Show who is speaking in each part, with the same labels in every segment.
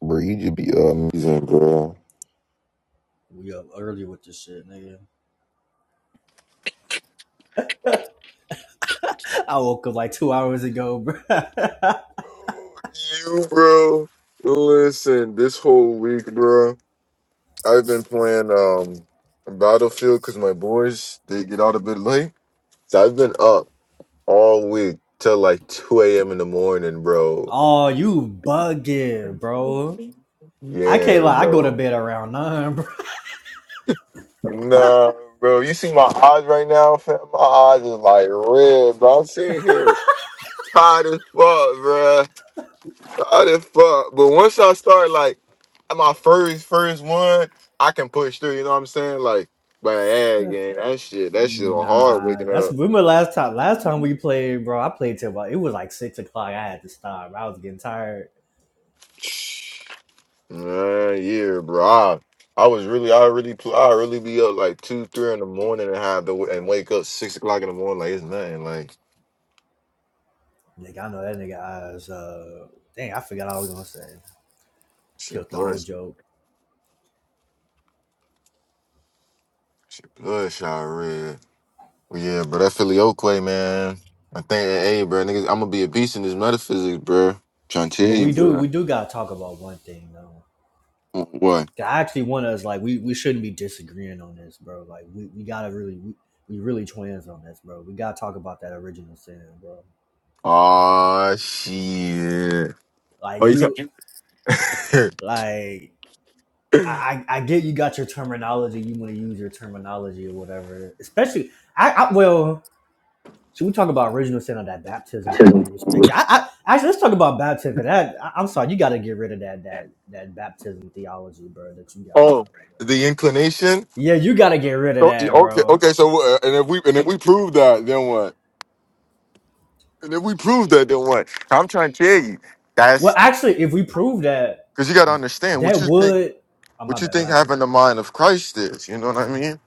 Speaker 1: Bro, you just be amazing, bro.
Speaker 2: We up early with this shit, nigga. I woke up like two hours ago, bro.
Speaker 1: You, bro. Listen, this whole week, bro, I've been playing um Battlefield because my boys they get out a bit late. So I've been up all week till like two a.m. in the morning, bro.
Speaker 2: oh, you bugging, bro. I can't
Speaker 1: Yeah,
Speaker 2: lie. I go to
Speaker 1: bro.
Speaker 2: bed around nine, bro.
Speaker 1: Nah, bro. You see my eyes right now, fam? My eyes is like red, bro. I'm sitting here tired as fuck, bro. God as fuck. But once I start like my first first one, I can push through. You know what I'm saying? Like, but yeah, again, that shit, that shit was hard
Speaker 2: Nah,
Speaker 1: waking
Speaker 2: that's
Speaker 1: up.
Speaker 2: remember last time. Last time we played, bro. I played till about it was like six o'clock. I had to stop. I was getting tired.
Speaker 1: Man, yeah, bro. I, I was really, I really, pl- I really be up like two, three in the morning and have to and wake up six o'clock in the morning. Like it's nothing. Like
Speaker 2: Nigga, I know that nigga eyes. Uh, dang, I forgot I was gonna say.
Speaker 1: shit,
Speaker 2: Killed the
Speaker 1: blood,
Speaker 2: whole joke.
Speaker 1: shit, blood shot red. But yeah, bro, that Philly Oakway, man. I think, hey, bro, niggas, I'm gonna be a beast in this metaphysics, bro. Trying to tell
Speaker 2: But
Speaker 1: you,
Speaker 2: we do,
Speaker 1: bro.
Speaker 2: we do gotta talk about one thing though.
Speaker 1: What?
Speaker 2: I actually want us like we we shouldn't be disagreeing on this, bro. Like we, we gotta really we, we really twins on this, bro. We gotta talk about that original sin, bro.
Speaker 1: Aw, shit.
Speaker 2: Like
Speaker 1: Oh, you said.
Speaker 2: you like I I get you got your terminology. You want to use your terminology or whatever. Especially I, I well should we talk about original sin or that baptism thing
Speaker 1: Two.
Speaker 2: you was picking? I, I actually let's talk about baptism because that I, I'm sorry you gotta get rid of that that that baptism theology, bro. That you got right
Speaker 1: oh,
Speaker 2: now, bro.
Speaker 1: the inclination.
Speaker 2: Yeah, you gotta get rid of
Speaker 1: Oh,
Speaker 2: that,
Speaker 1: Okay,
Speaker 2: bro.
Speaker 1: okay. So, uh, and if we and if we prove that, then what? And if we prove that, then what? I'm trying to tell you.
Speaker 2: Well,
Speaker 1: That's
Speaker 2: actually, if we prove that.
Speaker 1: because you got to understand what
Speaker 2: That
Speaker 1: you think.
Speaker 2: would. Oh my
Speaker 1: What you
Speaker 2: bad. What
Speaker 1: think
Speaker 2: happened?
Speaker 1: having the mind of Christ is. You know what I mean?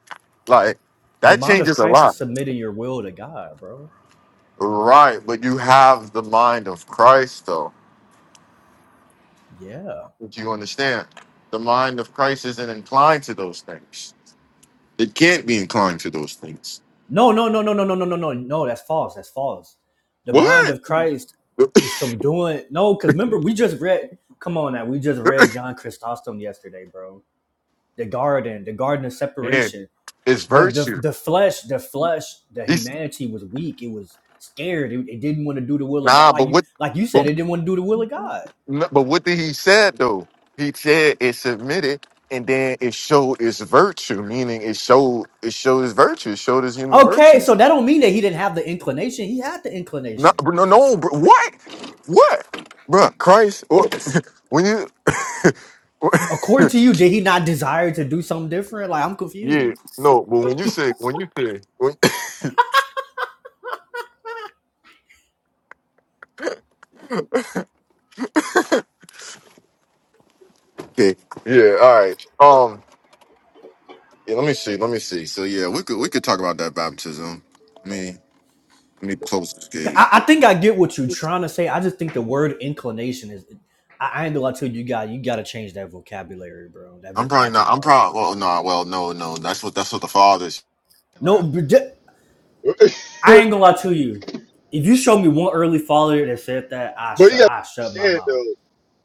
Speaker 1: Like that
Speaker 2: Demand of
Speaker 1: changes a
Speaker 2: Christ is
Speaker 1: lot,
Speaker 2: submitting your will to God, bro.
Speaker 1: right? But you have the mind of Christ, though.
Speaker 2: Yeah.
Speaker 1: Do you understand? The mind of Christ isn't inclined to those things. It can't be inclined to those things.
Speaker 2: No, no, no, no, no, no, no, no, no. No, that's false. That's false. The mind
Speaker 1: What?
Speaker 2: of Christ is subduing. No, because remember, we just read. Come on now. We just read John Chrysostom yesterday, bro. The garden, the garden of
Speaker 1: Yeah,
Speaker 2: separation.
Speaker 1: it's
Speaker 2: The, the,
Speaker 1: virtue.
Speaker 2: the flesh, the flesh, the
Speaker 1: He's
Speaker 2: humanity was weak. It was scared. It, it didn't want to do the will of God.
Speaker 1: nah,
Speaker 2: Like
Speaker 1: but
Speaker 2: you,
Speaker 1: what?
Speaker 2: like you said,
Speaker 1: But,
Speaker 2: it didn't want to do the will of God.
Speaker 1: but what did he said though? He said it submitted, and then it showed its virtue, meaning it showed it showed its virtue, it showed its human
Speaker 2: Okay, so
Speaker 1: virtues.
Speaker 2: that don't mean that he didn't have the inclination. He had the
Speaker 1: No,
Speaker 2: inclination.
Speaker 1: bro, no, no, bro, what? What, bro? Christ, what? when you,
Speaker 2: According to you, did he not desire to do something different? Like I'm
Speaker 1: yeah,
Speaker 2: confused.
Speaker 1: no, but when you say when you say when, okay, yeah, all right, um, yeah, let me see, let me see. So yeah, we could we could talk about that baptism. Let me close this
Speaker 2: confused.
Speaker 1: gate.
Speaker 2: I, I think I get what you're trying to say. I just think the word inclination is. I, I ain't gonna lie to you, you got you got to change that vocabulary, bro. That
Speaker 1: I'm probably not. I'm
Speaker 2: vocabulary.
Speaker 1: probably. Well, no. Well, no, no. That's what. That's what the father's like.
Speaker 2: No,
Speaker 1: but
Speaker 2: I
Speaker 1: you
Speaker 2: ain't gonna lie to you. If you show me one early follower that said that, I shut
Speaker 1: gotta
Speaker 2: I shut my
Speaker 1: understand
Speaker 2: mouth.
Speaker 1: though,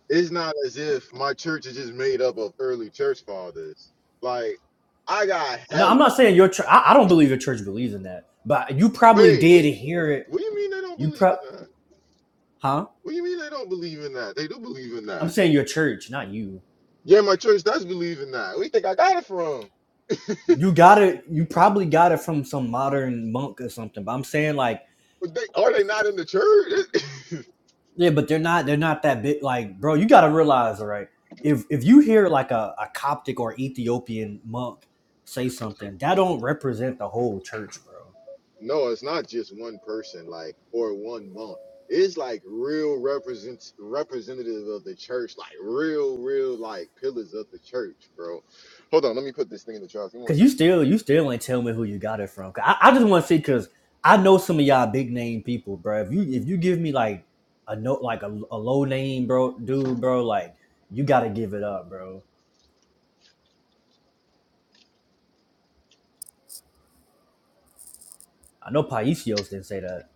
Speaker 1: it's not as if my church is just made up of early church fathers. Like I got
Speaker 2: No,
Speaker 1: hella
Speaker 2: I'm not saying your church. I, I don't believe your church believes in that, but you probably
Speaker 1: wait,
Speaker 2: did
Speaker 1: wait,
Speaker 2: hear it.
Speaker 1: what do you mean they don't
Speaker 2: You
Speaker 1: believe
Speaker 2: prob
Speaker 1: in that?
Speaker 2: huh?
Speaker 1: What do you mean they don't believe in that? They do believe in
Speaker 2: I'm
Speaker 1: that.
Speaker 2: saying your church, not you.
Speaker 1: Yeah, my church does believe in that. We think I got it from.
Speaker 2: You got it. You probably got it from some modern monk or something. But I'm saying like,
Speaker 1: But they are they not in the church?
Speaker 2: yeah, but they're not. They're not that big. Like, bro, you got to realize, all right. If if you hear like a, a Coptic or Ethiopian monk say something, that don't represent the whole church, bro.
Speaker 1: No, it's not just one person, like or one month. It's like real represents representative of the church, like real, real like pillars of the church, bro. Hold on, let me put this thing in the charts. Give me one
Speaker 2: Cause you
Speaker 1: second.
Speaker 2: still you still ain't tell me who you got it from. I, I just want to see, cause I know some of y'all big name people, bro. If you if you give me like a note like a, a low name, bro, dude, bro, like you got to give it up, bro. I know Paisios didn't say that.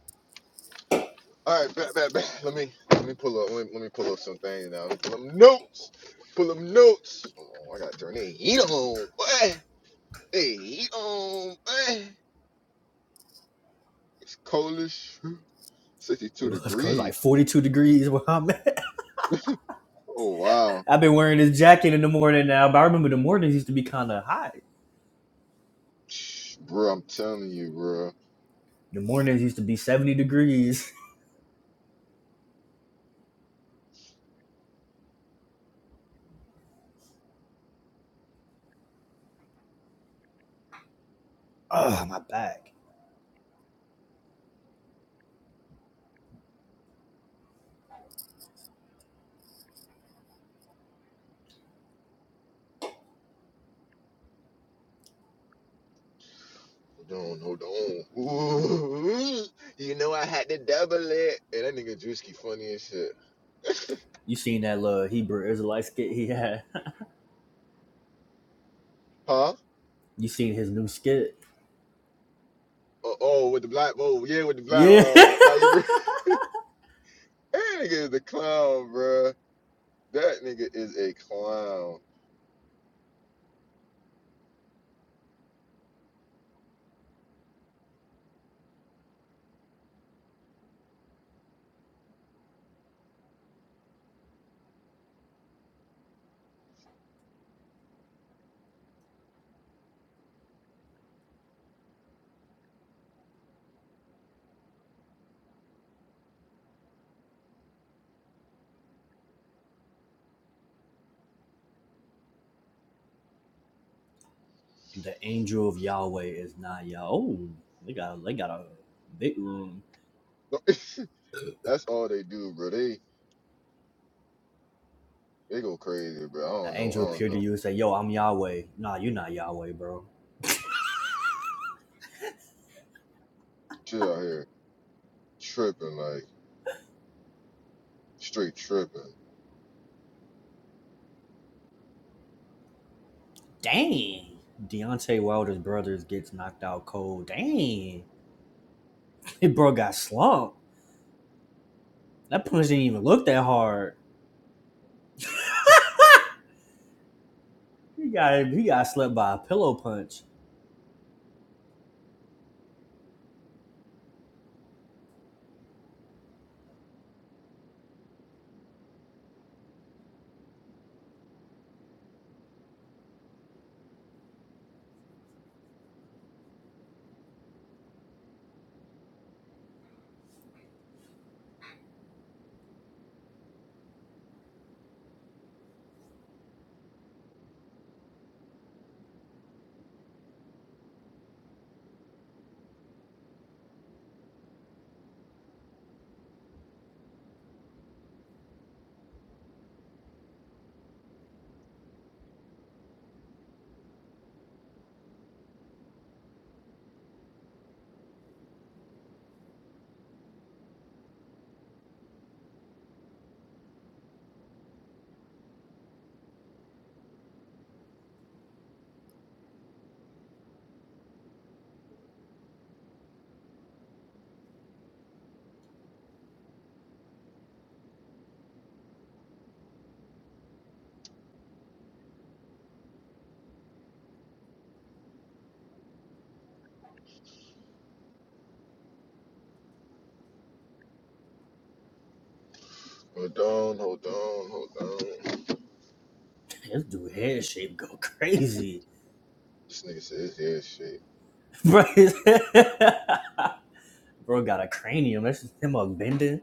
Speaker 1: All right, back, back, back. Let me let me pull up. Let me, let me pull up some things now. Let me pull up notes. Pull up notes. Oh, I gotta turn the heat on, boy. Hey, heat on, boy. It's cold as sh-
Speaker 2: It
Speaker 1: 62
Speaker 2: was because
Speaker 1: degrees.
Speaker 2: like 42 degrees where I'm at.
Speaker 1: Oh wow,
Speaker 2: I've been wearing this jacket in the morning now, but I remember the mornings used to be kind of hot.
Speaker 1: Shh, bro. I'm telling you, bro.
Speaker 2: The mornings used to be 70 degrees. Oh, my back.
Speaker 1: Hold on, hold on. Ooh, you know I had to double it. And that nigga Drewski funny as shit.
Speaker 2: You seen that little Hebrew Israelite skit he had?
Speaker 1: Huh?
Speaker 2: You seen his new skit?
Speaker 1: Oh, oh, with the black, oh, yeah, with the black,
Speaker 2: Yeah.
Speaker 1: uh, like, that nigga is a clown, bruh. That nigga is a clown.
Speaker 2: the angel of Yahweh is not Yahweh. Oh, they got, they got a big room.
Speaker 1: That's all they do, bro. They they go crazy, bro. I
Speaker 2: The
Speaker 1: don't know. I
Speaker 2: angel
Speaker 1: don't
Speaker 2: appeared
Speaker 1: know.
Speaker 2: to you and said, Yo, I'm Yahweh. Nah, you're not Yahweh, bro.
Speaker 1: Chill out here tripping, like, straight tripping.
Speaker 2: Dang. Deontay Wilder's brothers gets knocked out cold. Dang. That bro got slumped. That punch didn't even look that hard. He got he got slept by a pillow punch.
Speaker 1: Hold on, hold on, hold on.
Speaker 2: This dude head shape go crazy.
Speaker 1: This nigga said it's ass shit.
Speaker 2: Bro, bro got a cranium. That's just him up bending.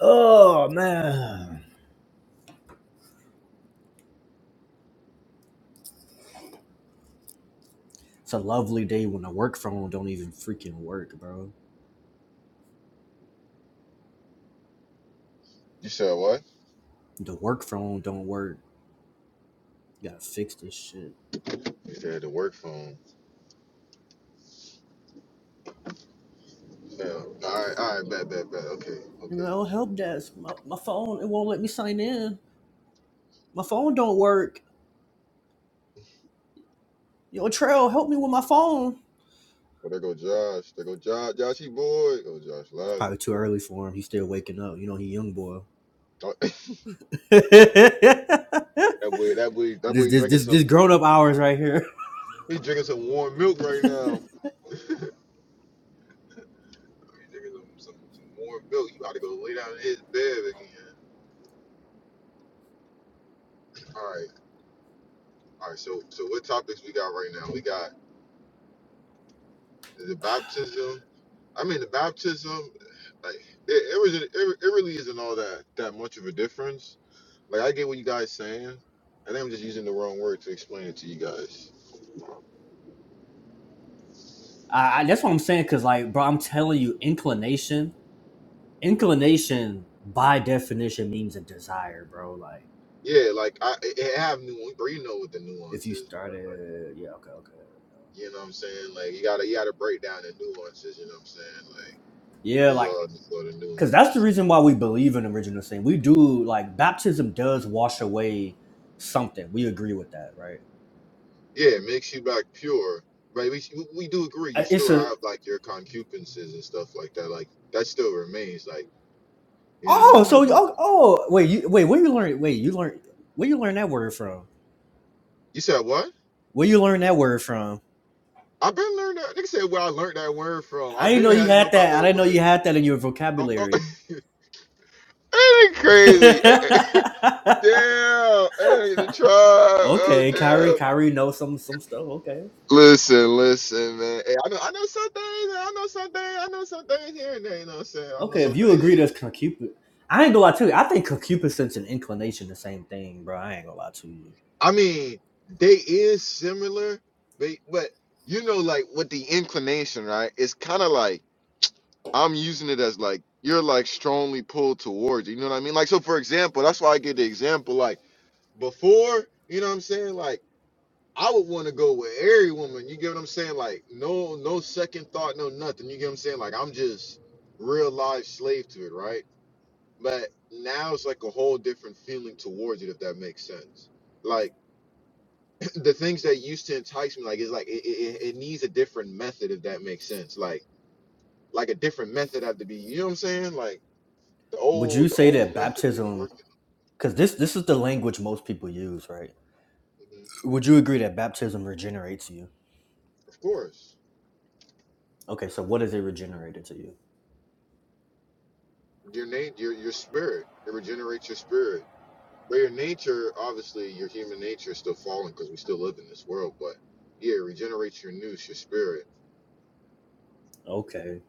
Speaker 2: Oh man. It's a lovely day when the work phone don't even freaking work, bro.
Speaker 1: You said what?
Speaker 2: The work phone don't work. You gotta fix this shit.
Speaker 1: He said the work phone. Yeah. All right. All right. Bad. Bad. Bad. Okay.
Speaker 2: You
Speaker 1: Okay.
Speaker 2: know, help desk. My, my phone, it won't let me sign in. My phone don't work. Yo, Trail, help me with my phone.
Speaker 1: Well, there go Josh. There go Josh. Joshy boy. Oh, Josh
Speaker 2: It's
Speaker 1: Love.
Speaker 2: probably too early for him. He's still waking up. You know, he young boy.
Speaker 1: Oh,
Speaker 2: this
Speaker 1: that boy. That boy. That boy
Speaker 2: this
Speaker 1: drinking
Speaker 2: this
Speaker 1: some.
Speaker 2: this grown up hours right here.
Speaker 1: He drinking some warm milk right now. he drinking some, some, some warm milk. You about to go lay down in his bed again. All right. All right. So so what topics we got right now? We got. The baptism. I mean, the baptism. Like it, it was. It, it really isn't all that that much of a difference. Like I get what you guys saying. I think I'm just using the wrong word to explain it to you guys.
Speaker 2: I, I that's what I'm saying. Cause like, bro, I'm telling you, inclination, inclination by definition means a desire, bro. Like,
Speaker 1: Yeah, like I it it have nuance, but you know what the
Speaker 2: if
Speaker 1: nuance
Speaker 2: you
Speaker 1: is.
Speaker 2: started, yeah, okay, okay, there we go.
Speaker 1: You know what I'm saying? Like you gotta you gotta break down the nuances. You know what I'm saying? Like
Speaker 2: yeah,
Speaker 1: it's
Speaker 2: like,
Speaker 1: all just sort of
Speaker 2: cause that's the
Speaker 1: nuance.
Speaker 2: reason why we believe in original sin. We do like baptism does wash away something. We agree with that, right?
Speaker 1: Yeah, it makes you back pure. But we we do agree. You
Speaker 2: Uh, It's
Speaker 1: still
Speaker 2: a
Speaker 1: have like your concupiscences and stuff like that. Like that still remains. Like you know what I
Speaker 2: Oh,
Speaker 1: mean?
Speaker 2: so
Speaker 1: like.
Speaker 2: oh, oh wait, you wait, where you learn wait, you learn where you learn that word from?
Speaker 1: You said what?
Speaker 2: Where you learn that word from?
Speaker 1: I've been learning that. Nigga said where I learned that word from.
Speaker 2: I
Speaker 1: I've
Speaker 2: didn't know
Speaker 1: been
Speaker 2: you
Speaker 1: had to know
Speaker 2: had
Speaker 1: about
Speaker 2: that. I
Speaker 1: that
Speaker 2: didn't know you
Speaker 1: word.
Speaker 2: had that in your
Speaker 1: Oh, oh.
Speaker 2: vocabulary.
Speaker 1: ain't it crazy? damn, hey, the tribe. Oh,
Speaker 2: okay, Kyrie,
Speaker 1: damn.
Speaker 2: Kyrie knows some some stuff. Okay.
Speaker 1: Listen, listen, man. Hey, I know, I know some things. I know some things. I know some things here and there. You know what I'm saying? I know
Speaker 2: Okay,
Speaker 1: some
Speaker 2: if you
Speaker 1: things
Speaker 2: agree
Speaker 1: here.
Speaker 2: that's concupid I ain't gonna lie to you. I think concupiscence and inclination the same thing, bro. I ain't gonna lie to you.
Speaker 1: I mean, they is similar, but but you know, like with the inclination, right? It's kind of like I'm using it as like you're like strongly pulled towards it. You know what I mean? Like so for example, that's why I get the example like before, you know what I'm saying? Like I would want to go with every woman. You get what I'm saying? Like no no second thought, no nothing. You get what I'm saying? Like I'm just real life slave to it, right? But now it's like a whole different feeling towards it if that makes sense. Like the things that used to entice me, like it's like it, it, it it needs a different method if that makes sense. Like like a different method have to be, you know what I'm saying? Like The
Speaker 2: Would you
Speaker 1: old the
Speaker 2: say
Speaker 1: old
Speaker 2: that
Speaker 1: method didn't
Speaker 2: baptism
Speaker 1: work.
Speaker 2: because this this is the language most people use, right?
Speaker 1: Mhm.
Speaker 2: Would you agree that baptism regenerates you?
Speaker 1: Of course,
Speaker 2: Okay, so what is it regenerated to you?
Speaker 1: your name, your your spirit, it regenerates your spirit. But your nature, obviously, your human nature is still fallen because we still live in this world. But yeah, it regenerates your noose, your spirit.
Speaker 2: Okay.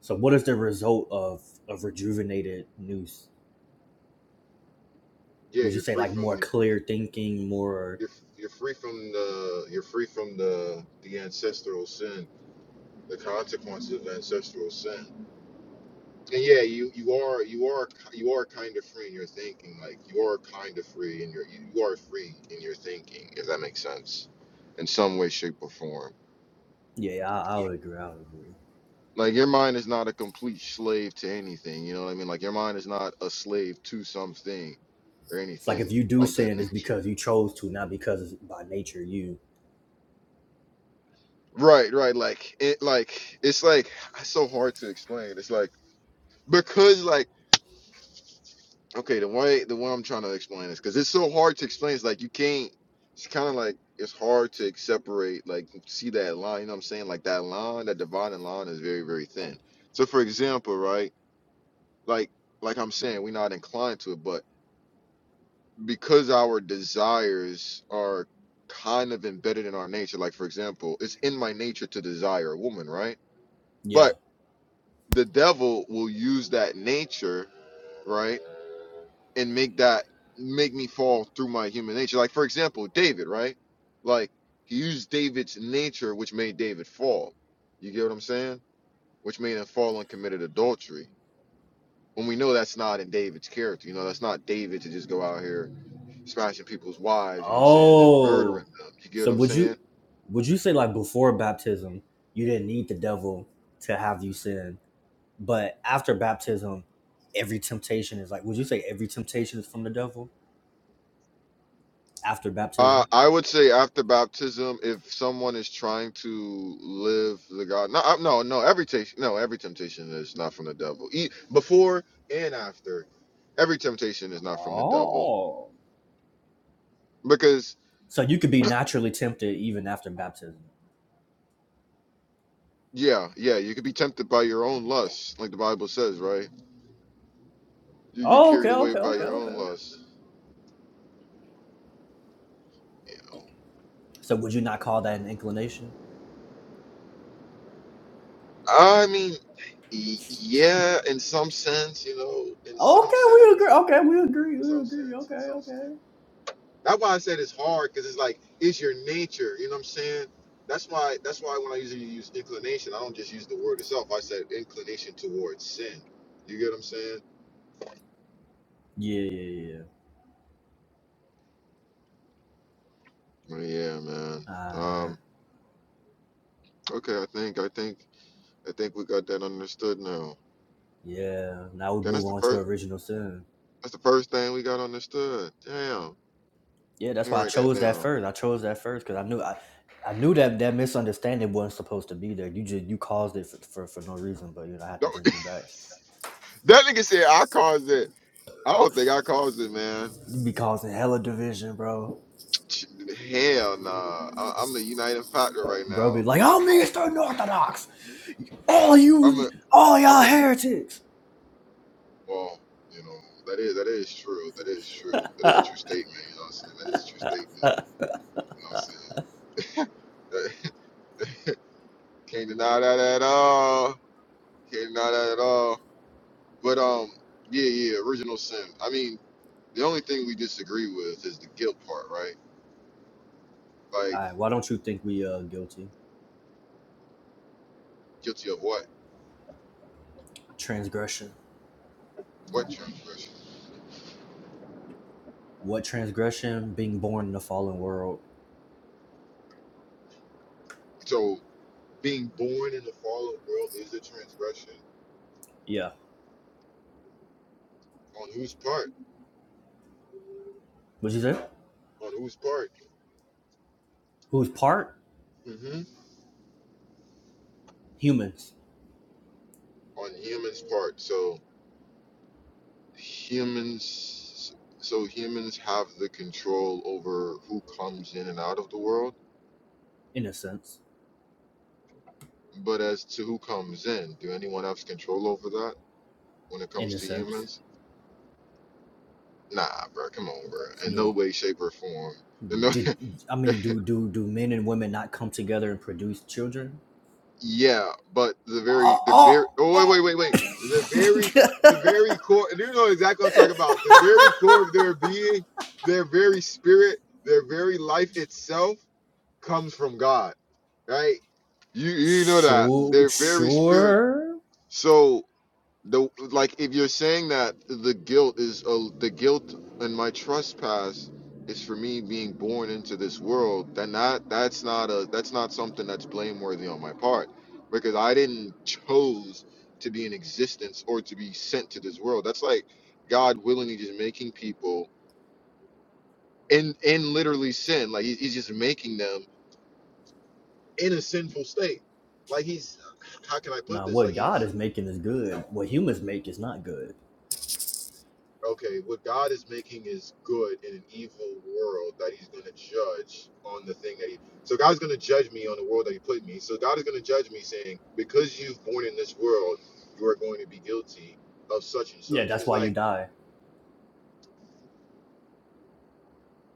Speaker 2: So what is the result of of rejuvenated news?
Speaker 1: Yeah,
Speaker 2: Would you
Speaker 1: you're
Speaker 2: say
Speaker 1: free
Speaker 2: like
Speaker 1: from
Speaker 2: more
Speaker 1: the
Speaker 2: clear thinking, more
Speaker 1: you're you're free from the you're free from the the ancestral sin, the consequences of ancestral sin. And yeah, you you are you are you are kind of free in your thinking. Like you are kind of free in your you are free in your thinking, if that makes sense, in some way, shape, or form.
Speaker 2: yeah, I, I would agree. I would agree.
Speaker 1: Like your mind is not a complete slave to anything. You know what I mean? Like your mind is not a slave to something or
Speaker 2: It's like if
Speaker 1: anything
Speaker 2: you do
Speaker 1: of that
Speaker 2: sin, it's
Speaker 1: nature.
Speaker 2: because you chose to, not because it's by nature you.
Speaker 1: Right, right. Like it, like it's like it's so hard to explain. It's like because like. Okay, the way the way I'm trying to explain this, because it's so hard to explain. It's like you can't. It's kind of like it's hard to separate, like see that line. You know what I'm saying? Like that line, that dividing line is very very thin. So for example, right? Like like I'm saying, we're not inclined to it, but because our desires are kind of embedded in our nature. Like for example, it's in my nature to desire a woman, right?
Speaker 2: Yeah.
Speaker 1: But the devil will use that nature, right? and make that make me fall through my human nature. Like for example, David, right? Like he used David's nature, which made David fall. You get what I'm saying? Which made him fall and committed adultery. When we know that's not in David's character, you know, that's not David to just go out here smashing people's wives, you know what I'm saying, and murdering
Speaker 2: Oh.
Speaker 1: them. You get
Speaker 2: So
Speaker 1: what I'm
Speaker 2: would
Speaker 1: saying?
Speaker 2: you would you say like before baptism, you didn't need the devil to have you sin, but after baptism, every temptation is like would you say every temptation is from the devil after
Speaker 1: Uh,
Speaker 2: baptism?
Speaker 1: I would say after baptism, if someone is trying to live the God, no, I- no, no, every temptation, no, every temptation is not from the devil. E- before and after, every temptation is not from the devil
Speaker 2: Oh.
Speaker 1: because,
Speaker 2: So you could be naturally tempted even after baptism.
Speaker 1: yeah, yeah, you could be tempted by your own lusts, like the Bible says, right? You get
Speaker 2: Oh, okay,
Speaker 1: carried away
Speaker 2: okay,
Speaker 1: by
Speaker 2: okay,
Speaker 1: your own
Speaker 2: okay.
Speaker 1: lusts.
Speaker 2: So would you not call that an inclination?
Speaker 1: I mean, y- yeah, in some sense, you know, in some
Speaker 2: Okay, we
Speaker 1: sense,
Speaker 2: agree. Okay, we agree.
Speaker 1: in
Speaker 2: We
Speaker 1: some
Speaker 2: agree.
Speaker 1: sense,
Speaker 2: Okay,
Speaker 1: in some sense.
Speaker 2: okay.
Speaker 1: That's why I said it's hard because it's like it's your nature. You know what I'm saying? That's why. That's why when I usually use inclination, I don't just use the word itself. I said inclination towards sin. You get what I'm saying?
Speaker 2: Yeah, yeah, yeah.
Speaker 1: Well, yeah, man.
Speaker 2: All right.
Speaker 1: Um. Okay. I think. I think. I think we got that understood now.
Speaker 2: Yeah. Now we
Speaker 1: Damn, that's
Speaker 2: move
Speaker 1: the
Speaker 2: on to
Speaker 1: first.
Speaker 2: original sin.
Speaker 1: That's the first thing we got understood. Damn.
Speaker 2: Yeah,
Speaker 1: Let
Speaker 2: that's
Speaker 1: me
Speaker 2: why I
Speaker 1: write that
Speaker 2: chose that
Speaker 1: down.
Speaker 2: first. I chose that first because I knew I, I knew that that misunderstanding wasn't supposed to be there. You just you caused it for, for, for no reason, but you know I had to
Speaker 1: Don't-
Speaker 2: bring you back.
Speaker 1: that nigga said I caused it. I don't think I caused it, man.
Speaker 2: You be causing hella division, bro.
Speaker 1: Ch- Hell nah. I, I'm the uniting factor right
Speaker 2: Bro, be like,
Speaker 1: now.
Speaker 2: I'm Eastern Orthodox. all you, all
Speaker 1: I'm
Speaker 2: y'all
Speaker 1: a,
Speaker 2: heretics.
Speaker 1: well, you know, that is that is true. That is true. That is a true statement. You know what I'm saying? That is a true statement. You know what I'm saying? That- Can't deny that at all. Can't deny that at all. But um, yeah, yeah, original sin. I mean, the only thing we disagree with is the guilt part, right?
Speaker 2: All
Speaker 1: Like
Speaker 2: right, why don't you think we uh guilty?
Speaker 1: guilty of what?
Speaker 2: Transgression.
Speaker 1: What transgression?
Speaker 2: What transgression? Being born in a fallen world.
Speaker 1: So being born in the fallen world is a transgression.
Speaker 2: Yeah.
Speaker 1: On whose part?
Speaker 2: What'd you say?
Speaker 1: On whose part?
Speaker 2: Who's part
Speaker 1: hmm
Speaker 2: humans?
Speaker 1: On human's part. So. humans so humans have the control over who comes in and out of the world
Speaker 2: In a sense.
Speaker 1: but as to who comes in do anyone have control over that when it
Speaker 2: In
Speaker 1: comes
Speaker 2: a
Speaker 1: to
Speaker 2: sense.
Speaker 1: humans nah bro come on bro
Speaker 2: It's
Speaker 1: in no
Speaker 2: nuanced.
Speaker 1: way shape or form in no,
Speaker 2: Did I mean do do do men and women not come together and produce children?
Speaker 1: yeah but the very the very
Speaker 2: Oh,
Speaker 1: oh wait
Speaker 2: oh,
Speaker 1: wait wait wait the very the very core you know exactly what i'm
Speaker 2: oh.
Speaker 1: talking about the very core of their being their very spirit their very life itself comes from God, right? You you know that
Speaker 2: sure,
Speaker 1: they're very spirit.
Speaker 2: sure.
Speaker 1: So the like if you're saying that the guilt is uh, the guilt and my trespass is for me being born into this world, then that that's not a that's not something that's blameworthy on my part because I didn't chose to be in existence or to be sent to this world. That's like God willingly just making people in in literally sin. Like he, he's just making them in a sinful state. Like he's, how can I put
Speaker 2: Now,
Speaker 1: this?
Speaker 2: what
Speaker 1: Like
Speaker 2: God
Speaker 1: he's,
Speaker 2: is making is good. What humans make is not good.
Speaker 1: okay, what God is making is good in an evil world that he's going to judge on the thing that he, so God's going to judge me on the world that he put me. So God is going to judge me saying, because you've born in this world, you are going to be guilty of such and
Speaker 2: Yeah,
Speaker 1: such. And
Speaker 2: that's
Speaker 1: it's
Speaker 2: why you
Speaker 1: like,
Speaker 2: die.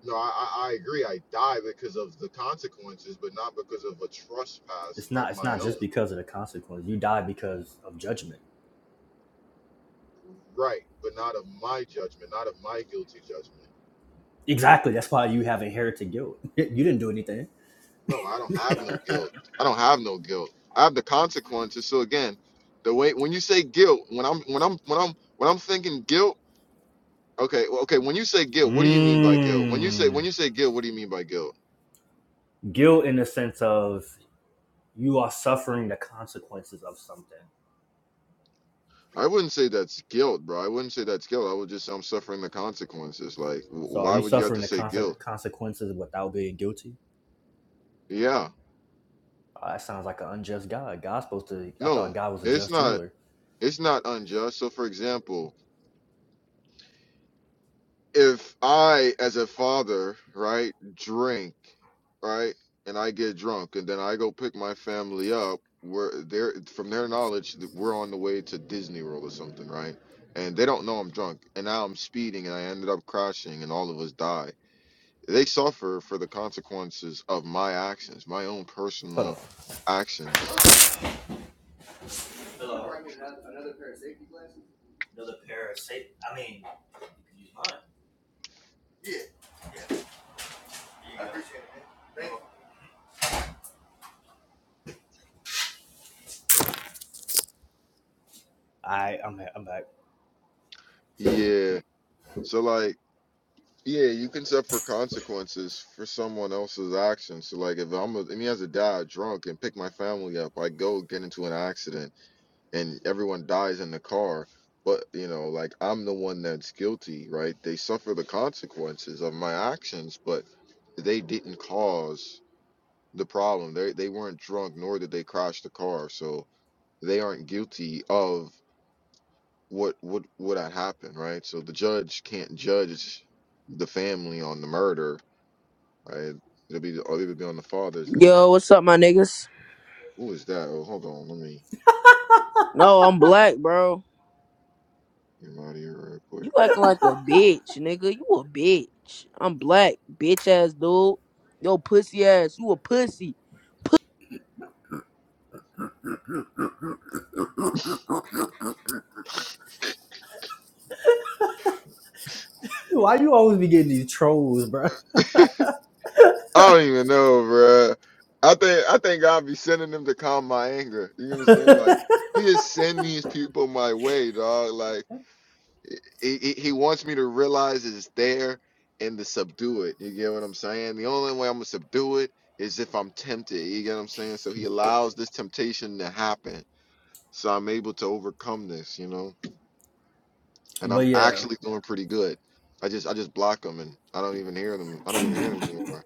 Speaker 1: no, I, I I agree. I die because of the consequences, but not because of a trespass
Speaker 2: It's
Speaker 1: of
Speaker 2: not it's
Speaker 1: my
Speaker 2: not just
Speaker 1: own.
Speaker 2: because of the consequence. You die because of judgment.
Speaker 1: Right, but not of my judgment, not of my guilty judgment.
Speaker 2: Exactly. That's why you have inherited guilt. You didn't do anything.
Speaker 1: No, I don't have no guilt. I don't have no guilt. I have the consequences. So again, the way when you say guilt, when I'm when I'm when I'm when I'm thinking guilt, okay, well, okay, when you say guilt, what do you mean by guilt? When you say when
Speaker 2: Mm,
Speaker 1: you say guilt, what do you mean by guilt?
Speaker 2: guilt in the sense of you are suffering the consequences of something.
Speaker 1: I wouldn't say that's guilt, bro. I wouldn't say that's guilt. I would just say I'm suffering the consequences. Like, wh-
Speaker 2: So are
Speaker 1: why
Speaker 2: you
Speaker 1: would you have
Speaker 2: suffering
Speaker 1: to
Speaker 2: the
Speaker 1: say
Speaker 2: conse-
Speaker 1: guilt?
Speaker 2: consequences without being guilty?
Speaker 1: Yeah,
Speaker 2: Uh, that sounds like an unjust God. God's supposed to. I thought
Speaker 1: no,
Speaker 2: God was a
Speaker 1: it's
Speaker 2: just
Speaker 1: not.
Speaker 2: ruler.
Speaker 1: It's not unjust. So, for example, if I, as a father, right, drink, right, and I get drunk, and then I go pick my family up, where they're from their knowledge, that we're on the way to Disney World or something, right? And they don't know I'm drunk, and now I'm speeding, and I ended up crashing, and all of us die. They suffer for the consequences of my actions, my own
Speaker 2: Hold on.
Speaker 1: personal actions.
Speaker 2: Hello. Another pair of safety. glasses? Another pair of safety... I mean, you can use mine. I I'm back. I'm back.
Speaker 1: Yeah. So like. Yeah, you can suffer consequences for someone else's actions. So, like, if I'm, a, I mean, as a dad, drunk and pick my family up, I go get into an accident and everyone dies in the car. But you know, like, I'm the one that's guilty, right? They suffer the consequences of my actions, but they didn't cause the problem. They they weren't drunk, nor did they crash the car, so they aren't guilty of what what what had happened, right? So the judge can't judge the family on the murder Right? It'll be or it'll be on the father's end.
Speaker 3: Yo, what's up, my niggas?
Speaker 1: Who is that? Oh, hold on. Let me
Speaker 3: No, I'm black, bro.
Speaker 1: get him out of here real
Speaker 3: You
Speaker 1: quick.
Speaker 3: acting like a bitch, nigga. You a bitch. I'm black, bitch ass dude. Yo, pussy ass. You a pussy.
Speaker 2: Dude, why you always be getting these trolls, bro?
Speaker 1: I don't even know, bruh. I think I think God be sending them to calm my anger. You know what I'm saying? Like
Speaker 2: but
Speaker 1: He is sending these people my way, dog. Like he, he he wants me to realize it's there and to subdue it. You get what I'm saying? The only way I'm gonna subdue it is if I'm tempted. You get what I'm saying? So He allows this temptation to happen, so I'm able to overcome this. You know. and I'm
Speaker 2: yeah,
Speaker 1: actually doing pretty good. I just I just block them and I don't even hear them. I don't even hear them anymore.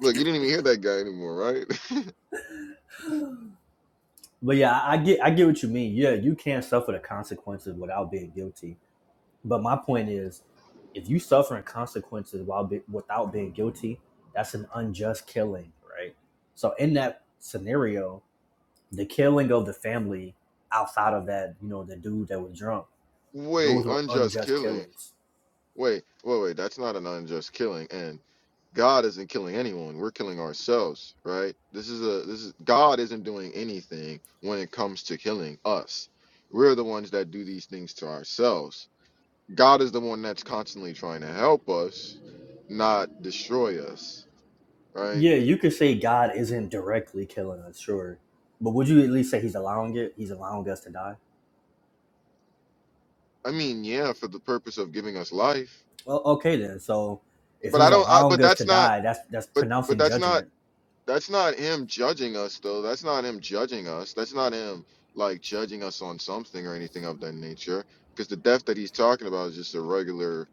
Speaker 1: Look, you didn't even hear that guy anymore, right?
Speaker 2: but yeah, I get, I get what you mean. Yeah, you can't suffer the consequences without being guilty. But my point is, if you suffering consequences while be, without being guilty, that's an unjust killing, right? So in that scenario, the killing of the family outside of that, you know, the dude that was drunk,
Speaker 1: Wait,
Speaker 2: those were
Speaker 1: unjust
Speaker 2: unjust
Speaker 1: killing.
Speaker 2: killings
Speaker 1: Wait, wait, wait. That's not an unjust killing. And God isn't killing anyone. We're killing ourselves, right? This is a this is God isn't doing anything when it comes to killing us. We're the ones that do these things to ourselves. God is the one that's constantly trying to help us, not destroy us, right?
Speaker 2: Yeah, you could say God isn't directly killing us, sure. But would you at least say he's allowing it? He's allowing us to die?
Speaker 1: I mean, yeah, for the purpose of giving us life.
Speaker 2: Well, okay then. So if
Speaker 1: But I
Speaker 2: he's
Speaker 1: don't. I, but
Speaker 2: allowing us to
Speaker 1: that's not.
Speaker 2: die, that's that's
Speaker 1: But but
Speaker 2: pronouncing
Speaker 1: that's not.
Speaker 2: judgment.
Speaker 1: That's not him judging us, though. That's not him judging us. That's not him like judging us on something or anything of that nature. Because the death that he's talking about is just a regular,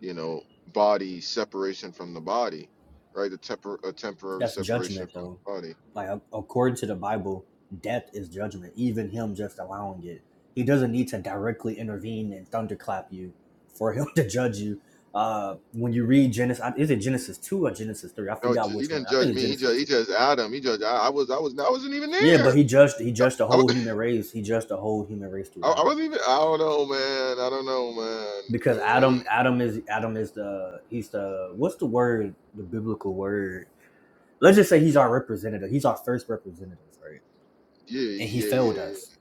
Speaker 1: you know, body separation from the body, right? A, tempor- a temporary
Speaker 2: That's
Speaker 1: separation
Speaker 2: judgment
Speaker 1: from
Speaker 2: though.
Speaker 1: the body.
Speaker 2: Like a- according to the Bible, death is judgment, even him just allowing it. He doesn't need to directly intervene and thunderclap you for him to judge you. Uh, when you read Genesis, is it Genesis 2 or Genesis 3? I
Speaker 1: No,
Speaker 2: forgot
Speaker 1: j- he
Speaker 2: which one.
Speaker 1: didn't
Speaker 2: I
Speaker 1: judge
Speaker 2: think it's
Speaker 1: me. He
Speaker 2: Genesis
Speaker 1: judged.
Speaker 2: 2
Speaker 1: He judged Adam. He judged. I, I was. I was. I wasn't even
Speaker 2: Yeah, but
Speaker 1: there.
Speaker 2: he judged he judged the
Speaker 1: I, wa-
Speaker 2: whole human race. He judged the whole human race through
Speaker 1: I I
Speaker 2: Adam.
Speaker 1: wasn't even. I don't know, man. I don't know,
Speaker 2: Because
Speaker 1: man
Speaker 2: Adam Adam is Adam is the he's the what's the word, the biblical word? Let's just say he's our representative. He's our first representative, right?
Speaker 1: Yeah,
Speaker 2: And he
Speaker 1: yeah,
Speaker 2: failed
Speaker 1: yeah,
Speaker 2: us.
Speaker 1: yeah.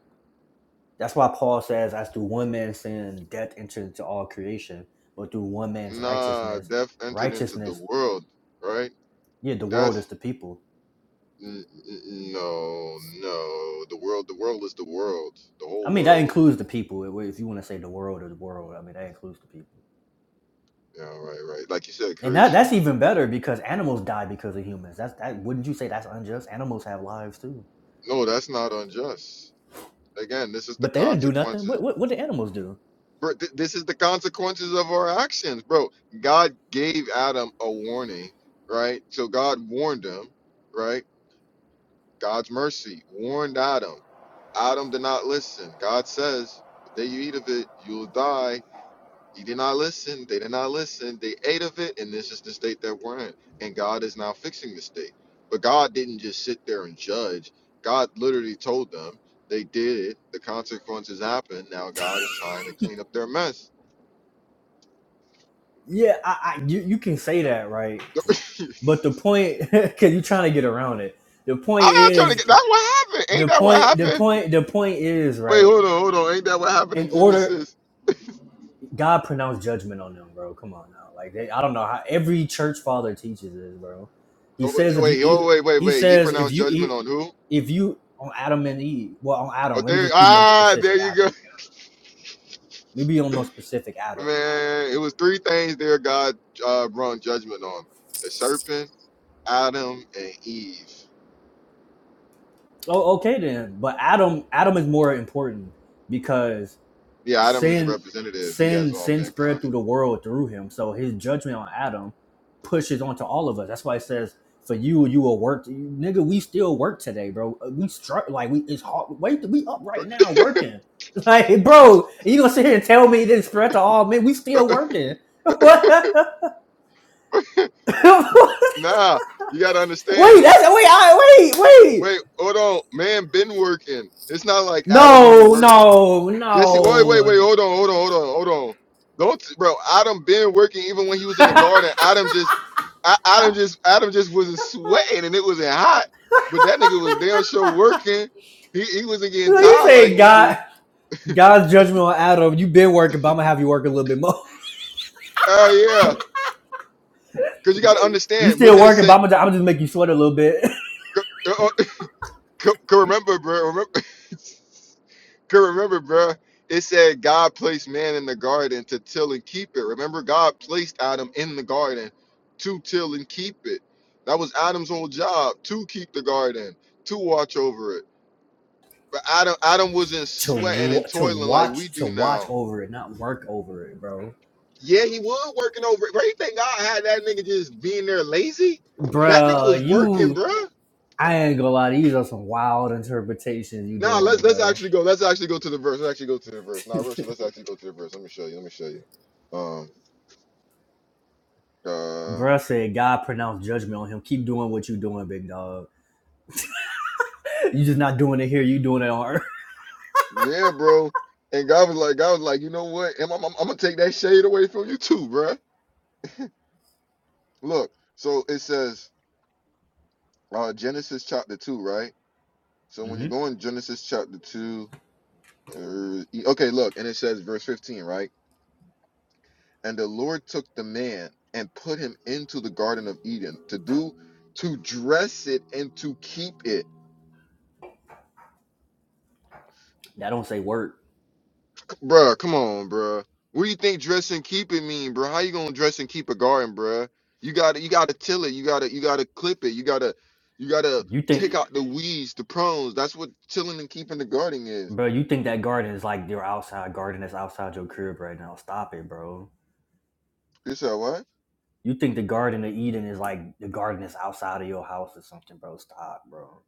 Speaker 2: That's why Paul says, as through one man's sin, death entered into all creation, but through one man's
Speaker 1: Nah,
Speaker 2: righteousness,
Speaker 1: death entered into the
Speaker 2: righteousness,
Speaker 1: world, right?
Speaker 2: yeah, the world is
Speaker 1: That's
Speaker 2: the people.
Speaker 1: n- n- no, no. The world, the world is the world, the
Speaker 2: I
Speaker 1: whole
Speaker 2: mean, that
Speaker 1: world.
Speaker 2: includes the people. If if you want to say the world or the world, I mean, that includes the people.
Speaker 1: Yeah, right, right. Like you said,
Speaker 2: And that
Speaker 1: creation.
Speaker 2: that's even better because animals die because of humans. That's that wouldn't you say that's unjust? Animals have lives too.
Speaker 1: No, that's not unjust. Again, this is the
Speaker 2: But they didn't do nothing.
Speaker 1: consequences.
Speaker 2: What what, what did animals do?
Speaker 1: Bro, th- this is the consequences of our actions, bro. God gave Adam a warning, right? So God warned him, right? God's mercy warned Adam. Adam did not listen. God says, the day you eat of it, you will die. He did not listen. They did not listen. They ate of it, and this is the state that we're in. And God is now fixing the state. But God didn't just sit there and judge. God literally told them they did. The consequences happened. Now God is trying to clean up their mess.
Speaker 2: Yeah, I, I you, you can say that, right? But the point cause you're trying to get around it. The point
Speaker 1: I'm not trying to
Speaker 2: is
Speaker 1: get. That's what happened. Ain't
Speaker 2: the
Speaker 1: that what
Speaker 2: point the
Speaker 1: happened?
Speaker 2: point the point is,
Speaker 1: Wait,
Speaker 2: right,
Speaker 1: hold on, hold on. Ain't that what happened
Speaker 2: in
Speaker 1: in
Speaker 2: order
Speaker 1: Genesis?
Speaker 2: God pronounced judgment on them, bro. Come on now. Like they, I don't know how every church father teaches this, bro. He
Speaker 1: Oh,
Speaker 2: says if you
Speaker 1: wait, oh,
Speaker 2: eat
Speaker 1: wait, wait,
Speaker 2: he
Speaker 1: wait. He
Speaker 2: says if
Speaker 1: pronounced
Speaker 2: you eat
Speaker 1: judgment on who?
Speaker 2: if you on Adam and Eve, well, on
Speaker 1: Oh,
Speaker 2: Adam, let me
Speaker 1: there.
Speaker 2: just be more
Speaker 1: Ah, there
Speaker 2: specific.
Speaker 1: you
Speaker 2: Adam,
Speaker 1: go.
Speaker 2: let me be on more specific. Adam, right?
Speaker 1: Man, it was three things there God uh, brought judgment on the serpent, Adam, and Eve.
Speaker 2: Oh, okay then. But Adam, Adam is more important because
Speaker 1: Yeah, Adam is a
Speaker 2: sin,
Speaker 1: representative. He has
Speaker 2: sin,
Speaker 1: all
Speaker 2: sin spread
Speaker 1: mankind.
Speaker 2: through the world through him. So his judgment on Adam pushes onto all of us. That's why it says, "For you, you will work, nigga. We still work today, bro. We struck like we. It's hard. Wait, we up right now working." Like, bro, you gonna sit here and tell me this spread to all men? We still working. What? wait,
Speaker 1: Nah, you got to
Speaker 2: that's
Speaker 1: understand.
Speaker 2: wait, I wait, wait.
Speaker 1: Wait, hold on. Man been working. It's not like Adam wasn't
Speaker 2: No,
Speaker 1: working.
Speaker 2: no,
Speaker 1: Yes, he, wait, wait,
Speaker 2: no.
Speaker 1: wait. Hold on, hold on, hold on, hold on. Don't, bro. Adam been working even when he was in the garden. Adam just, I, Adam
Speaker 2: I,
Speaker 1: just, Adam just wasn't sweating and it wasn't hot. But that nigga was damn sure working. He, he wasn't getting
Speaker 2: you
Speaker 1: tired like
Speaker 2: say
Speaker 1: we do.
Speaker 2: God, God's judgment on Adam. You've been working, but I'm gonna have you work a little bit more.
Speaker 1: Oh yeah, because you got to
Speaker 2: You
Speaker 1: understand. What
Speaker 2: still
Speaker 1: did it
Speaker 2: working, but
Speaker 1: say?
Speaker 2: I'm gonna, I'm gonna just make you sweat a little bit
Speaker 1: Could remember, bro. Remember, could remember, bro. It said God placed man in the garden to till and keep it. Remember, God placed Adam in the garden to till and keep it. That was Adam's whole job to keep the garden, to watch over it. But Adam, Adam wasn't
Speaker 2: to
Speaker 1: sweating and
Speaker 2: to
Speaker 1: toiling like
Speaker 2: watch
Speaker 1: we
Speaker 2: to
Speaker 1: do
Speaker 2: watch
Speaker 1: now.
Speaker 2: over it, not work over it, bro.
Speaker 1: Yeah, he was working over it. Bro, you think God had that nigga just being there lazy? That nigga
Speaker 2: Bruh,
Speaker 1: was working,
Speaker 2: you.
Speaker 1: bro.
Speaker 2: I ain't gonna lie, these are some wild interpretations you
Speaker 1: Now
Speaker 2: doing,
Speaker 1: let's let's
Speaker 2: bro.
Speaker 1: actually go. Let's actually go to the verse. Let's actually go to the verse. Now, Richard, let's actually go to the verse. Let me show you. Let me show you. Um. Uh.
Speaker 2: Bruh said God pronounced judgment on him. Keep doing what you doing, big dog. You just not doing it here. You doing it on earth.
Speaker 1: Yeah, bro. And God was like, God was like, you know what? I'm, I'm, I'm gonna take that shade away from you too, bruh. Look. So it says, uh, Genesis chapter two, right? So when
Speaker 2: Mm-hmm.
Speaker 1: you go in Genesis chapter two, uh, e- okay, look, and it says verse 15, right? And the Lord took the man and put him into the Garden of Eden to do, to dress it and to keep it.
Speaker 2: That don't say work.
Speaker 1: Bruh, come on, bruh. What do you think dress and keep it mean, bruh? How you gonna dress and keep a garden, bruh? You gotta you gotta till it, you gotta you gotta clip it, you gotta you gotta
Speaker 2: You
Speaker 1: take
Speaker 2: think,
Speaker 1: out the weeds, the prunes. That's what tilling and keeping the garden is.
Speaker 2: bro? You think that garden is like your outside garden that's outside your crib right now? Stop it, bro.
Speaker 1: You said what?
Speaker 2: You think the Garden of Eden is like the garden that's outside of your house or something, bro? Stop, bro.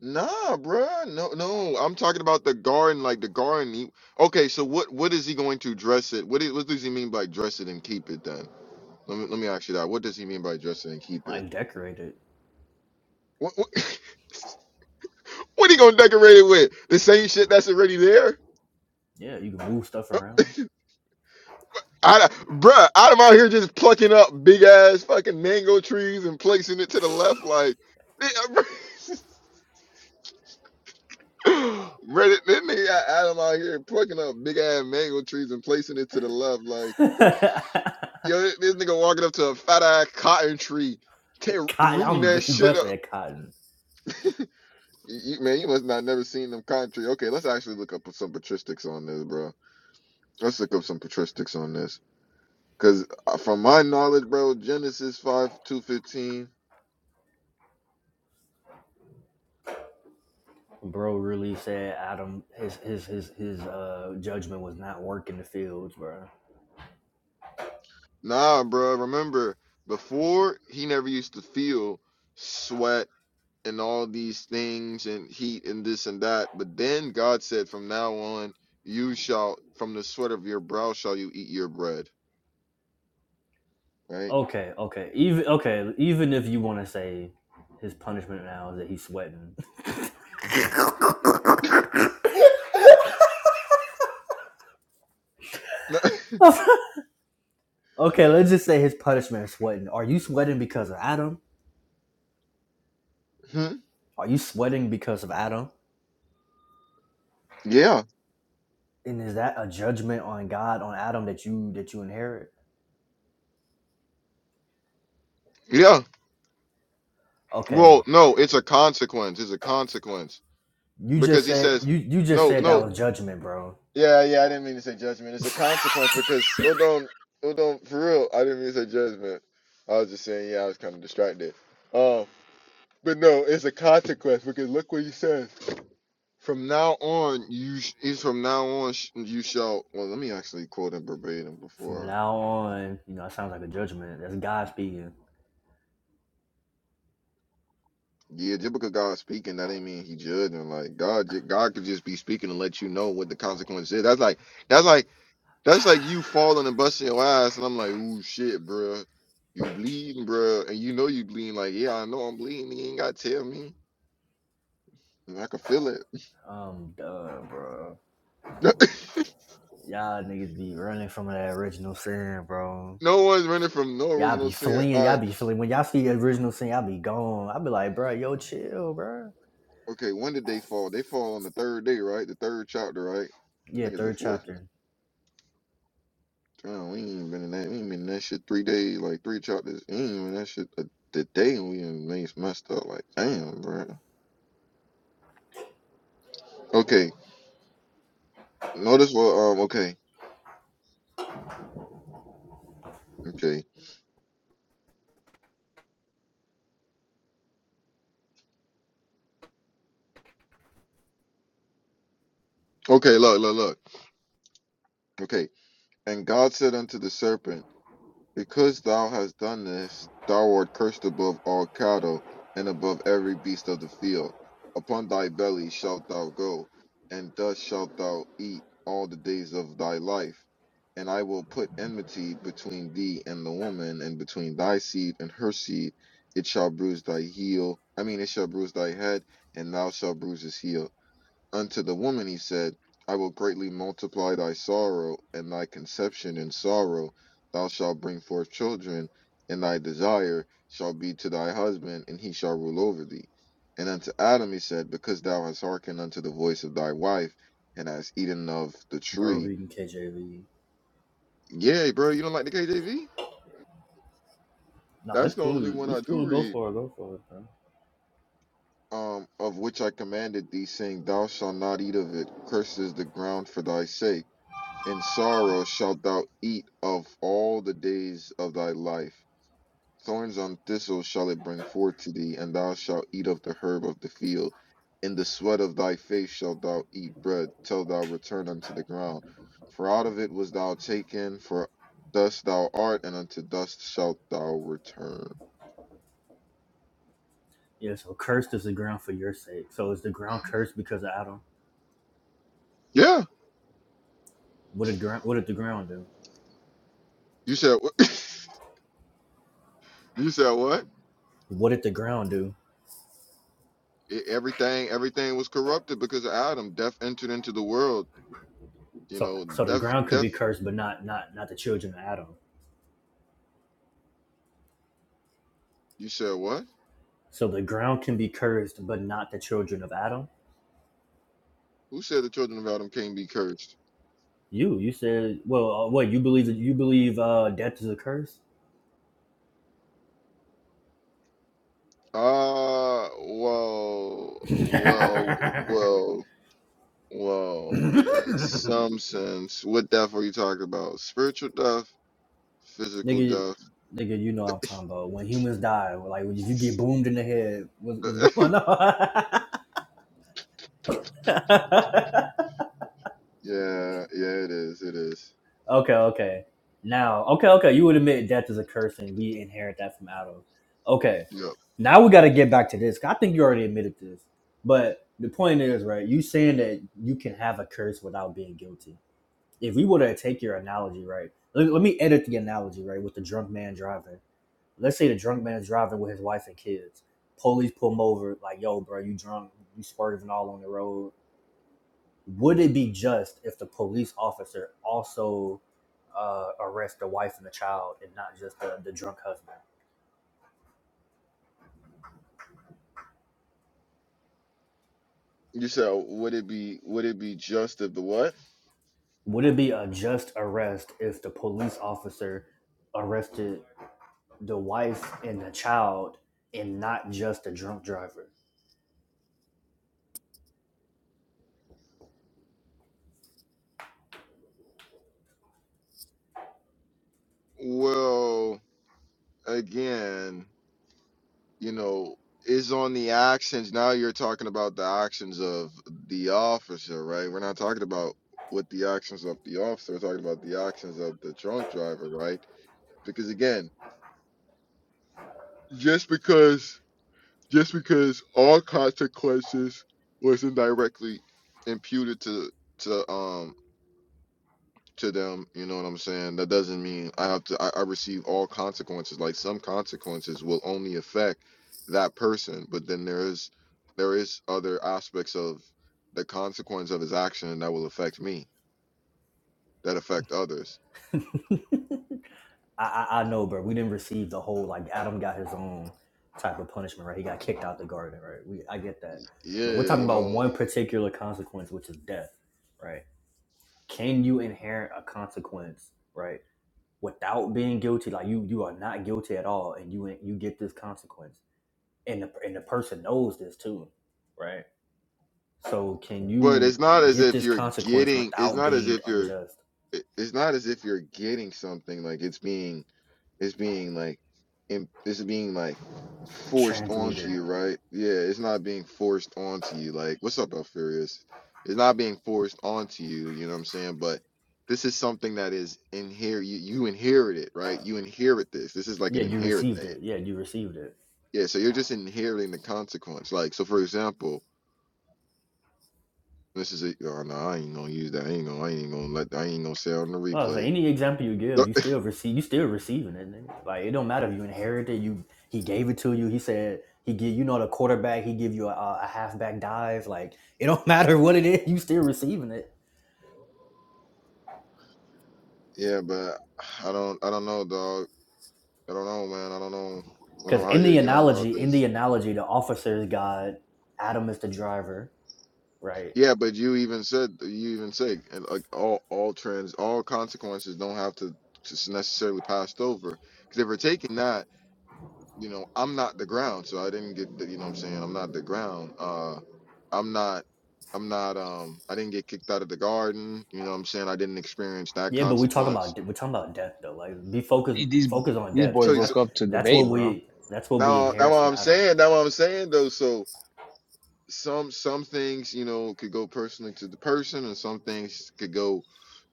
Speaker 1: Nah, bruh. No, no. I'm talking about the garden, like the garden. He, okay, so what what is he going to dress it? What is, what does he mean by dress it and keep it then? Let me let me ask you that. What does he mean by dress it and keep it?
Speaker 2: Like decorate it.
Speaker 1: What what, what he gonna decorate it with? The same shit that's already there?
Speaker 2: Yeah, you can move stuff around.
Speaker 1: I, bruh, I'm out here just plucking up big ass fucking mango trees and placing it to the left, like, ready. Then they got Adam out here plucking up big ass mango trees and placing it to the left, like,
Speaker 2: cotton,
Speaker 1: yo, this, this nigga walking up to a fat ass cotton tree, tear, rooting
Speaker 2: I'm
Speaker 1: that shit up.
Speaker 2: busting at cotton.
Speaker 1: You, you- man, you must not never seen them cotton tree. Okay, let's actually look up some patristics on this, bro. Let's look up some patristics on this, cause uh, from my knowledge, bro, Genesis five two fifteen.
Speaker 2: Bro really said Adam his his his his uh judgment was not working the fields, bro.
Speaker 1: Nah, bro. Remember, before he never used to feel sweat and all these things and heat and this and that. But then God said, from now on, you shall, from the sweat of your brow shall you eat your bread. Right?
Speaker 2: Okay, okay. Even okay, even if you want to say his punishment now is that he's sweating. okay, let's just say his punishment is sweating. Are you sweating because of Adam?
Speaker 1: Hmm?
Speaker 2: Are you sweating because of Adam?
Speaker 1: Yeah.
Speaker 2: And is that a judgment on God on Adam that you that you inherit?
Speaker 1: Yeah.
Speaker 2: Okay,
Speaker 1: Well, no, it's a consequence. It's a consequence
Speaker 2: you just
Speaker 1: because he
Speaker 2: said
Speaker 1: says,
Speaker 2: you you just
Speaker 1: no,
Speaker 2: said
Speaker 1: no.
Speaker 2: that was judgment, bro.
Speaker 1: Yeah, yeah, I didn't mean to say judgment. It's a consequence because hold on, hold on, for real. I didn't mean to say judgment. I was just saying, yeah, I was kind of distracted. Um, but no, it's a consequence because look what he says. From now on, you sh- is from now on sh- you shall. Well, let me actually quote him verbatim
Speaker 2: From
Speaker 1: before.
Speaker 2: now on, you know it sounds like a judgment. That's God speaking.
Speaker 1: Yeah, just because God's speaking, that ain't mean he judging. Like God, ju- God could just be speaking and let you know what the consequence is. That's like that's like That's like you falling and busting your ass, and I'm like, ooh, shit, bruh. You bleeding, bruh. And you know you bleeding. Like, yeah, I know I'm bleeding. You ain't got to tell me. And I can feel it.
Speaker 2: Um, duh, bro. Y'all niggas be running from that original sin, bro.
Speaker 1: no one's running from no
Speaker 2: Y'all
Speaker 1: original
Speaker 2: be
Speaker 1: sin.
Speaker 2: fleeing.
Speaker 1: All
Speaker 2: Y'all
Speaker 1: right.
Speaker 2: be fleeing. When y'all see original sin, y'all be gone. I be like, bro, yo, chill, bro.
Speaker 1: Okay, when did they fall? They fall on the third day, right? The third chapter, right? I
Speaker 2: Yeah,
Speaker 1: think it's the
Speaker 2: third
Speaker 1: fourth.
Speaker 2: chapter.
Speaker 1: Oh, we ain't even been in that. We ain't been in that shit three days, like three chapters. We ain't even in that shit a, the day and we done messed messed up. Like, damn, bruh. Okay. Notice what, um, okay. Okay. Okay, look, look, look. Okay. And God said unto the serpent, Because thou hast done this, thou art cursed above all cattle, and above every beast of the field. Upon thy belly shalt thou go, and dust shalt thou eat all the days of thy life. And I will put enmity between thee and the woman, and between thy seed and her seed. It shall bruise thy heel. I mean, it shall bruise thy head, and thou shalt bruise his heel. Unto the woman he said, I will greatly multiply thy sorrow and thy conception in sorrow. Thou shalt bring forth children, and thy desire shall be to thy husband, and he shall rule over thee. And unto Adam he said, Because thou hast hearkened unto the voice of thy wife, and hast eaten of the
Speaker 2: Bro,
Speaker 1: tree.
Speaker 2: reading KJV.
Speaker 1: Yeah, bro, you don't like the KJV?
Speaker 2: Nah,
Speaker 1: That's
Speaker 2: it's
Speaker 1: the only
Speaker 2: cool.
Speaker 1: one I
Speaker 2: It's
Speaker 1: do
Speaker 2: cool. Go
Speaker 1: read.
Speaker 2: for it. Go for it, bro.
Speaker 1: Um, of which I commanded thee, saying, Thou shalt not eat of it. Cursed is the ground for thy sake In sorrow shalt thou eat of all the days of thy life. Thorns on thistles shall it bring forth to thee, and thou shalt eat of the herb of the field. In the sweat of thy face shalt thou eat bread, till thou return unto the ground. For out of it was thou taken, for dust thou art, and unto dust shalt thou return.
Speaker 2: Yeah. So cursed is the ground for your sake. So is the ground cursed because of Adam?
Speaker 1: Yeah,
Speaker 2: What did ground? What did the ground do?
Speaker 1: you said You said what?
Speaker 2: What did the ground do?
Speaker 1: E- Everything, everything was corrupted because of Adam. Death entered into the world. You
Speaker 2: So,
Speaker 1: know,
Speaker 2: so the
Speaker 1: death,
Speaker 2: ground could
Speaker 1: death.
Speaker 2: be cursed, but not not not the children of Adam.
Speaker 1: You said what?
Speaker 2: So the ground can be cursed, but not the children of Adam.
Speaker 1: Who said the children of Adam can't be cursed?
Speaker 2: You, you said, well, uh, what you believe? You believe uh, death is a curse?
Speaker 1: Ah, well, well, well, well, in some sense, what death are you talking about? Spiritual death, physical
Speaker 2: Nigga,
Speaker 1: death?
Speaker 2: nigga, you know what I'm talking about. When humans die, like if you get boomed in the head, what's, what's going on?
Speaker 1: Yeah, yeah, it is, it is.
Speaker 2: okay, okay. Now, okay, okay. You would admit death is a curse and we inherit that from Adam. Okay.
Speaker 1: Yep.
Speaker 2: Now we got to get back to this. 'cause I think you already admitted this. But the point is, right, you saying that you can have a curse without being guilty. If we were to take your analogy, right, let, let me edit the analogy, right, with the drunk man driving. let's say the drunk man is driving with his wife and kids. Police pull him over, like, yo, bro, you drunk, you swerving all on the road. Would it be just if the police officer also uh, arrest the wife and the child and not just the, the drunk husband?
Speaker 1: You said, would it be, would it be just if the what?
Speaker 2: Would it be a just arrest if the police officer arrested the wife and the child and not just the drunk driver?
Speaker 1: Well, again. you know, is on the actions. Now you're talking about the actions of the officer, right? We're not talking about what the actions of the officer. We're talking about the actions of the drunk driver, right? Because again, just because just because all consequences wasn't directly imputed to to um to them. You know what I'm saying? That doesn't mean I have to. I, I receive all consequences. Like some consequences will only affect that person, but then there is there is other aspects of the consequence of his action that will affect me, that affect others.
Speaker 2: I, I I know, bro. We didn't receive the whole like Adam got his own type of punishment, right? He got kicked out the garden, right? We I get that, but we're
Speaker 1: Yeah,
Speaker 2: talking
Speaker 1: you
Speaker 2: about
Speaker 1: know.
Speaker 2: one particular consequence, which is death, right? Can you inherit a consequence, right, without being guilty? Like you you are not guilty at all, and you you get this consequence, and the and the person knows this too, right? So can
Speaker 1: But
Speaker 2: you
Speaker 1: it's not as
Speaker 2: get
Speaker 1: if
Speaker 2: this
Speaker 1: you're
Speaker 2: consequence
Speaker 1: getting. It's
Speaker 2: without
Speaker 1: not as
Speaker 2: being
Speaker 1: if you're.
Speaker 2: unjust?
Speaker 1: it- It's not as if you're getting something like it's being It's being like, imp- it's being like forced onto
Speaker 2: Transmuted.
Speaker 1: you, right? Yeah, it's not being forced onto you. Like, what's up, Alfarious? It's not being forced onto you. You know what I'm saying? But this is something that is inherit. You, you inherit it, right? You inherit this. This is like
Speaker 2: Yeah,
Speaker 1: an
Speaker 2: you
Speaker 1: inherit
Speaker 2: received
Speaker 1: thing.
Speaker 2: it. Yeah, you received it.
Speaker 1: Yeah. So you're just inheriting the consequence. Like, so for example, this is a. Oh no, I ain't gonna use that. I ain't gonna. I ain't gonna let. I ain't gonna say it on the
Speaker 2: Oh, so
Speaker 1: replay.
Speaker 2: any example you give, you still receive, you still receiving it. nigga. Like it don't matter if you inherited, you he gave it to you. He said he give you know the quarterback, he give you a, a halfback dive. Like it don't matter what it is, you still receiving it.
Speaker 1: Yeah, but I don't. I don't know, dog. I don't know, man. I don't know. I don't
Speaker 2: Because
Speaker 1: know how
Speaker 2: in
Speaker 1: you're
Speaker 2: the
Speaker 1: going about
Speaker 2: analogy, in
Speaker 1: this.
Speaker 2: the analogy, the officer is God, Adam is the driver, right?
Speaker 1: Yeah, but you even said you even said and like all all trends, all consequences don't have to just necessarily passed over. Because if we're taking that, you know, I'm not the ground, so I didn't get. The, you know, what I'm saying I'm not the ground. Uh, I'm not. I'm not. Um, I didn't get kicked out of the garden. You know, what I'm saying I didn't experience that
Speaker 2: Yeah, but we talking
Speaker 1: consequence.
Speaker 2: about we're talking about death though. Like be focused,
Speaker 4: These these
Speaker 2: focus on
Speaker 4: these
Speaker 2: death
Speaker 4: boys
Speaker 2: because
Speaker 1: So,
Speaker 2: that's
Speaker 1: so
Speaker 4: woke up to
Speaker 2: that's what
Speaker 4: debate, bro.
Speaker 2: we that's what we
Speaker 1: now, now what
Speaker 2: inherit from
Speaker 1: I'm
Speaker 2: Adam.
Speaker 1: saying, now what I'm saying though. So some some things you know could go personally to the person and some things could go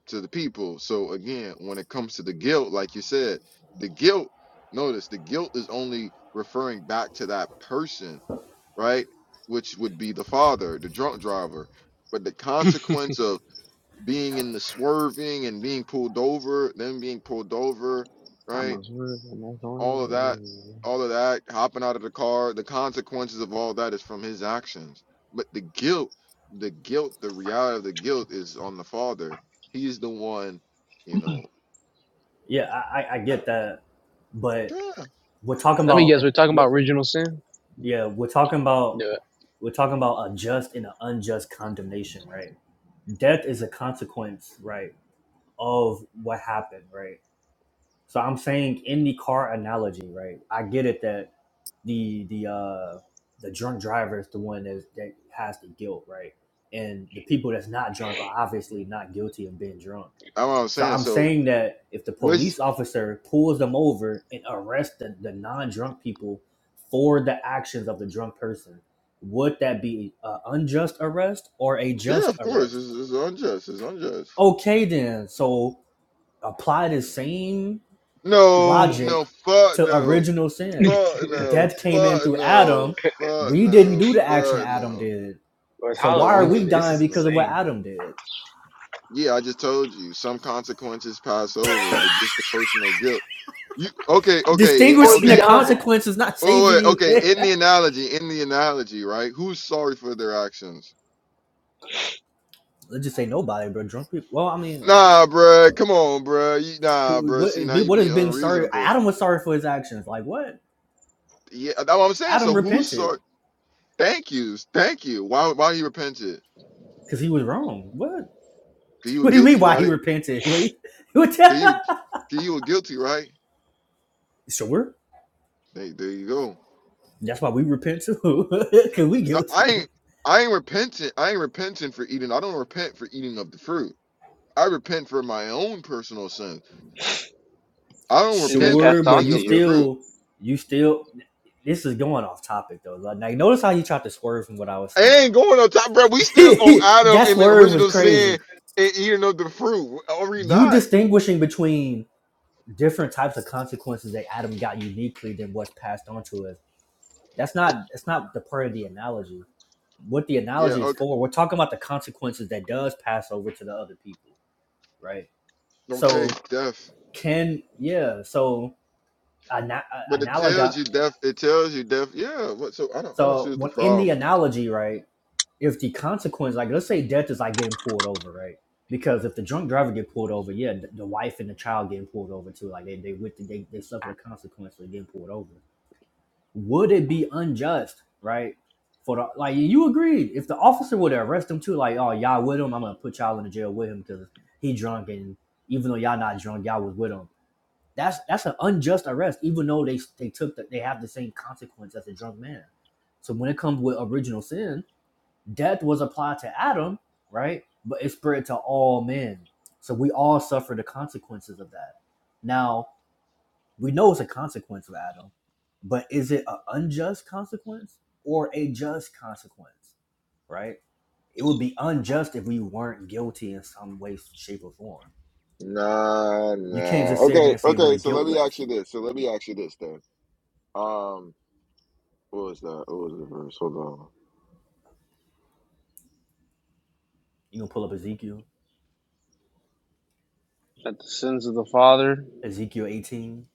Speaker 1: to the people so again when it comes to the guilt like you said the guilt notice the guilt is only referring back to that person right which would be the father the drunk driver but the consequence of being in the swerving and being pulled over then being pulled over
Speaker 4: I
Speaker 1: right
Speaker 4: must work and that's only.
Speaker 1: all of that, all of that, hopping out of the car, the consequences of all that is from his actions. But the guilt, the guilt, the reality of the guilt is on the father. He's the one, you know.
Speaker 2: Yeah, I, I, I get that, but
Speaker 1: Yeah, that's
Speaker 2: we're talking
Speaker 4: Let me
Speaker 2: about.
Speaker 4: guess. We're talking about original sin.
Speaker 2: Yeah, we're talking about
Speaker 4: No.
Speaker 2: we're talking about a just and an unjust condemnation, right? Death is a consequence, right, of what happened, right? So I'm saying in the car analogy, right? I get it that the the uh the drunk driver is the one that, that has the guilt, right? And the people that's not drunk are obviously not guilty of being drunk.
Speaker 1: what I'm
Speaker 2: So
Speaker 1: saying.
Speaker 2: I'm
Speaker 1: So,
Speaker 2: saying that if the
Speaker 1: which,
Speaker 2: police officer pulls them over and arrests the, the non-drunk people for the actions of the drunk person, would that be an unjust arrest or a
Speaker 1: yeah,
Speaker 2: just
Speaker 1: of course,
Speaker 2: arrest?
Speaker 1: it's, it's unjust. It's unjust.
Speaker 2: Okay, then. So apply the same
Speaker 1: No, no,
Speaker 2: logic
Speaker 1: fuck
Speaker 2: to
Speaker 1: no,
Speaker 2: original sin.
Speaker 1: fuck no,
Speaker 2: Death came in
Speaker 1: fuck
Speaker 2: through
Speaker 1: no,
Speaker 2: Adam.
Speaker 1: fuck
Speaker 2: We didn't
Speaker 1: no,
Speaker 2: do the action
Speaker 1: fuck
Speaker 2: Adam
Speaker 1: no.
Speaker 2: did.
Speaker 4: Well, it's
Speaker 2: So why are
Speaker 4: Halloween
Speaker 2: we
Speaker 4: today. This
Speaker 1: No,
Speaker 2: dying
Speaker 4: is
Speaker 1: no.
Speaker 2: because of what
Speaker 4: insane.
Speaker 2: Adam did?
Speaker 1: Yeah, I just told you some consequences pass over, but just the personal guilt. You okay? Okay, eh, eh,
Speaker 4: Boy,
Speaker 2: Distinguishing
Speaker 4: be
Speaker 2: the
Speaker 1: okay.
Speaker 4: done.
Speaker 2: consequence is not
Speaker 1: Oh,
Speaker 2: saving
Speaker 1: wait, okay.
Speaker 2: you.
Speaker 1: In the analogy, in the analogy, right? Who's sorry for their actions?
Speaker 2: let's just say nobody, bro. Drunk people. Well, I mean,
Speaker 1: Nah, bruh. Come on, bruh. You, nah,
Speaker 2: who,
Speaker 1: bruh.
Speaker 2: what
Speaker 1: See, now you
Speaker 2: what is
Speaker 1: being
Speaker 2: being sorry?
Speaker 1: unreasonable.
Speaker 2: Adam was sorry for his actions. Like what?
Speaker 1: Yeah, that's what I'm saying.
Speaker 2: Adam
Speaker 1: So who's
Speaker 2: repented
Speaker 1: sorry? Thank you, thank you. Why? Why he repented?
Speaker 2: because he was wrong. What?
Speaker 1: Cause you were
Speaker 2: What do you mean?
Speaker 1: guilty,
Speaker 2: Why he
Speaker 1: right?
Speaker 2: repented? Wait, what?
Speaker 1: Cause you, cause you were guilty, right?
Speaker 2: sure.
Speaker 1: There, there you go.
Speaker 2: That's why we repent too, because we
Speaker 1: No, I
Speaker 2: guilty.
Speaker 1: ain't. I ain't repentant. I ain't repenting for eating. I don't repent for eating of the fruit. I repent for my own personal sins. I don't
Speaker 4: It then
Speaker 1: repent for
Speaker 2: Sure,
Speaker 4: passed
Speaker 2: but
Speaker 4: on
Speaker 1: eating
Speaker 2: you
Speaker 4: to
Speaker 1: of the
Speaker 4: you
Speaker 1: fruit.
Speaker 2: still, you still. This is going off topic though. Like, like, notice how you tried to swerve from what I was
Speaker 1: I
Speaker 2: saying.
Speaker 1: ain't going on top, bro. We still on Adam
Speaker 2: that
Speaker 1: in the
Speaker 2: swerve was
Speaker 1: original sin
Speaker 2: crazy.
Speaker 1: and eating of the fruit. Are we
Speaker 2: You
Speaker 1: not?
Speaker 2: distinguishing between different types of consequences that Adam got uniquely than what's passed on to us. That's not that's not the part of the analogy. What the
Speaker 1: Yeah.
Speaker 2: analogy is
Speaker 1: Okay.
Speaker 2: for, we're talking about the consequences that does pass over to the other people, right?
Speaker 1: Okay.
Speaker 2: So
Speaker 1: Death.
Speaker 2: can yeah, so ana- uh,
Speaker 1: But it tells
Speaker 2: analoga.
Speaker 1: you death. It tells you death. Yeah. What? So I don't. I don't see
Speaker 2: So
Speaker 1: what's the
Speaker 2: when in the
Speaker 1: problem.
Speaker 2: analogy, right, if the consequence, like let's say death is like getting pulled over, right? Because if the drunk driver get pulled over, yeah, the, the wife and the child getting pulled over too. Like they they with the, they they suffer the consequence of getting pulled over would it be unjust, right? For the like, you agreed if the officer would arrest him too, like, oh y'all with him, I'm gonna put y'all in the jail with him because he drunk, and even though y'all not drunk, y'all was with him. That's that's an unjust arrest, even though they they took the, they have the same consequence as a drunk man. So when it comes with original sin, death was applied to Adam, right? But it spread to all men. So we all suffer the consequences of that. Now we know it's a consequence of Adam, but is it an unjust consequence or a just consequence? Right? It would be unjust if we weren't guilty in some way, shape, or form.
Speaker 1: Nah.
Speaker 2: You can't just
Speaker 1: Nah.
Speaker 2: sit here
Speaker 1: Okay.
Speaker 2: and say we're
Speaker 1: Okay. So let me
Speaker 2: guiltless.
Speaker 1: ask you this. So let me ask you this then. Um. What was that? What was the verse? Hold on.
Speaker 2: You gonna pull up Ezekiel,
Speaker 4: that the sins of the father,
Speaker 2: Ezekiel eighteen.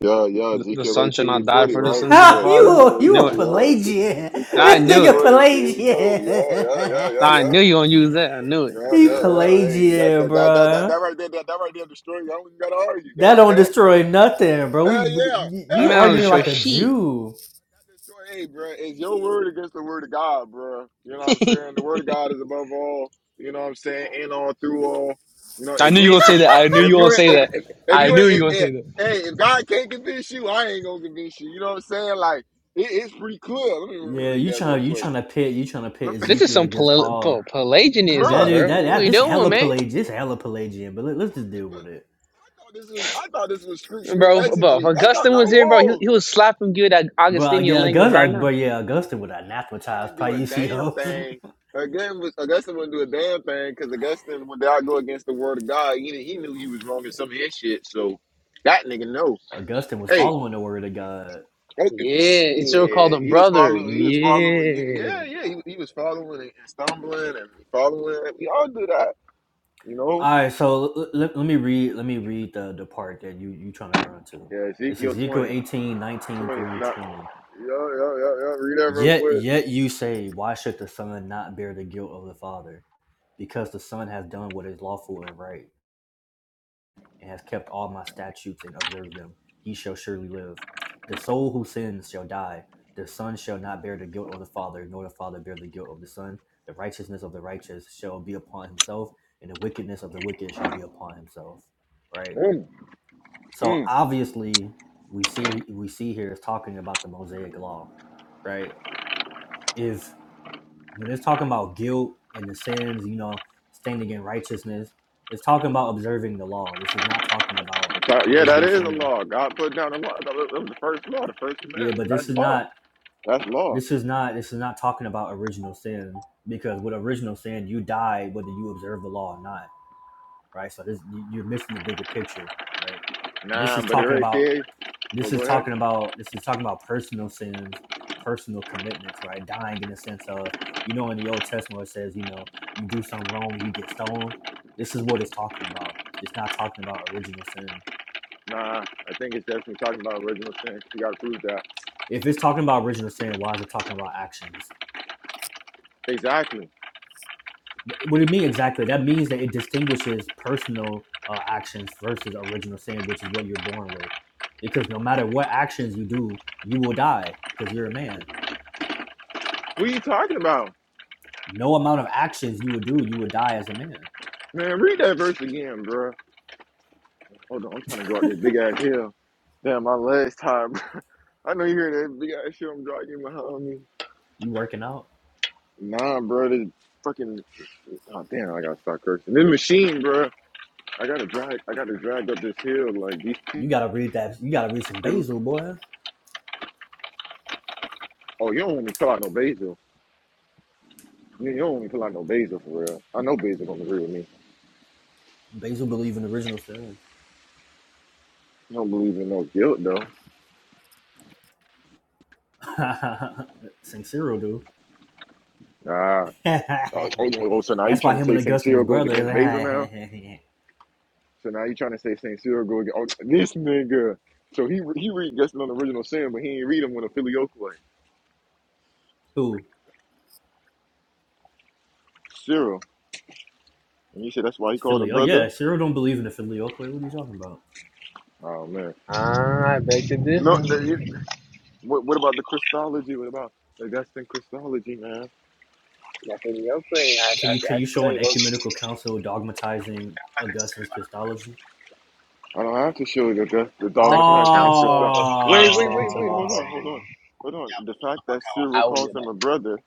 Speaker 1: Yeah. Yeah.
Speaker 4: the, the
Speaker 1: Ezekiel
Speaker 4: son shall
Speaker 1: eighteen twenty,
Speaker 4: not die for the
Speaker 1: Right.
Speaker 2: you
Speaker 4: sins of the
Speaker 1: Yeah.
Speaker 4: father.
Speaker 1: Ezekiel
Speaker 2: you a
Speaker 4: Knew
Speaker 1: eighteen.
Speaker 4: it.
Speaker 1: Yeah. see,
Speaker 2: Pelagian?
Speaker 1: Ezekiel
Speaker 4: I
Speaker 2: This
Speaker 1: eighteen
Speaker 4: knew
Speaker 2: nigga
Speaker 4: it.
Speaker 1: twenty. There you go.
Speaker 2: Pelagian.
Speaker 1: Yeah. Yeah. Yeah. Yeah.
Speaker 4: I
Speaker 1: Yeah.
Speaker 4: knew you gonna use that. I knew
Speaker 1: Yeah,
Speaker 4: it. I
Speaker 2: he
Speaker 4: knew
Speaker 1: yeah,
Speaker 4: it.
Speaker 1: yeah. Hey, that
Speaker 2: Pelagian,
Speaker 1: that that that that, that
Speaker 2: bruh.
Speaker 1: right there, that, that right there destroy. I don't even gotta argue. That
Speaker 2: That
Speaker 1: right
Speaker 2: don't
Speaker 1: there.
Speaker 2: destroy nothing, bro. We
Speaker 1: Hell yeah.
Speaker 4: I'm
Speaker 2: you
Speaker 1: Hell
Speaker 4: not gonna
Speaker 1: yeah.
Speaker 2: arguing
Speaker 4: show
Speaker 2: like
Speaker 1: That
Speaker 2: a
Speaker 4: shit.
Speaker 2: Jew.
Speaker 1: that destroy. Hey, bro, it's your word against the word of God, bro? You know what I'm
Speaker 4: I
Speaker 1: saying? The word of God is above all. You know what I'm saying? In all, through all. You know, if
Speaker 4: knew
Speaker 1: you
Speaker 4: you gonna
Speaker 1: ain't
Speaker 4: say
Speaker 1: si-
Speaker 4: that. I knew
Speaker 1: if
Speaker 4: you gonna
Speaker 1: you ain't
Speaker 4: say
Speaker 1: if
Speaker 4: that.
Speaker 1: if, if
Speaker 4: I
Speaker 1: you
Speaker 4: knew
Speaker 1: ain't
Speaker 4: you
Speaker 1: if,
Speaker 4: gonna say
Speaker 1: if,
Speaker 4: that.
Speaker 1: hey, if God can't convince you, I ain't gonna convince you. You know what I'm saying? Like it, it's pretty clear. Let me, let me
Speaker 2: Yeah,
Speaker 1: read
Speaker 2: you
Speaker 1: that real
Speaker 2: trying you
Speaker 1: quick,
Speaker 2: trying to pit you trying to pit
Speaker 4: This is
Speaker 2: Ezekiel
Speaker 4: some
Speaker 2: against
Speaker 4: Pel- Pel-
Speaker 2: Paul.
Speaker 1: bro.
Speaker 2: That
Speaker 4: Pelagianism,
Speaker 2: is
Speaker 4: bro.
Speaker 2: that,
Speaker 4: What
Speaker 2: that
Speaker 4: we
Speaker 2: this
Speaker 4: doing,
Speaker 2: hella
Speaker 4: man?
Speaker 2: Pelagian, this hella Pelagian. But let, us just deal with it.
Speaker 1: I thought this was I thought this was scriptural
Speaker 4: Bro, bro, if
Speaker 1: exegy. I thought
Speaker 4: Augustine
Speaker 1: I,
Speaker 4: was here, bro,
Speaker 1: whoa,
Speaker 4: he, he would slap him good at
Speaker 2: But uh,
Speaker 4: Augustinian
Speaker 2: yeah,
Speaker 4: language right
Speaker 2: August,
Speaker 4: now.
Speaker 2: but yeah, Augustin would
Speaker 1: Augustine
Speaker 2: anathematize
Speaker 1: wouldn't do a damn
Speaker 2: Paisios.
Speaker 1: thing. Again, was Augustine wouldn't do a damn thing because Augustine, when I go against the word of God, he, he knew he was wrong in some of his shit. So that nigga know.
Speaker 2: Augustine was
Speaker 1: Hey,
Speaker 2: following the word of God.
Speaker 1: okay,
Speaker 4: Yeah, it's sure called
Speaker 1: yeah,
Speaker 4: him
Speaker 1: he was
Speaker 4: brother.
Speaker 1: following. He was following. Yeah,
Speaker 4: Yeah.
Speaker 1: yeah, yeah. he, he was following and stumbling and following. We all do that, you know.
Speaker 2: All right, so l- l- let me read let me read the the part that you you trying to run to.
Speaker 1: Yeah,
Speaker 2: It's
Speaker 1: Ezekiel
Speaker 2: Ezekiel
Speaker 1: 20,
Speaker 2: 18 19
Speaker 1: 20.
Speaker 2: through
Speaker 1: Not,
Speaker 2: twenty.
Speaker 1: yo, yo, yo, yo, read that real
Speaker 2: Yet
Speaker 1: quick.
Speaker 2: yet you say, why should the son not bear the guilt of the father? Because the son has done what is lawful and right and has kept all my statutes and observed them, he shall surely live. The soul who sins shall die. The son shall not bear the guilt of the father, nor the father bear the guilt of the son. The righteousness of the righteous shall be upon himself, and the wickedness of the wicked shall be upon himself. Right.
Speaker 1: Mm, mm.
Speaker 2: So obviously, we see we see here is talking about the Mosaic law, right? If when it's talking about guilt and the sins, you know, standing in righteousness, it's talking about observing the law. This is not talking about
Speaker 1: Yeah, that
Speaker 2: original
Speaker 1: is a
Speaker 2: sin
Speaker 1: law. God put down the law. That was that was the first law, the first
Speaker 2: Yeah, but
Speaker 1: commandment.
Speaker 2: this
Speaker 1: That's
Speaker 2: is
Speaker 1: law.
Speaker 2: not
Speaker 1: That's law.
Speaker 2: this is not this is not talking about original sin because with original sin you die whether you observe the law or not, right? So this you- you're missing the bigger picture, right? This
Speaker 1: Nah,
Speaker 2: is
Speaker 1: but it
Speaker 2: talking
Speaker 1: already
Speaker 2: about
Speaker 1: says. Well,
Speaker 2: this
Speaker 1: go
Speaker 2: is
Speaker 1: ahead.
Speaker 2: talking about this is talking about personal sins, personal commitments, right? Dying in the sense of you know in the Old Testament it says you know you do something wrong you get stoned. This is what it's talking about. It's not talking about original sin.
Speaker 1: Nah, I think it's definitely talking about original sin. You gotta prove that.
Speaker 2: If it's talking about original sin, why is it talking about actions?
Speaker 1: Exactly.
Speaker 2: What do you mean exactly? That means that it distinguishes personal uh, actions versus original sin, which is what you're born with. Because no matter what actions you do, you will die because you're a man.
Speaker 1: What are you talking about,
Speaker 2: No amount of actions you will do, you will die as a man.
Speaker 1: man? Read that verse again, bro. Hold on, I'm trying to go up this big ass hill. Damn, my legs tired. Bro. I know you hear that big ass hill. I'm dragging behind me.
Speaker 2: You working out.
Speaker 1: Nah, bro, this fucking Oh damn, I gotta start cursing. This machine, bro. I gotta drag. I gotta drag up this hill. Like these.
Speaker 2: You gotta read that. You gotta read some
Speaker 1: Really?
Speaker 2: Basil, boy.
Speaker 1: Oh, you don't want me to pull out no basil. You, you don't want me to pull out no basil for real. I know basil gonna agree with me.
Speaker 2: Basil believe in original sin.
Speaker 1: I don't believe in no guilt though.
Speaker 2: Sincero do.
Speaker 1: Nah. Oh, oh, oh, oh, so now you
Speaker 2: That's why
Speaker 1: trying to
Speaker 2: him and
Speaker 1: say St.
Speaker 2: Augustine was
Speaker 1: Cyril goes
Speaker 2: brothers.
Speaker 1: against basil now? So now you trying to say St. Cyril goes against oh, this nigga. So he he read Guessing on Original Sin, but he ain't read him when a filioque way.
Speaker 2: Who?
Speaker 1: Cyril. And you said that's why he called him
Speaker 2: Filio.
Speaker 1: brother?
Speaker 2: Yeah, Cyril don't believe in the filioque. What are you talking about?
Speaker 1: Oh man.
Speaker 4: Ah, I beg to
Speaker 1: You know,
Speaker 4: differ.
Speaker 1: the- what, what about the Christology? What about the Augustine Christology, man?
Speaker 4: Like in your grade, I,
Speaker 2: Can
Speaker 4: I,
Speaker 2: you can
Speaker 4: I
Speaker 2: you
Speaker 4: can
Speaker 2: show
Speaker 4: tell
Speaker 2: an
Speaker 4: you, look,
Speaker 2: ecumenical council dogmatizing Augustine's Christology?
Speaker 1: I don't have to show that that's the
Speaker 4: Second
Speaker 1: dogmatizing against
Speaker 4: Council
Speaker 1: Christoph.
Speaker 4: of
Speaker 1: Wait, wait, wait, wait.
Speaker 4: Constantinople,
Speaker 1: Hold
Speaker 4: I
Speaker 1: on, hold
Speaker 4: think.
Speaker 1: on,
Speaker 2: Oh,
Speaker 1: hold on. The fact that Cyril
Speaker 4: I would be
Speaker 1: calls him a
Speaker 4: back.
Speaker 1: brother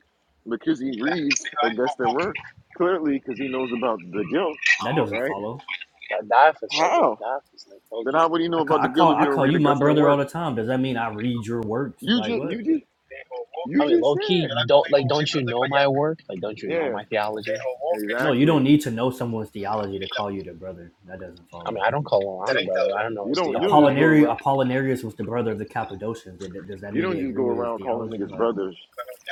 Speaker 1: because he reads against their word clearly because he knows about the guilt,
Speaker 2: that doesn't
Speaker 1: right?
Speaker 2: follow.
Speaker 4: like, I die for like, yo,
Speaker 1: How?
Speaker 4: die for like, low
Speaker 1: Then how
Speaker 4: key.
Speaker 1: would he know
Speaker 2: I call,
Speaker 1: about
Speaker 2: I
Speaker 1: the guilt
Speaker 2: call
Speaker 1: if you
Speaker 2: I
Speaker 1: don't
Speaker 2: call
Speaker 1: read
Speaker 2: you my
Speaker 1: against their
Speaker 2: brother all
Speaker 1: word?
Speaker 2: the time. Does that mean I read your works?
Speaker 1: You
Speaker 2: Like
Speaker 1: just, you
Speaker 2: what?
Speaker 1: just, you
Speaker 4: I mean,
Speaker 1: just
Speaker 4: low key,
Speaker 1: said,
Speaker 4: my work, like, don't you know
Speaker 1: yeah,
Speaker 4: my theology?
Speaker 2: No, you
Speaker 1: exactly.
Speaker 2: don't need to know someone's theology to call you their brother. That doesn't
Speaker 4: I mean,
Speaker 2: follow.
Speaker 4: I don't call I don't know
Speaker 1: You
Speaker 4: his
Speaker 1: don't, you don't just
Speaker 4: theology.
Speaker 1: go
Speaker 2: Apollinari
Speaker 1: around.
Speaker 2: Apollinarius was the brother of the Cappadocians. Did- Does that
Speaker 1: You
Speaker 2: mean they
Speaker 1: don't just
Speaker 2: agree
Speaker 1: go
Speaker 2: with his
Speaker 1: around calling
Speaker 2: theology?
Speaker 1: niggas
Speaker 2: Like,
Speaker 1: brothers.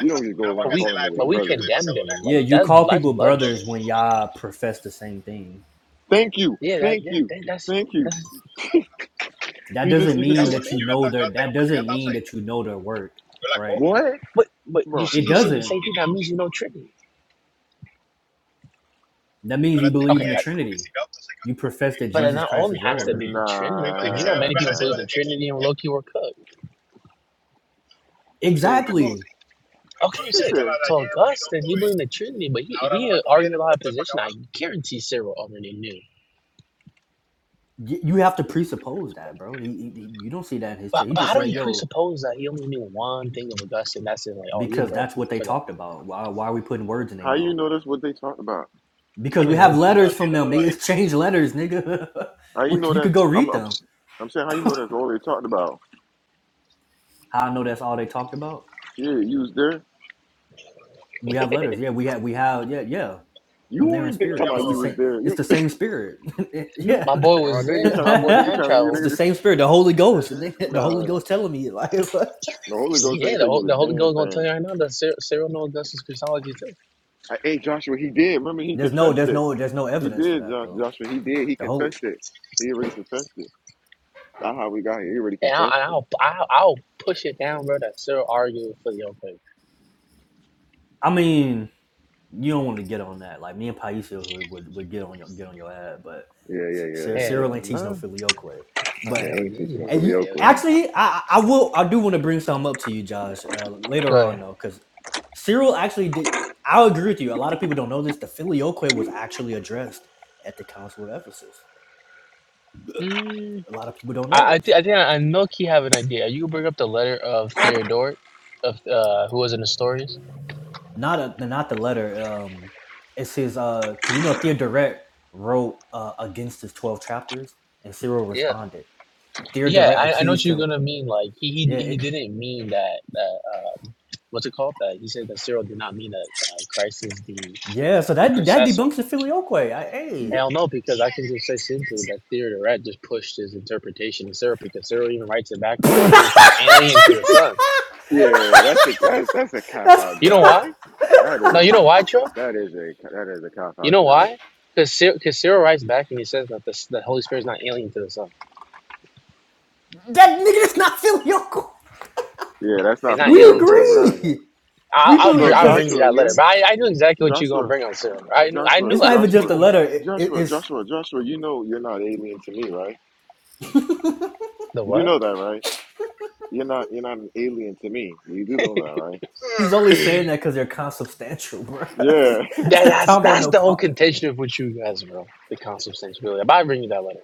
Speaker 1: You don't just go around calling niggas brothers.
Speaker 4: Like,
Speaker 2: yeah, you
Speaker 4: that,
Speaker 2: call
Speaker 4: that's
Speaker 2: people
Speaker 4: blood, brother.
Speaker 2: brothers when y'all profess the same thing.
Speaker 1: Thank you,
Speaker 4: Yeah, that,
Speaker 1: thank
Speaker 4: yeah,
Speaker 1: you,
Speaker 4: that, that's the
Speaker 1: thank
Speaker 4: thing.
Speaker 1: you.
Speaker 4: That's,
Speaker 2: that
Speaker 1: You just,
Speaker 2: doesn't
Speaker 1: you just,
Speaker 2: mean
Speaker 1: said
Speaker 2: that you know their that doesn't mean that you know their work right
Speaker 1: what?
Speaker 4: but but you
Speaker 1: Bro,
Speaker 4: said
Speaker 2: it
Speaker 4: you said the
Speaker 2: doesn't
Speaker 4: same thing. That means you know Trinity.
Speaker 2: that means you believe in the trinity you profess that
Speaker 4: But
Speaker 2: jesus christ is lord
Speaker 4: Trinity
Speaker 1: nah, nah.
Speaker 4: and Loki were cooked.
Speaker 1: Thank you.
Speaker 2: exactly
Speaker 4: Okay,
Speaker 1: He said,
Speaker 4: but he, I, guarantee Cyril already knew.
Speaker 2: Y- you have to presuppose that bro he, he- he- you don't see that in his
Speaker 4: But
Speaker 2: text he
Speaker 4: but how
Speaker 2: just
Speaker 4: do
Speaker 2: said
Speaker 4: appreciate
Speaker 2: yo
Speaker 4: of like, oh, you
Speaker 2: because
Speaker 4: brought
Speaker 2: that's
Speaker 4: it
Speaker 2: what they
Speaker 4: for that?
Speaker 2: talked about why, why are we putting words in their
Speaker 1: "How you
Speaker 2: mouth
Speaker 1: know that's what they talked about?
Speaker 4: I
Speaker 2: because we
Speaker 4: mean, we're,
Speaker 2: have letters from them they exchange letters nigga
Speaker 1: How you
Speaker 2: We-
Speaker 1: know
Speaker 2: you could
Speaker 1: that's
Speaker 2: go read
Speaker 1: I'm I'm,
Speaker 2: them
Speaker 1: I'm saying how you know that's all they talked about?
Speaker 2: How i know that's all they talked about
Speaker 1: Yeah, you was there.
Speaker 2: we have letters yeah we have we have yeah yeah
Speaker 1: You
Speaker 2: I'm there in
Speaker 1: weren't. They talking
Speaker 2: spirit.
Speaker 1: about
Speaker 2: It's the
Speaker 1: you was
Speaker 2: same.
Speaker 1: there.
Speaker 2: It's
Speaker 1: You
Speaker 2: the same spirit.
Speaker 1: you.
Speaker 2: yeah,
Speaker 4: my boy
Speaker 1: Oh,
Speaker 4: was
Speaker 1: nigga
Speaker 4: there. My
Speaker 1: trying to
Speaker 4: boy
Speaker 1: nigga
Speaker 4: time
Speaker 1: trying to
Speaker 2: it's
Speaker 4: traveled.
Speaker 1: nigga.
Speaker 2: the
Speaker 1: Just-
Speaker 2: same spirit. The Holy Ghost and they- the Holy
Speaker 1: Nah,
Speaker 2: Ghost telling me like
Speaker 1: the Holy
Speaker 4: And
Speaker 1: Ghost
Speaker 4: yeah,
Speaker 1: ain't
Speaker 4: the,
Speaker 1: tell
Speaker 4: Hol-
Speaker 1: you a
Speaker 4: the Holy
Speaker 1: damn
Speaker 4: Ghost gonna tell you
Speaker 1: thing.
Speaker 4: right now that Cyril, Cyril knows Augustus Christology too.
Speaker 1: I, hey Joshua, he did. Remember he
Speaker 2: there's no,
Speaker 1: confessed
Speaker 2: there's
Speaker 1: it.
Speaker 2: no, there's no
Speaker 1: He
Speaker 2: evidence for
Speaker 1: did,
Speaker 2: that
Speaker 1: Jo-
Speaker 2: though.
Speaker 1: Joshua. He did. He
Speaker 2: The Holy.
Speaker 1: confessed it. He already confessed it. That's how we got here. He already
Speaker 4: And I'll,
Speaker 1: confessed
Speaker 4: and
Speaker 1: it.
Speaker 4: I'll I'll I'll push it down, bro. That Cyril argued for the Oakley.
Speaker 2: I mean, you don't want to get on that. Like me and Paisha would, would, would get on your get on your ad, but
Speaker 1: Yeah, yeah,
Speaker 2: Cyril
Speaker 1: yeah,
Speaker 2: Sarah
Speaker 1: yeah.
Speaker 4: Hell
Speaker 2: ain't teach no
Speaker 4: no.
Speaker 2: filioque.
Speaker 4: Oh
Speaker 1: yeah
Speaker 2: But
Speaker 4: hell
Speaker 1: he ain't
Speaker 4: yeah, you
Speaker 1: teaching no
Speaker 2: and you,
Speaker 4: did. Hell
Speaker 1: filioque.
Speaker 2: actually, I I will I do want to bring something up to you, Josh, uh, later
Speaker 4: yeah.
Speaker 2: on though, because Cyril actually did. I agree with you. A lot of people don't know this. The filioque was actually addressed at the Council of Ephesus.
Speaker 4: Go ahead.
Speaker 2: A lot of people don't know
Speaker 4: I I, thi-
Speaker 2: this.
Speaker 4: I think I, I know Key have an idea. You bring up the letter of Theodoric, of uh, who was an Nestorius.
Speaker 2: Not a, the- not the letter. Um, it's his because uh, you know Theodoret wrote uh, against his twelve chapters, and Cyril
Speaker 4: Yeah,
Speaker 2: responded Dear
Speaker 4: yeah,
Speaker 2: Direct
Speaker 4: I, I know what
Speaker 2: accused
Speaker 4: you're
Speaker 2: him.
Speaker 4: gonna mean. Like he he
Speaker 2: Yeah,
Speaker 4: he
Speaker 2: it-
Speaker 4: didn't mean that that um, what's it called? That he said that Cyril did not mean that uh, Christ is the
Speaker 2: yeah. So
Speaker 4: the
Speaker 2: that that
Speaker 4: processor.
Speaker 2: debunks the Filioque. I, hey.
Speaker 4: Hell no, because I can just say simply that Theodoret just pushed his interpretation to Cyril because Cyril even writes it back that he's not alien to the Son.
Speaker 1: Yeah, that's a that's that's a cop
Speaker 2: That's
Speaker 1: out,
Speaker 4: You know
Speaker 1: Josh.
Speaker 2: God,
Speaker 4: why?
Speaker 1: That
Speaker 4: No,
Speaker 1: is
Speaker 4: you know why, Trump?
Speaker 1: that is a that is a cop
Speaker 4: You
Speaker 1: out,
Speaker 4: know
Speaker 1: Josh.
Speaker 4: why? Because Cyril writes back and he says that the, the Holy Spirit is not alien to the Son.
Speaker 2: that nigga is not Filioque.
Speaker 1: Yeah, that's
Speaker 4: It's
Speaker 1: not
Speaker 4: not
Speaker 2: We
Speaker 4: alien to the
Speaker 1: filioque, bro.
Speaker 4: sun, bro.
Speaker 2: agree.
Speaker 4: I'll
Speaker 2: We
Speaker 4: I'll,
Speaker 2: believe
Speaker 1: Bro,
Speaker 4: br- I'll
Speaker 2: because
Speaker 4: bring you
Speaker 1: Joshua,
Speaker 4: that letter, but
Speaker 1: you
Speaker 4: I, I knew exactly what you were gonna
Speaker 1: Joshua,
Speaker 4: bring on serum. I knew I
Speaker 1: Joshua,
Speaker 4: knew
Speaker 2: it's
Speaker 4: I
Speaker 2: not
Speaker 4: knew
Speaker 2: even
Speaker 4: what you
Speaker 2: just
Speaker 1: Joshua,
Speaker 2: a
Speaker 4: were gonna bring.
Speaker 2: letter. It, it-
Speaker 1: Joshua,
Speaker 2: it's
Speaker 1: Joshua, Joshua. You know you're not alien to me, right?
Speaker 4: The
Speaker 1: You do
Speaker 4: what?
Speaker 1: know that, right? You're not you're not an alien to me. You do know that, right?
Speaker 2: he's only saying that because they're consubstantial, bro.
Speaker 1: Yeah.
Speaker 2: it's
Speaker 4: That
Speaker 2: not
Speaker 4: that's
Speaker 2: talking about
Speaker 4: that's
Speaker 2: no
Speaker 4: the whole
Speaker 2: call.
Speaker 4: contention of what you guys, bro. The consubstantiality. But I bring you that letter.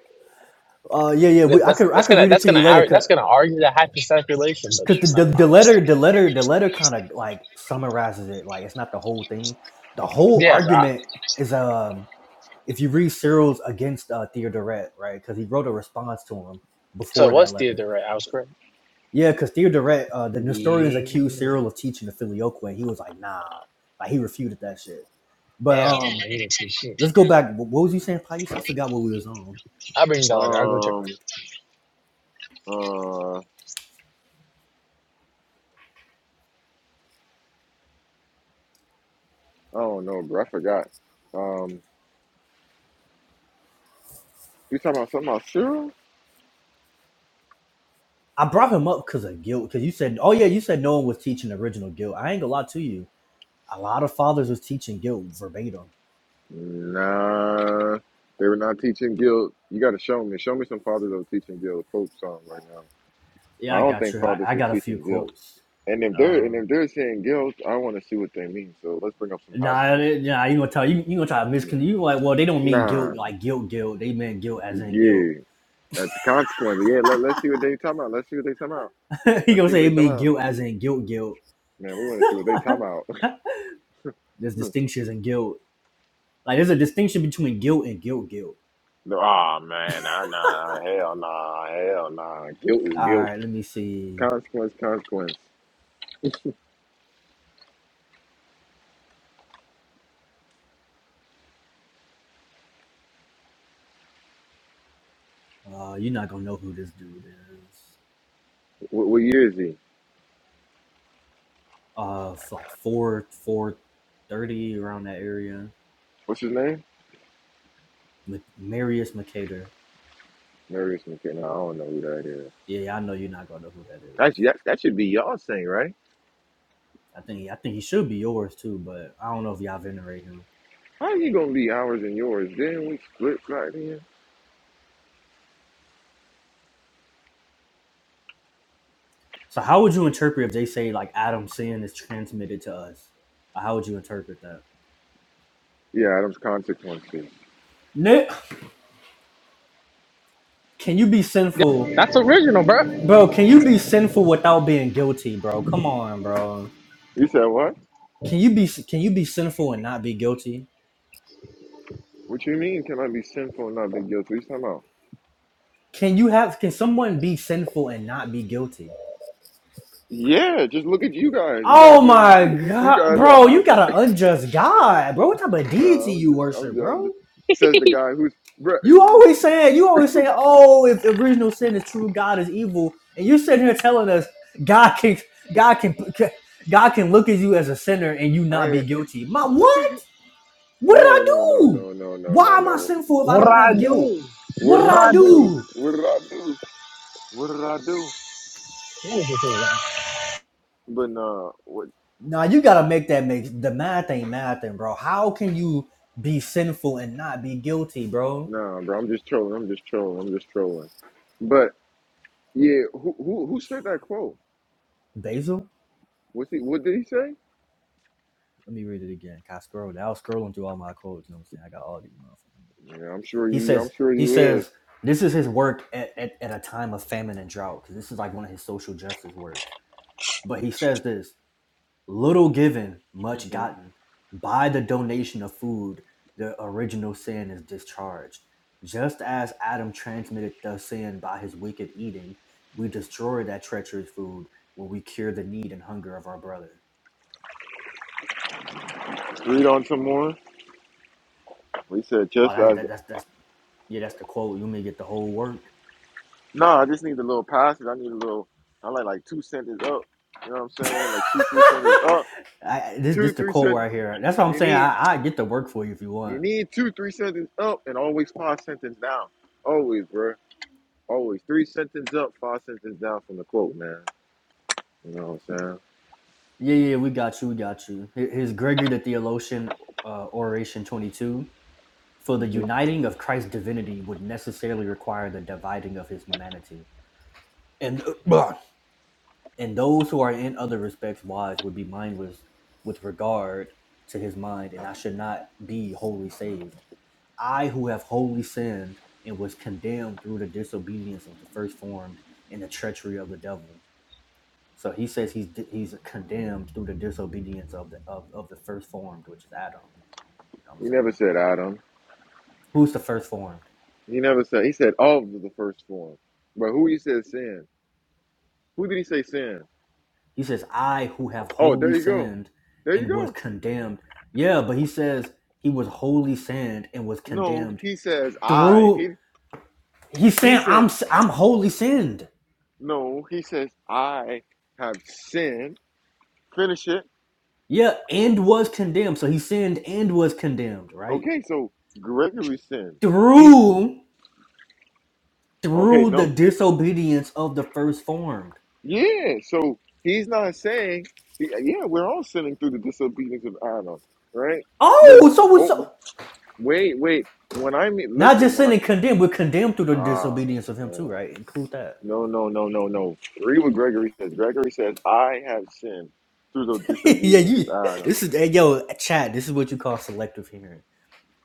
Speaker 2: Uh, yeah, yeah.
Speaker 4: Yeah,
Speaker 2: We, I
Speaker 4: That's
Speaker 2: could I
Speaker 4: that's
Speaker 2: could
Speaker 4: gonna
Speaker 2: read it
Speaker 4: that's
Speaker 2: to
Speaker 4: gonna
Speaker 2: you later.
Speaker 4: ar-
Speaker 2: Cause
Speaker 4: that's gonna argue that hypostatic relation, but
Speaker 2: Cause the, the
Speaker 4: never
Speaker 2: the
Speaker 4: mind.
Speaker 2: letter the letter the letter kind of like summarizes it. Like it's not the whole thing. The whole
Speaker 4: Yeah, bro.
Speaker 2: argument is um if you read Cyril's against uh, Theodoret, right? Because he wrote a response to him
Speaker 4: So
Speaker 2: before
Speaker 4: it
Speaker 2: that
Speaker 4: was
Speaker 2: letter.
Speaker 4: theater, right? I was correct.
Speaker 2: Yeah, because Theodoret, uh, the Nestorians
Speaker 4: Yeah.
Speaker 2: accused Cyril of teaching the Filioque. and He was like, nah, like he refuted that shit. But
Speaker 4: Damn, man,
Speaker 2: um,
Speaker 4: you didn't see shit.
Speaker 2: let's go back. Wh- What was you saying, Pais? I forgot what we was on.
Speaker 4: I'll bring you that letter. I'll go check right now.
Speaker 1: Um. Uh. I don't know, bro. I forgot. Um. You talking about something about Cyril?
Speaker 2: I brought him up because of guilt. Because you said, oh yeah, you said no one was teaching original guilt. I ain't gonna lie to you a lot of fathers was teaching guilt verbatim.
Speaker 1: Nah, they were not teaching guild. You got to show me. Show me some fathers that were teaching guild Pope song right now.
Speaker 2: Yeah,
Speaker 1: I
Speaker 2: I
Speaker 1: don't
Speaker 2: got
Speaker 1: think
Speaker 2: you. I,
Speaker 1: fathers
Speaker 2: I
Speaker 1: were
Speaker 2: got a few
Speaker 1: teaching guilt.
Speaker 2: quotes.
Speaker 1: And if they're
Speaker 2: Uh,
Speaker 1: and if they're saying guilt, I want to see what they mean. So let's bring up some
Speaker 2: nah,
Speaker 1: passages.
Speaker 2: nah, you gonna tell you you gonna try to
Speaker 1: Yeah.
Speaker 2: miscon you like well they don't mean guilt
Speaker 1: Nah,
Speaker 2: like guilt guilt they meant guilt as in guilt.
Speaker 1: yeah, that's the consequence. Yeah, let us see what they talking about. Let's see what they talking about.
Speaker 2: you
Speaker 1: Let's
Speaker 2: gonna
Speaker 1: see what
Speaker 2: say
Speaker 1: they
Speaker 2: they
Speaker 1: talking
Speaker 2: mean
Speaker 1: about.
Speaker 2: guilt as in guilt guilt.
Speaker 1: Man, we want to see what they talking about.
Speaker 2: There's distinctions in guilt. Like there's a distinction between guilt and guilt guilt.
Speaker 1: oh man, nah, nah, hell nah, hell nah. Guilt is
Speaker 2: All
Speaker 1: guilt.
Speaker 2: right, let me see.
Speaker 1: Consequence, consequence.
Speaker 2: Uh, you're not gonna know who this dude is.
Speaker 1: What, what year is he?
Speaker 2: Uh, f- like four four thirty around that area.
Speaker 1: What's his name?
Speaker 2: M- Marius Mercator.
Speaker 1: Nurse McKenna. I don't know who that is.
Speaker 2: Yeah, I know you're not gonna know who that is.
Speaker 1: That's, that, that should be y'all's thing, right?
Speaker 2: I think he, I think he should be yours too, but I don't know if y'all venerate him.
Speaker 1: How you gonna be ours and yours? Didn't we split right here.
Speaker 2: So how would you interpret if they say like Adam's sin is transmitted to us? How would you interpret that?
Speaker 1: Yeah, Adam's consequences.
Speaker 2: Nick, can you be sinful,
Speaker 4: Yep, that's original, bro.
Speaker 2: bro? Can you be sinful without being guilty, bro? Come on, bro.
Speaker 1: You said what?
Speaker 2: Can you be can you be sinful and not be guilty?
Speaker 1: What you mean? Can I be sinful and not be guilty? What you talking about?
Speaker 2: Can you have can someone be sinful and not be guilty?
Speaker 1: Yeah, just look at you guys. You
Speaker 2: Oh
Speaker 1: guys are
Speaker 2: my
Speaker 1: you, you you
Speaker 2: god,
Speaker 1: guys are
Speaker 2: bro! You
Speaker 1: hot
Speaker 2: got
Speaker 1: with.
Speaker 2: an unjust God, bro. What type of
Speaker 1: no,
Speaker 2: deity
Speaker 1: I'm
Speaker 2: you
Speaker 1: just, I'm
Speaker 2: worship,
Speaker 1: just, I'm
Speaker 2: bro?
Speaker 1: just says the guy who's bruh,
Speaker 2: You always saying, you always saying, oh, if original sin is true, God is evil, and you're sitting here telling us God can, God can, God can look at you as a sinner and you
Speaker 1: I
Speaker 2: not be
Speaker 1: ain't-
Speaker 2: guilty. My what? What did
Speaker 1: no
Speaker 2: I
Speaker 1: no no
Speaker 2: do?
Speaker 1: no no no
Speaker 2: Why
Speaker 1: no
Speaker 2: am I
Speaker 1: no.
Speaker 2: sinful if I don't have guilt? What
Speaker 1: What
Speaker 2: did
Speaker 1: did I
Speaker 2: I
Speaker 1: do?
Speaker 2: do?
Speaker 1: What did I do? What did I do? But nah,
Speaker 2: Nah, you gotta make that make the math ain't mathing, bro. How can you be sinful and not be guilty, bro?
Speaker 1: Nah, bro, I'm just trolling. I'm just trolling. I'm just trolling. But yeah, who who who said that quote?
Speaker 2: Basil,
Speaker 1: What's he? What did he say?
Speaker 2: let me read it again. I scroll. I was scrolling through all my quotes. You know what I'm saying? I got all these motherfuckers.
Speaker 1: Yeah, I'm sure
Speaker 2: He
Speaker 1: you. I'm
Speaker 2: says
Speaker 1: sure
Speaker 2: he
Speaker 1: you
Speaker 2: says
Speaker 1: is.
Speaker 2: this is his work at, at, at a time of famine and drought because this is like one of his social justice works. But he says this little given, much
Speaker 1: Mhm.
Speaker 2: gotten. By the donation of food, the original sin is discharged. Just as Adam transmitted the sin by his wicked eating, we destroy that treacherous food when we cure the need and hunger of our brother.
Speaker 1: Read on some more. He said
Speaker 2: Oh,
Speaker 1: just
Speaker 2: that's
Speaker 1: as.
Speaker 2: that, that's that's yeah, that's the quote. You may get the whole work.
Speaker 1: No, I just need a little passage. I need a little. I like like two sentences up. You know what I'm saying? Like two, three sentences up.
Speaker 2: I, this this
Speaker 1: Two,
Speaker 2: the
Speaker 1: three
Speaker 2: quote
Speaker 1: sentences.
Speaker 2: right here. That's what I'm
Speaker 1: You
Speaker 2: saying.
Speaker 1: need
Speaker 2: I I get the work for you if you
Speaker 1: you
Speaker 2: want.
Speaker 1: need two, three sentences up, and always five sentences down. Always, bro. Always three sentences up, five sentences down from the quote, man. You know what I'm
Speaker 2: Yeah, yeah, we got you, we got you. Here- Here's Gregory the Theologian, uh, Oration 22. For the
Speaker 1: saying? hmm
Speaker 2: uniting of Christ's divinity would necessarily require the dividing of his humanity, and uh, and those who are in other respects wise would be mindless with regard to his mind, and I should not be wholly saved. I who have wholly sinned and was condemned through the disobedience of the first formed and the treachery of the devil. So he says he's he's condemned through the disobedience of the of, of the first formed, which is Adam. You know what I'm
Speaker 1: You never
Speaker 2: saying?
Speaker 1: said Adam.
Speaker 2: Who's the first formed?
Speaker 1: He never said. He said of the first form. But who he said sin? Who did he say sin?
Speaker 2: He says, I who have
Speaker 1: Oh,
Speaker 2: wholly
Speaker 1: there you go.
Speaker 2: sinned
Speaker 1: There you
Speaker 2: and was
Speaker 1: go.
Speaker 2: condemned. Yeah, but he says he was wholly sinned and was
Speaker 1: No,
Speaker 2: condemned
Speaker 1: he says I.
Speaker 2: through
Speaker 1: He
Speaker 2: he's
Speaker 1: he
Speaker 2: saying I'm
Speaker 1: says
Speaker 2: i I'm wholly sinned.
Speaker 1: no. He says I have sinned. Finish it.
Speaker 2: Yeah, and was condemned. So he sinned and was condemned, right?
Speaker 1: Okay, so Gregory sinned. He's
Speaker 2: through
Speaker 1: okay.
Speaker 2: through the
Speaker 1: No,
Speaker 2: disobedience of the first formed.
Speaker 1: yeah. So he's not saying. he- Yeah, we're all sinning through the disobedience of Adam, right? But
Speaker 2: Oh, so we so
Speaker 1: oh, wait, wait. When I mean,
Speaker 2: not
Speaker 1: listen.
Speaker 2: just
Speaker 1: When I
Speaker 2: sinning condemned, we're condemned through the
Speaker 1: ah,
Speaker 2: disobedience of him
Speaker 1: man.
Speaker 2: too, right? Include that.
Speaker 1: No, no, no, no, no. Read what Gregory says. Gregory says, I have sinned through the
Speaker 2: yeah,
Speaker 1: disobedience
Speaker 2: you
Speaker 1: of Adam.
Speaker 2: this is hey, yo, chat, this is what you call selective hearing.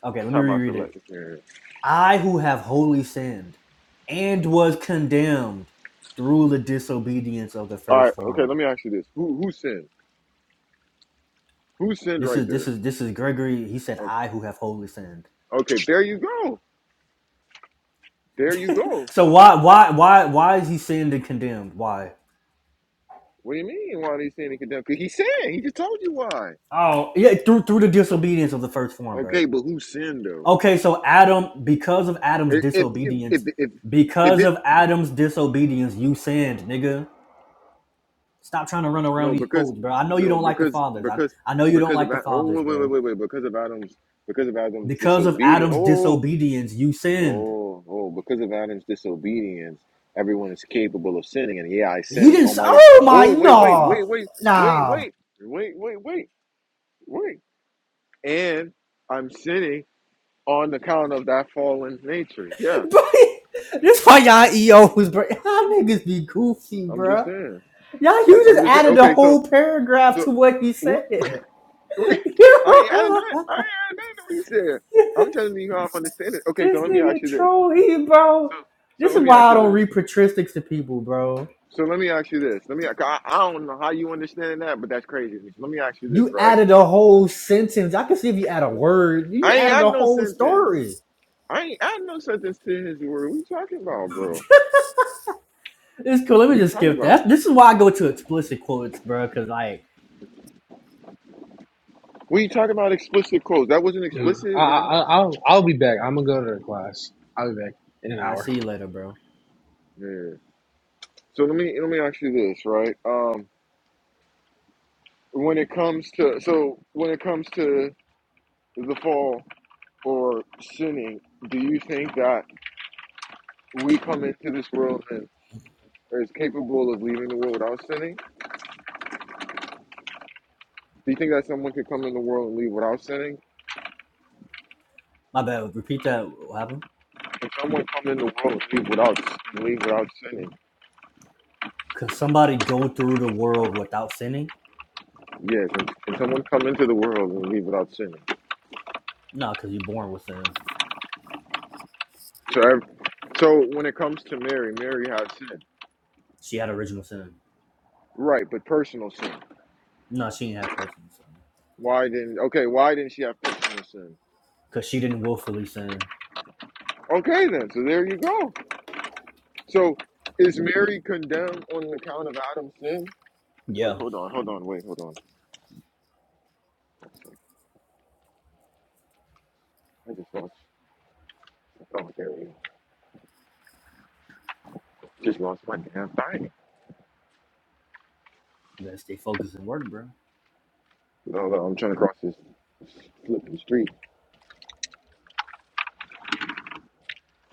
Speaker 2: Okay, let me
Speaker 1: Time I
Speaker 2: reread
Speaker 1: select
Speaker 2: it.
Speaker 1: the sin.
Speaker 2: I who have wholly sinned and was condemned through the disobedience of the
Speaker 1: All
Speaker 2: first
Speaker 1: right, okay,
Speaker 2: formed.
Speaker 1: let me ask you this. Who who sinned? Who sinned
Speaker 2: This
Speaker 1: right
Speaker 2: is this
Speaker 1: there?
Speaker 2: is this is Gregory. He said,
Speaker 1: Okay.
Speaker 2: I who have wholly sinned.
Speaker 1: Okay, there you go. There you go.
Speaker 2: So why why why why is he sinned and condemned? Why?
Speaker 1: What do you mean why they sin and condemn? 'Cause he sinned. He just told you why.
Speaker 2: Oh, yeah, through through the disobedience of the first formed, right?
Speaker 1: Okay, but who sinned though?
Speaker 2: Okay, so Adam, because of Adam's
Speaker 1: If if if if
Speaker 2: disobedience,
Speaker 1: if, if
Speaker 2: because
Speaker 1: it
Speaker 2: of Adam's disobedience, you sinned, nigga. Stop trying to run around
Speaker 1: no,
Speaker 2: these
Speaker 1: because
Speaker 2: quotes, bro. I know you
Speaker 1: no,
Speaker 2: don't like the
Speaker 1: because
Speaker 2: fathers. I,
Speaker 1: because
Speaker 2: I know you don't
Speaker 1: because
Speaker 2: like
Speaker 1: of
Speaker 2: the
Speaker 1: Ad- oh
Speaker 2: fathers,
Speaker 1: wait wait wait
Speaker 2: bro.
Speaker 1: wait wait because of Adam's because of Adam's
Speaker 2: Because of
Speaker 1: disobedience.
Speaker 2: Adam's
Speaker 1: Oh,
Speaker 2: disobedience, you sinned.
Speaker 1: Oh, oh, because of Adam's disobedience, everyone is capable of sinning. And yeah, I
Speaker 2: He
Speaker 1: sinned
Speaker 2: didn't.
Speaker 1: Oh
Speaker 2: s-
Speaker 1: my.
Speaker 2: Oh my
Speaker 1: Oh, wait, wait,
Speaker 2: no,
Speaker 1: wait, wait, wait,
Speaker 2: nah,
Speaker 1: wait, wait, wait, wait, wait. And I'm sinning on account of that fallen nature. Yeah,
Speaker 2: bro. This why y'all EOs, bro. Y'all niggas be goofy,
Speaker 1: I'm just
Speaker 2: bro.
Speaker 1: saying.
Speaker 2: Y'all, you
Speaker 1: I'm
Speaker 2: just
Speaker 1: just saying.
Speaker 2: added a
Speaker 1: Okay, so,
Speaker 2: whole paragraph
Speaker 1: so,
Speaker 2: to what he
Speaker 1: wh-
Speaker 2: said.
Speaker 1: I ain't adding that. I ain't adding that to what he said. I'm telling you how I'm understanding. Okay, so
Speaker 2: this
Speaker 1: let me ask
Speaker 2: nigga
Speaker 1: you this.
Speaker 2: troll he
Speaker 1: So,
Speaker 2: bro.
Speaker 1: so
Speaker 2: This
Speaker 1: let
Speaker 2: is
Speaker 1: me
Speaker 2: why
Speaker 1: ask
Speaker 2: I
Speaker 1: you
Speaker 2: don't
Speaker 1: this.
Speaker 2: read patristics to people, bro.
Speaker 1: So let me ask you this. Let me. I, I don't know how you understanding that, but that's crazy. Let me ask you this,
Speaker 2: You
Speaker 1: right?
Speaker 2: added a whole sentence. I can see if you add a word. You
Speaker 1: I ain't
Speaker 2: added
Speaker 1: had
Speaker 2: a
Speaker 1: no
Speaker 2: whole
Speaker 1: sentence.
Speaker 2: story.
Speaker 1: I ain't had no sentence to his word. What you talking about, bro?
Speaker 2: It's cool. Let me
Speaker 1: What you
Speaker 2: just
Speaker 1: talking
Speaker 2: skip
Speaker 1: about?
Speaker 2: that. This is why I go to explicit quotes, bro. Cause like,
Speaker 1: We talking about? Explicit quotes. That wasn't
Speaker 4: Dude, I,
Speaker 1: explicit, wasn't it?
Speaker 4: I, I- will I'll be back. I'm gonna go to the class. I'll be back in an
Speaker 2: I
Speaker 4: hour.
Speaker 2: see you later, bro.
Speaker 1: Yeah. So let me let me ask you this, right? Um, when it comes to so when it comes to the fall or sinning, do you think that we come into this world and is capable of leaving the world without sinning? Do you think that someone could come in the world and leave without sinning?
Speaker 2: My bad. Repeat that. What happened?
Speaker 1: Can someone come in the world and leave without and leave without sinning?
Speaker 2: Can somebody go through the world without sinning?
Speaker 1: Yes. Can can someone come into the world and leave without sinning?
Speaker 2: No, cause you're born with sin.
Speaker 1: So, ev- so when it comes to Mary, Mary had sin,
Speaker 2: She had original sin.
Speaker 1: right? But personal sin.
Speaker 2: No, she didn't have personal sin.
Speaker 1: Why didn't? Okay, why didn't she have personal sin?
Speaker 2: Cause she didn't willfully sin.
Speaker 1: Okay, then. So there you go. So is Mary condemned on account of Adam's sin?
Speaker 2: Yeah.
Speaker 1: Wait, hold on, hold on, wait, hold on. I just lost. Oh, there we go. Just lost my damn thing.
Speaker 2: Best stay focused and work, bro.
Speaker 1: Hold on, I'm trying to cross this flipping street.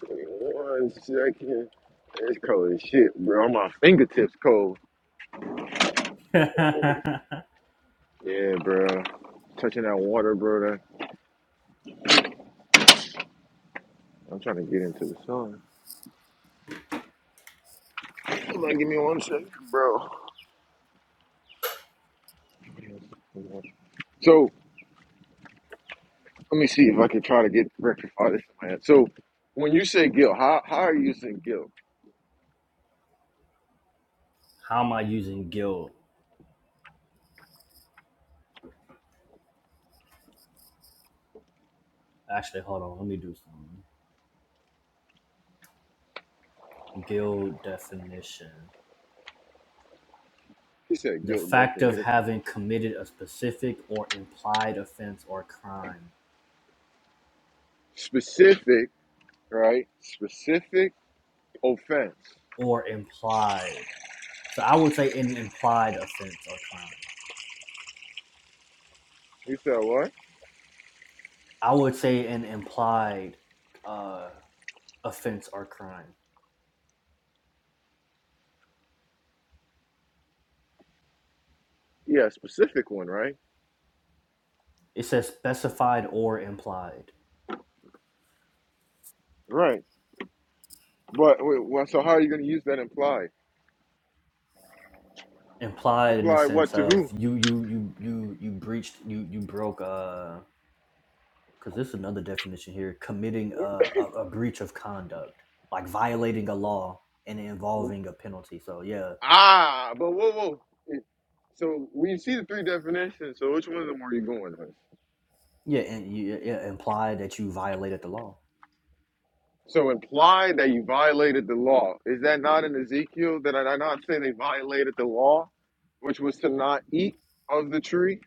Speaker 1: Wait, One second. It's cold as shit, bro. My fingertips cold.
Speaker 2: How
Speaker 1: Yeah, bro. Touching that water, bro. I'm trying to get into the sun. Hold on, give me one second, bro. So let me see if I can try to get rectify this in my head. So when you say guilt, how how are you using guilt?
Speaker 2: am I using guild? Actually, hold on. Let me do something. Guild definition.
Speaker 1: You said
Speaker 2: The
Speaker 1: guilt
Speaker 2: fact of
Speaker 1: definition.
Speaker 2: having committed a specific or implied offense or crime.
Speaker 1: Specific, right? Specific offense.
Speaker 2: Or implied. So I would say an implied offense or crime.
Speaker 1: You said what?
Speaker 2: I would say an implied uh, offense or crime.
Speaker 1: Yeah, specific one, right?
Speaker 2: It says specified or implied.
Speaker 1: Right. But wait, well, so how are you going to use that implied?
Speaker 2: Implied in the
Speaker 1: Reply
Speaker 2: sense
Speaker 1: what to who?
Speaker 2: of you you you you you breached you you broke uh because this is another definition here committing a, a, a breach of conduct like violating a law and involving a penalty so yeah
Speaker 1: Ah, but whoa, whoa. So we see the three definitions. So which one of them were you going with?
Speaker 2: yeah and you it implied that you violated the law
Speaker 1: So imply that you violated the law. Is that not in Ezekiel? Did I not say they violated the law, which was to not eat of the tree?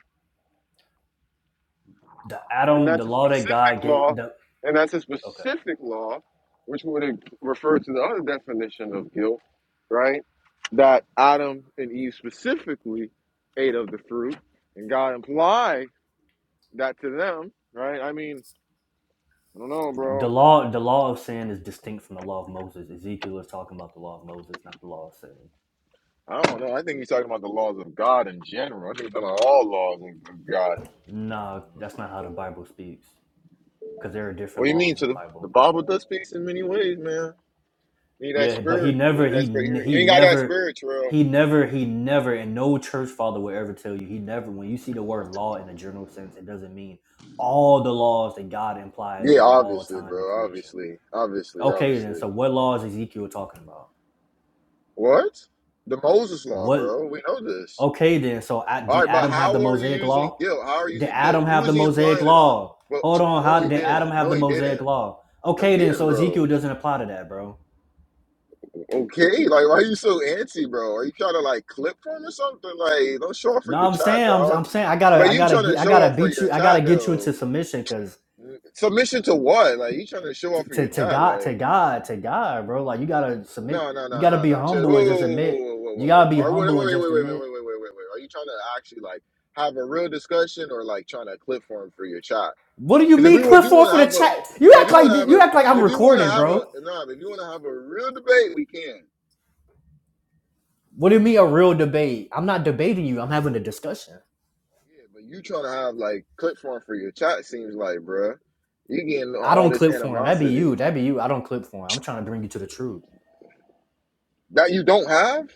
Speaker 2: the
Speaker 1: and
Speaker 2: adam the
Speaker 1: that's a
Speaker 2: law that god
Speaker 1: specific
Speaker 2: gave
Speaker 1: law,
Speaker 2: the
Speaker 1: and that's a
Speaker 2: okay
Speaker 1: specific law, which would refer to the other definition of guilt, right? That Adam and Eve specifically ate of the fruit, and God implied that to them, right? I mean, I don't know,
Speaker 2: the
Speaker 1: bro.
Speaker 2: law the law of sin is distinct from the law of moses ezekiel is talking about the law of moses not the law of sin
Speaker 1: I don't know. I think he's talking about the laws of God in general. I think he's talking about all laws of God.
Speaker 2: nah that's not how the bible speaks because there are
Speaker 1: What
Speaker 2: different
Speaker 1: do you
Speaker 2: laws
Speaker 1: mean?
Speaker 2: in
Speaker 1: So
Speaker 2: the
Speaker 1: the, the
Speaker 2: bible
Speaker 1: Bible does speak in many ways, man. You need that
Speaker 2: Yeah, but he
Speaker 1: spirit. You
Speaker 2: never,
Speaker 1: need
Speaker 2: he
Speaker 1: that spirit. You
Speaker 2: he
Speaker 1: ain't got that
Speaker 2: never,
Speaker 1: spirit, bro.
Speaker 2: he never, he never, and no church father will ever tell you. He never. When you see the word law in a general sense, it doesn't mean all the laws that God implied
Speaker 1: Yeah,
Speaker 2: over all
Speaker 1: obviously,
Speaker 2: time and
Speaker 1: bro.
Speaker 2: creation.
Speaker 1: Obviously, obviously,
Speaker 2: Okay, then.
Speaker 1: obviously.
Speaker 2: So what law is Ezekiel talking about?
Speaker 1: What? The Moses law,
Speaker 2: What?
Speaker 1: bro. We know this.
Speaker 2: Okay, then. So I,
Speaker 1: All
Speaker 2: did
Speaker 1: right, but
Speaker 2: Adam have
Speaker 1: how
Speaker 2: the
Speaker 1: are you
Speaker 2: Mosaic
Speaker 1: using
Speaker 2: law?
Speaker 1: guilt? How are you
Speaker 2: Did
Speaker 1: using guilt?
Speaker 2: Adam
Speaker 1: Who
Speaker 2: have the
Speaker 1: is he
Speaker 2: Mosaic
Speaker 1: implying it on?
Speaker 2: law?
Speaker 1: Well,
Speaker 2: Hold on.
Speaker 1: no,
Speaker 2: How
Speaker 1: he
Speaker 2: did Adam
Speaker 1: didn't.
Speaker 2: have
Speaker 1: No,
Speaker 2: the
Speaker 1: he
Speaker 2: Mosaic
Speaker 1: didn't.
Speaker 2: law?
Speaker 1: No, he
Speaker 2: Okay, then.
Speaker 1: didn't,
Speaker 2: So Ezekiel
Speaker 1: bro.
Speaker 2: doesn't apply to that, bro.
Speaker 1: Okay, like, why are you so antsy, bro? Are you trying to like clip him or something? Like, don't show off for
Speaker 2: No,
Speaker 1: your
Speaker 2: I'm
Speaker 1: child,
Speaker 2: saying, I'm,
Speaker 1: dog.
Speaker 2: I'm saying, I gotta,
Speaker 1: But
Speaker 2: I
Speaker 1: you
Speaker 2: gotta
Speaker 1: trying to
Speaker 2: get, I
Speaker 1: show
Speaker 2: gotta
Speaker 1: off for
Speaker 2: beat
Speaker 1: your
Speaker 2: you, I gotta
Speaker 1: child,
Speaker 2: get you into
Speaker 1: though.
Speaker 2: submission, cause
Speaker 1: Submission to what? Like, you trying to show
Speaker 2: t-
Speaker 1: off for
Speaker 2: to
Speaker 1: your
Speaker 2: to
Speaker 1: child,
Speaker 2: God,
Speaker 1: like.
Speaker 2: to God, to God, bro, like you gotta submit,
Speaker 1: No, no,
Speaker 2: you
Speaker 1: no,
Speaker 2: gotta
Speaker 1: no,
Speaker 2: be
Speaker 1: no. Just, whoa,
Speaker 2: humble and
Speaker 1: whoa,
Speaker 2: just admit,
Speaker 1: whoa, whoa, whoa,
Speaker 2: you gotta
Speaker 1: whoa. whoa.
Speaker 2: be
Speaker 1: Or wait,
Speaker 2: humble and
Speaker 1: wait,
Speaker 2: just
Speaker 1: wait, wait, wait, wait, wait,
Speaker 2: admit.
Speaker 1: wait, wait, wait. wait. Are you trying to actually like have a real discussion or like trying to clip form for your child?
Speaker 2: What do you
Speaker 1: Because if we
Speaker 2: mean,
Speaker 1: wa- if
Speaker 2: Cliff
Speaker 1: you
Speaker 2: Four
Speaker 1: want to
Speaker 2: for the
Speaker 1: have a,
Speaker 2: chat? You
Speaker 1: if
Speaker 2: act
Speaker 1: you want to
Speaker 2: like
Speaker 1: have a,
Speaker 2: you act like I'm
Speaker 1: if you want to
Speaker 2: recording,
Speaker 1: have a,
Speaker 2: bro.
Speaker 1: no, if you want to have a real debate, we can.
Speaker 2: What do you mean a real debate? I'm not debating you. I'm having a discussion.
Speaker 1: Yeah, but you trying to have like clip form for your chat seems like, bruh, you getting
Speaker 2: I
Speaker 1: all
Speaker 2: don't
Speaker 1: this
Speaker 2: clip form. That'd be you.
Speaker 1: animosity
Speaker 2: That'd be you. I don't clip form. I'm trying to bring you to the truth.
Speaker 1: that you don't have.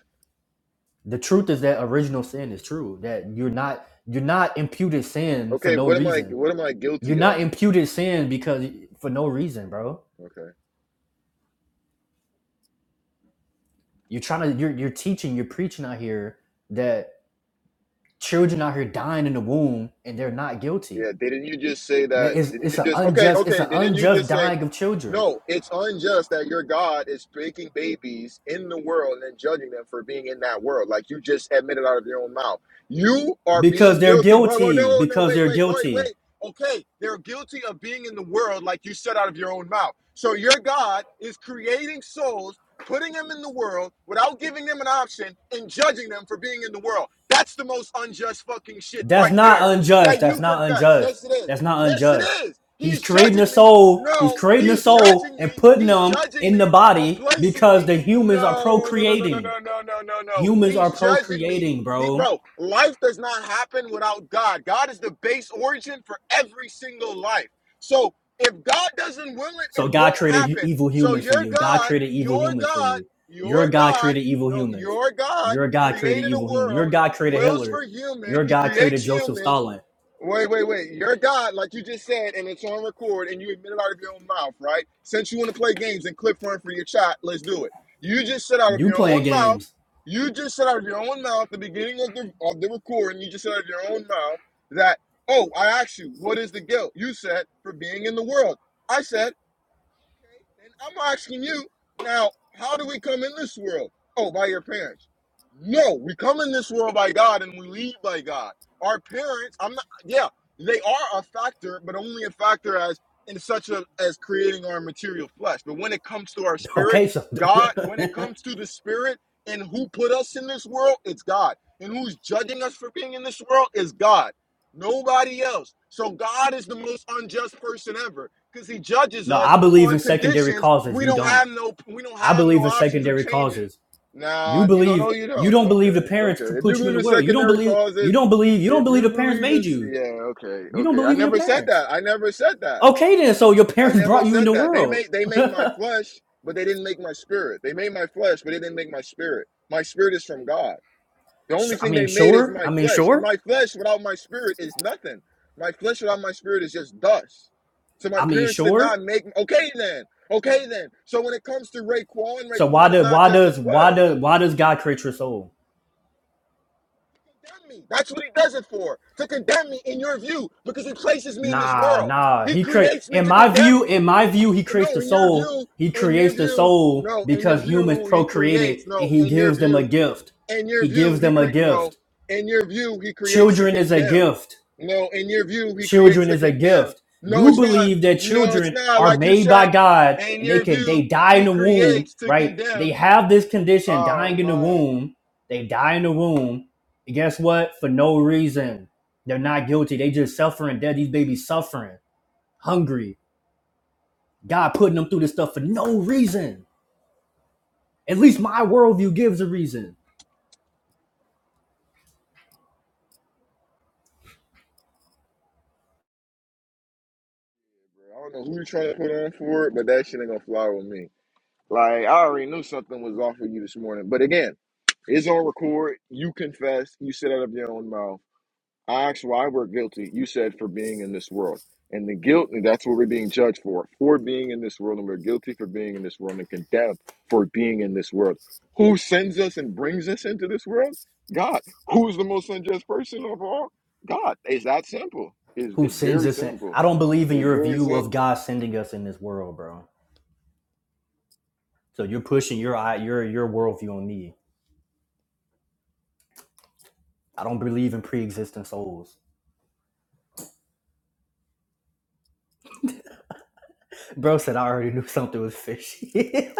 Speaker 2: The truth is that original sin is true. That you're not you're not imputed sin for
Speaker 1: Okay,
Speaker 2: no
Speaker 1: what am I?
Speaker 2: reason
Speaker 1: What am I
Speaker 2: You're
Speaker 1: guilty
Speaker 2: not
Speaker 1: of?
Speaker 2: imputed sin because for no reason, bro.
Speaker 1: Okay.
Speaker 2: You're trying to you're you're teaching, you're preaching out here that children out here dying in the womb and they're not guilty.
Speaker 1: Yeah, didn't you just say
Speaker 2: That
Speaker 1: that?
Speaker 2: is
Speaker 1: Didn't
Speaker 2: it's
Speaker 1: you
Speaker 2: an
Speaker 1: just okay,
Speaker 2: unjust it's
Speaker 1: okay,
Speaker 2: an
Speaker 1: didn't you
Speaker 2: unjust
Speaker 1: just say
Speaker 2: dying of children
Speaker 1: no, it's unjust that your God is making babies in the world and then judging them for being in that world. Like you just admitted out of your own mouth. You are
Speaker 2: because
Speaker 1: being
Speaker 2: they're
Speaker 1: guilty. Well, no,
Speaker 2: guilty
Speaker 1: no, no,
Speaker 2: because
Speaker 1: wait,
Speaker 2: they're
Speaker 1: wait, wait, wait.
Speaker 2: guilty.
Speaker 1: Okay, they're guilty of being in the world like you said out of your own mouth. So your God is creating souls, putting them in the world without giving them an option and judging them for being in the world. That's the most unjust fucking shit
Speaker 2: That's
Speaker 1: right
Speaker 2: not
Speaker 1: there
Speaker 2: unjust.
Speaker 1: that
Speaker 2: That's
Speaker 1: you
Speaker 2: not
Speaker 1: confess.
Speaker 2: unjust.
Speaker 1: Yes, it is.
Speaker 2: That's not
Speaker 1: Yes, it
Speaker 2: unjust.
Speaker 1: is.
Speaker 2: He's
Speaker 1: He's
Speaker 2: creating a
Speaker 1: judging me.
Speaker 2: soul. He's
Speaker 1: No,
Speaker 2: creating a
Speaker 1: he's
Speaker 2: soul
Speaker 1: judging
Speaker 2: and
Speaker 1: me.
Speaker 2: putting
Speaker 1: He's
Speaker 2: them
Speaker 1: judging
Speaker 2: in the
Speaker 1: me from
Speaker 2: body
Speaker 1: placing
Speaker 2: because
Speaker 1: me.
Speaker 2: the humans are
Speaker 1: No, no, no, no, no,
Speaker 2: procreating.
Speaker 1: no, no, no, no, no.
Speaker 2: Humans are
Speaker 1: He's judging me.
Speaker 2: procreating,
Speaker 1: He,
Speaker 2: bro
Speaker 1: bro, life does not happen without God. God is the base origin for every single life. So if God doesn't will it,
Speaker 2: So
Speaker 1: it
Speaker 2: God
Speaker 1: won't
Speaker 2: created
Speaker 1: happen.
Speaker 2: evil
Speaker 1: So
Speaker 2: humans for
Speaker 1: your
Speaker 2: you. God
Speaker 1: God,
Speaker 2: created evil
Speaker 1: your
Speaker 2: humans for
Speaker 1: God,
Speaker 2: you. Your
Speaker 1: your
Speaker 2: God
Speaker 1: God,
Speaker 2: created evil
Speaker 1: no,
Speaker 2: humans.
Speaker 1: your God
Speaker 2: Your God created
Speaker 1: created a
Speaker 2: evil humans. Your
Speaker 1: world
Speaker 2: God created
Speaker 1: wills
Speaker 2: Hitler.
Speaker 1: for human.
Speaker 2: Your
Speaker 1: He
Speaker 2: God
Speaker 1: creates
Speaker 2: created Joseph
Speaker 1: humans
Speaker 2: Stalin.
Speaker 1: Wait, wait, wait. You're God, like you just said, and it's on record, and you admit it out of your own mouth, right? Since you want to play games and clip run for your chat, let's do it. You just said out of
Speaker 2: You
Speaker 1: your
Speaker 2: playing
Speaker 1: own mouth,
Speaker 2: games.
Speaker 1: you just said out of your own mouth, the beginning of the of the recording, you just said out of your own mouth that, oh, I asked you, what is the guilt? You said, for being in the world. I said, Okay. And I'm asking you now, how do we come in this world? Oh, by your parents. No, we come in this world by God and we leave by God. Our parents, I'm not yeah, they are a factor, but only a factor as in such a as creating our material flesh. But when it comes to our spirit,
Speaker 2: Okay, so
Speaker 1: God, when it comes to the spirit and who put us in this world, it's God. And who's judging us for being in this world is God. Nobody else. So God is the most unjust person ever because he judges
Speaker 2: no,
Speaker 1: us
Speaker 2: I believe
Speaker 1: on
Speaker 2: in secondary
Speaker 1: conditions
Speaker 2: causes.
Speaker 1: we
Speaker 2: You
Speaker 1: don't
Speaker 2: don't.
Speaker 1: have no we don't
Speaker 2: I
Speaker 1: have no
Speaker 2: believe in
Speaker 1: options of
Speaker 2: secondary
Speaker 1: changing.
Speaker 2: causes. You
Speaker 1: Nah, you don't
Speaker 2: believe
Speaker 1: know you
Speaker 2: you
Speaker 1: don't.
Speaker 2: don't believe the
Speaker 1: Okay,
Speaker 2: parents
Speaker 1: okay.
Speaker 2: could
Speaker 1: If you
Speaker 2: put you in
Speaker 1: believe
Speaker 2: the
Speaker 1: in
Speaker 2: world. You don't
Speaker 1: secondary
Speaker 2: believe you
Speaker 1: causes,
Speaker 2: don't believe you don't
Speaker 1: if
Speaker 2: believe
Speaker 1: you
Speaker 2: the parents
Speaker 1: believe in
Speaker 2: made you.
Speaker 1: yeah, okay,
Speaker 2: You don't
Speaker 1: okay. I
Speaker 2: believe in your
Speaker 1: never said
Speaker 2: parents.
Speaker 1: that. I never said that.
Speaker 2: Okay then, so your
Speaker 1: I
Speaker 2: parents
Speaker 1: never
Speaker 2: brought you in
Speaker 1: said
Speaker 2: the
Speaker 1: that. They
Speaker 2: world.
Speaker 1: made they made my flesh, but they didn't make my spirit. They made my flesh, but they didn't make my spirit. My spirit is from God. The only
Speaker 2: I
Speaker 1: thing
Speaker 2: mean,
Speaker 1: they made is
Speaker 2: sure.
Speaker 1: my
Speaker 2: I mean,
Speaker 1: flesh, and
Speaker 2: sure.
Speaker 1: my flesh without my spirit is nothing. My flesh without my spirit is just dust. So my
Speaker 2: I mean,
Speaker 1: parents did
Speaker 2: sure.
Speaker 1: not make. me. Okay then, okay then. So when it comes to Raekwon,
Speaker 2: So why
Speaker 1: Raekwon is
Speaker 2: does
Speaker 1: not
Speaker 2: why
Speaker 1: just
Speaker 2: does
Speaker 1: his flesh.
Speaker 2: why does why does God create your soul?
Speaker 1: Condemn me. That's what he does it for. To condemn me in your view, because he places me in this
Speaker 2: Nah,
Speaker 1: world.
Speaker 2: nah.
Speaker 1: He
Speaker 2: He create
Speaker 1: creates me
Speaker 2: in
Speaker 1: to
Speaker 2: my
Speaker 1: condemn
Speaker 2: view.
Speaker 1: me.
Speaker 2: In my view, he
Speaker 1: And
Speaker 2: creates
Speaker 1: no,
Speaker 2: the
Speaker 1: in your
Speaker 2: soul.
Speaker 1: view,
Speaker 2: He
Speaker 1: in your
Speaker 2: creates the
Speaker 1: view,
Speaker 2: soul
Speaker 1: no, in your
Speaker 2: because humans
Speaker 1: view, he
Speaker 2: procreated,
Speaker 1: creates.
Speaker 2: and
Speaker 1: No,
Speaker 2: he
Speaker 1: in your
Speaker 2: gives them a
Speaker 1: view,
Speaker 2: gift.
Speaker 1: In your
Speaker 2: He
Speaker 1: view,
Speaker 2: gives
Speaker 1: he
Speaker 2: them a
Speaker 1: cre- no.
Speaker 2: gift.
Speaker 1: In your view, he creates to
Speaker 2: Children is a
Speaker 1: condemn.
Speaker 2: gift.
Speaker 1: No, in your view, he creates
Speaker 2: children
Speaker 1: to
Speaker 2: is a
Speaker 1: condemn.
Speaker 2: gift
Speaker 1: No,
Speaker 2: you
Speaker 1: it's not.
Speaker 2: believe that
Speaker 1: No, it's
Speaker 2: children
Speaker 1: not.
Speaker 2: are
Speaker 1: Like you
Speaker 2: made by
Speaker 1: said,
Speaker 2: god
Speaker 1: in
Speaker 2: and they
Speaker 1: your
Speaker 2: can they
Speaker 1: view,
Speaker 2: die in
Speaker 1: he
Speaker 2: the womb
Speaker 1: creates to
Speaker 2: right they
Speaker 1: condemn.
Speaker 2: have this condition
Speaker 1: Oh
Speaker 2: dying in the
Speaker 1: man,
Speaker 2: womb they die in the womb and guess what for no reason they're not guilty they just suffering dead these babies suffering hungry god putting them through this stuff for no reason at least my worldview gives a reason
Speaker 1: I don't know who you're trying to put on for it, but that shit ain't gonna fly with me. Like I already knew something was off with you this morning. But again, it's on record. You confess. You said out of your own mouth. I asked why we're guilty. You said for being in this world. And the guilt, and that's what we're being judged for, for being in this world. And we're guilty for being in this world and condemned for being in this world. Who sends us and brings us into this world? God. Who is the most unjust person of all? God. It's that simple. It's,
Speaker 2: who
Speaker 1: it's
Speaker 2: sends
Speaker 1: very
Speaker 2: us in i
Speaker 1: simple.
Speaker 2: don't believe in
Speaker 1: It's
Speaker 2: your
Speaker 1: very
Speaker 2: view of
Speaker 1: simple.
Speaker 2: god sending us in this world bro so you're pushing your your your worldview on me I don't believe in pre-existing souls. Bro said I already knew something was fishy.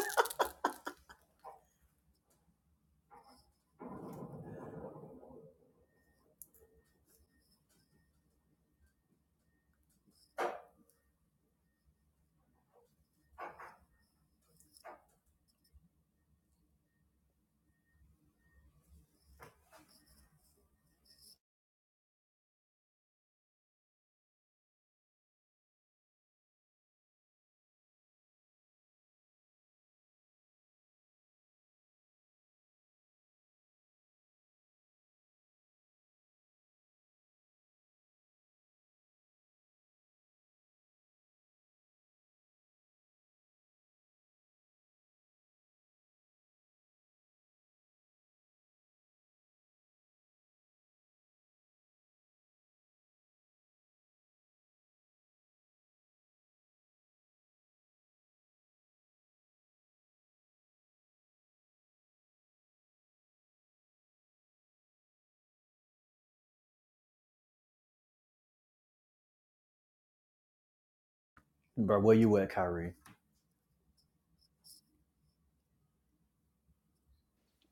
Speaker 2: bro, where you at, Kyrie?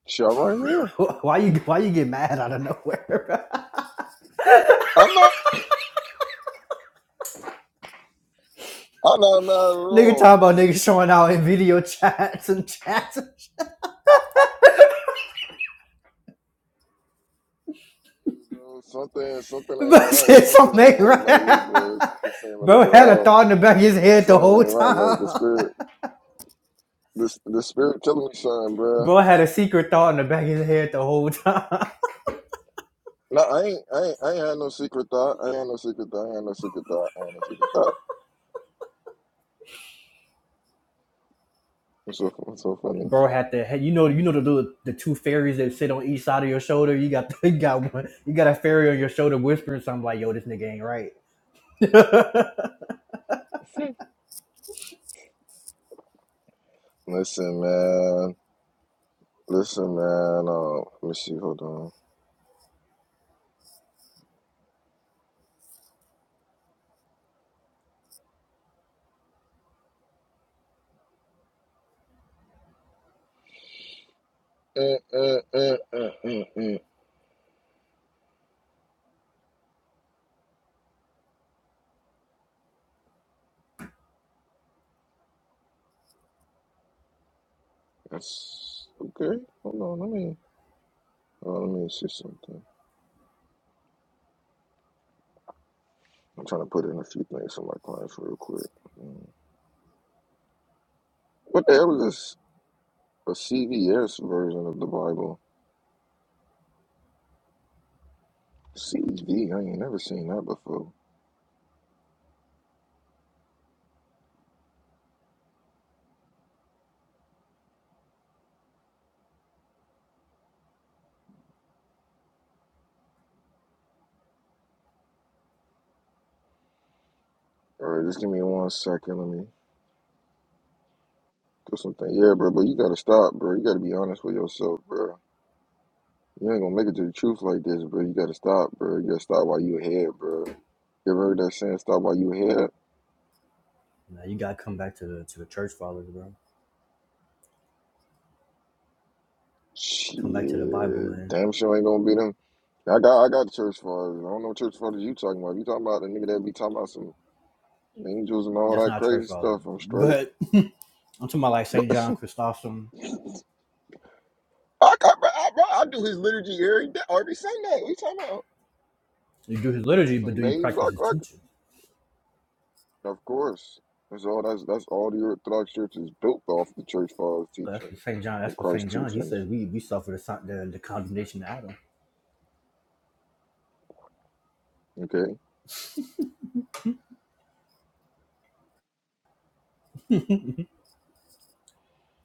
Speaker 1: Shut right here.
Speaker 2: Wh- Why you why you get mad out of nowhere?
Speaker 1: I'm not. I'm not mad at
Speaker 2: nigga
Speaker 1: all,
Speaker 2: talking about niggas showing out in video chats and chats.
Speaker 1: bro. Something, something ain't
Speaker 2: Bro
Speaker 1: right.
Speaker 2: said
Speaker 1: Something
Speaker 2: something
Speaker 1: ain't
Speaker 2: ain't
Speaker 1: right about you,
Speaker 2: right.
Speaker 1: bro. Something seems a little bit
Speaker 2: Bro had a
Speaker 1: off.
Speaker 2: thought in the back of his head the
Speaker 1: Something
Speaker 2: whole
Speaker 1: ain't right.
Speaker 2: time.
Speaker 1: Like the spirit. The the spirit telling me something, bruh.
Speaker 2: Bro had a secret thought in the back of his head the whole time.
Speaker 1: No, I ain't, I ain't, I ain't had no secret thought. I ain't had no secret thought. I ain't had no secret thought. I ain't had no secret thought. What's so, what's so funny?
Speaker 2: bro had to you know you know the little the two fairies that sit on each side of your shoulder. You got you got one you got a fairy on your shoulder whispering something like, "Yo, this nigga ain't right." now
Speaker 1: Listen, man. Listen, man. Uh, let me see. Hold on. Uh, uh, uh, uh, uh, uh. That's okay. Hold on. Let me. Uh, let me see something. I'm trying to put in a few things for my clients real quick. Mm. What the hell is this? A CVS version of the Bible? CV? I ain't never seen that before. All right, just give me one second. Let me do something. Yeah, bro, but you gotta stop, bro. You gotta be honest with yourself, bro. You ain't gonna make it to the truth like this, bro. You gotta stop, bro. You gotta stop while you ahead, bro. You ever heard that saying, stop while you ahead?
Speaker 2: you gotta come back to the to the church fathers, bro. Come back to the Bible,
Speaker 1: Shit,
Speaker 2: man.
Speaker 1: damn sure ain't gonna be them. I got I got the church fathers. I don't know what church fathers you talking about. If You talking about the nigga that be talking about some angels and all
Speaker 2: That's
Speaker 1: that
Speaker 2: not church
Speaker 1: crazy
Speaker 2: fathers,
Speaker 1: stuff. I'm straight.
Speaker 2: but I'm talking about like Saint John Chrysostom.
Speaker 1: I, I, I, bro, I do his liturgy every day, every Sunday. What you talking about?
Speaker 2: You do his
Speaker 1: You know
Speaker 2: liturgy,
Speaker 1: what
Speaker 2: but do
Speaker 1: I'm
Speaker 2: you
Speaker 1: saying?
Speaker 2: practice his
Speaker 1: Basil,
Speaker 2: teaching?
Speaker 1: Of course. That's all that's that's all the Orthodox Church is built off the church fathers
Speaker 2: 'Cause That's
Speaker 1: teaching
Speaker 2: what Saint John.
Speaker 1: and
Speaker 2: That's what Saint
Speaker 1: Christ's
Speaker 2: John. He
Speaker 1: teachings.
Speaker 2: says we we suffer the, the, the condemnation of Adam.
Speaker 1: Okay.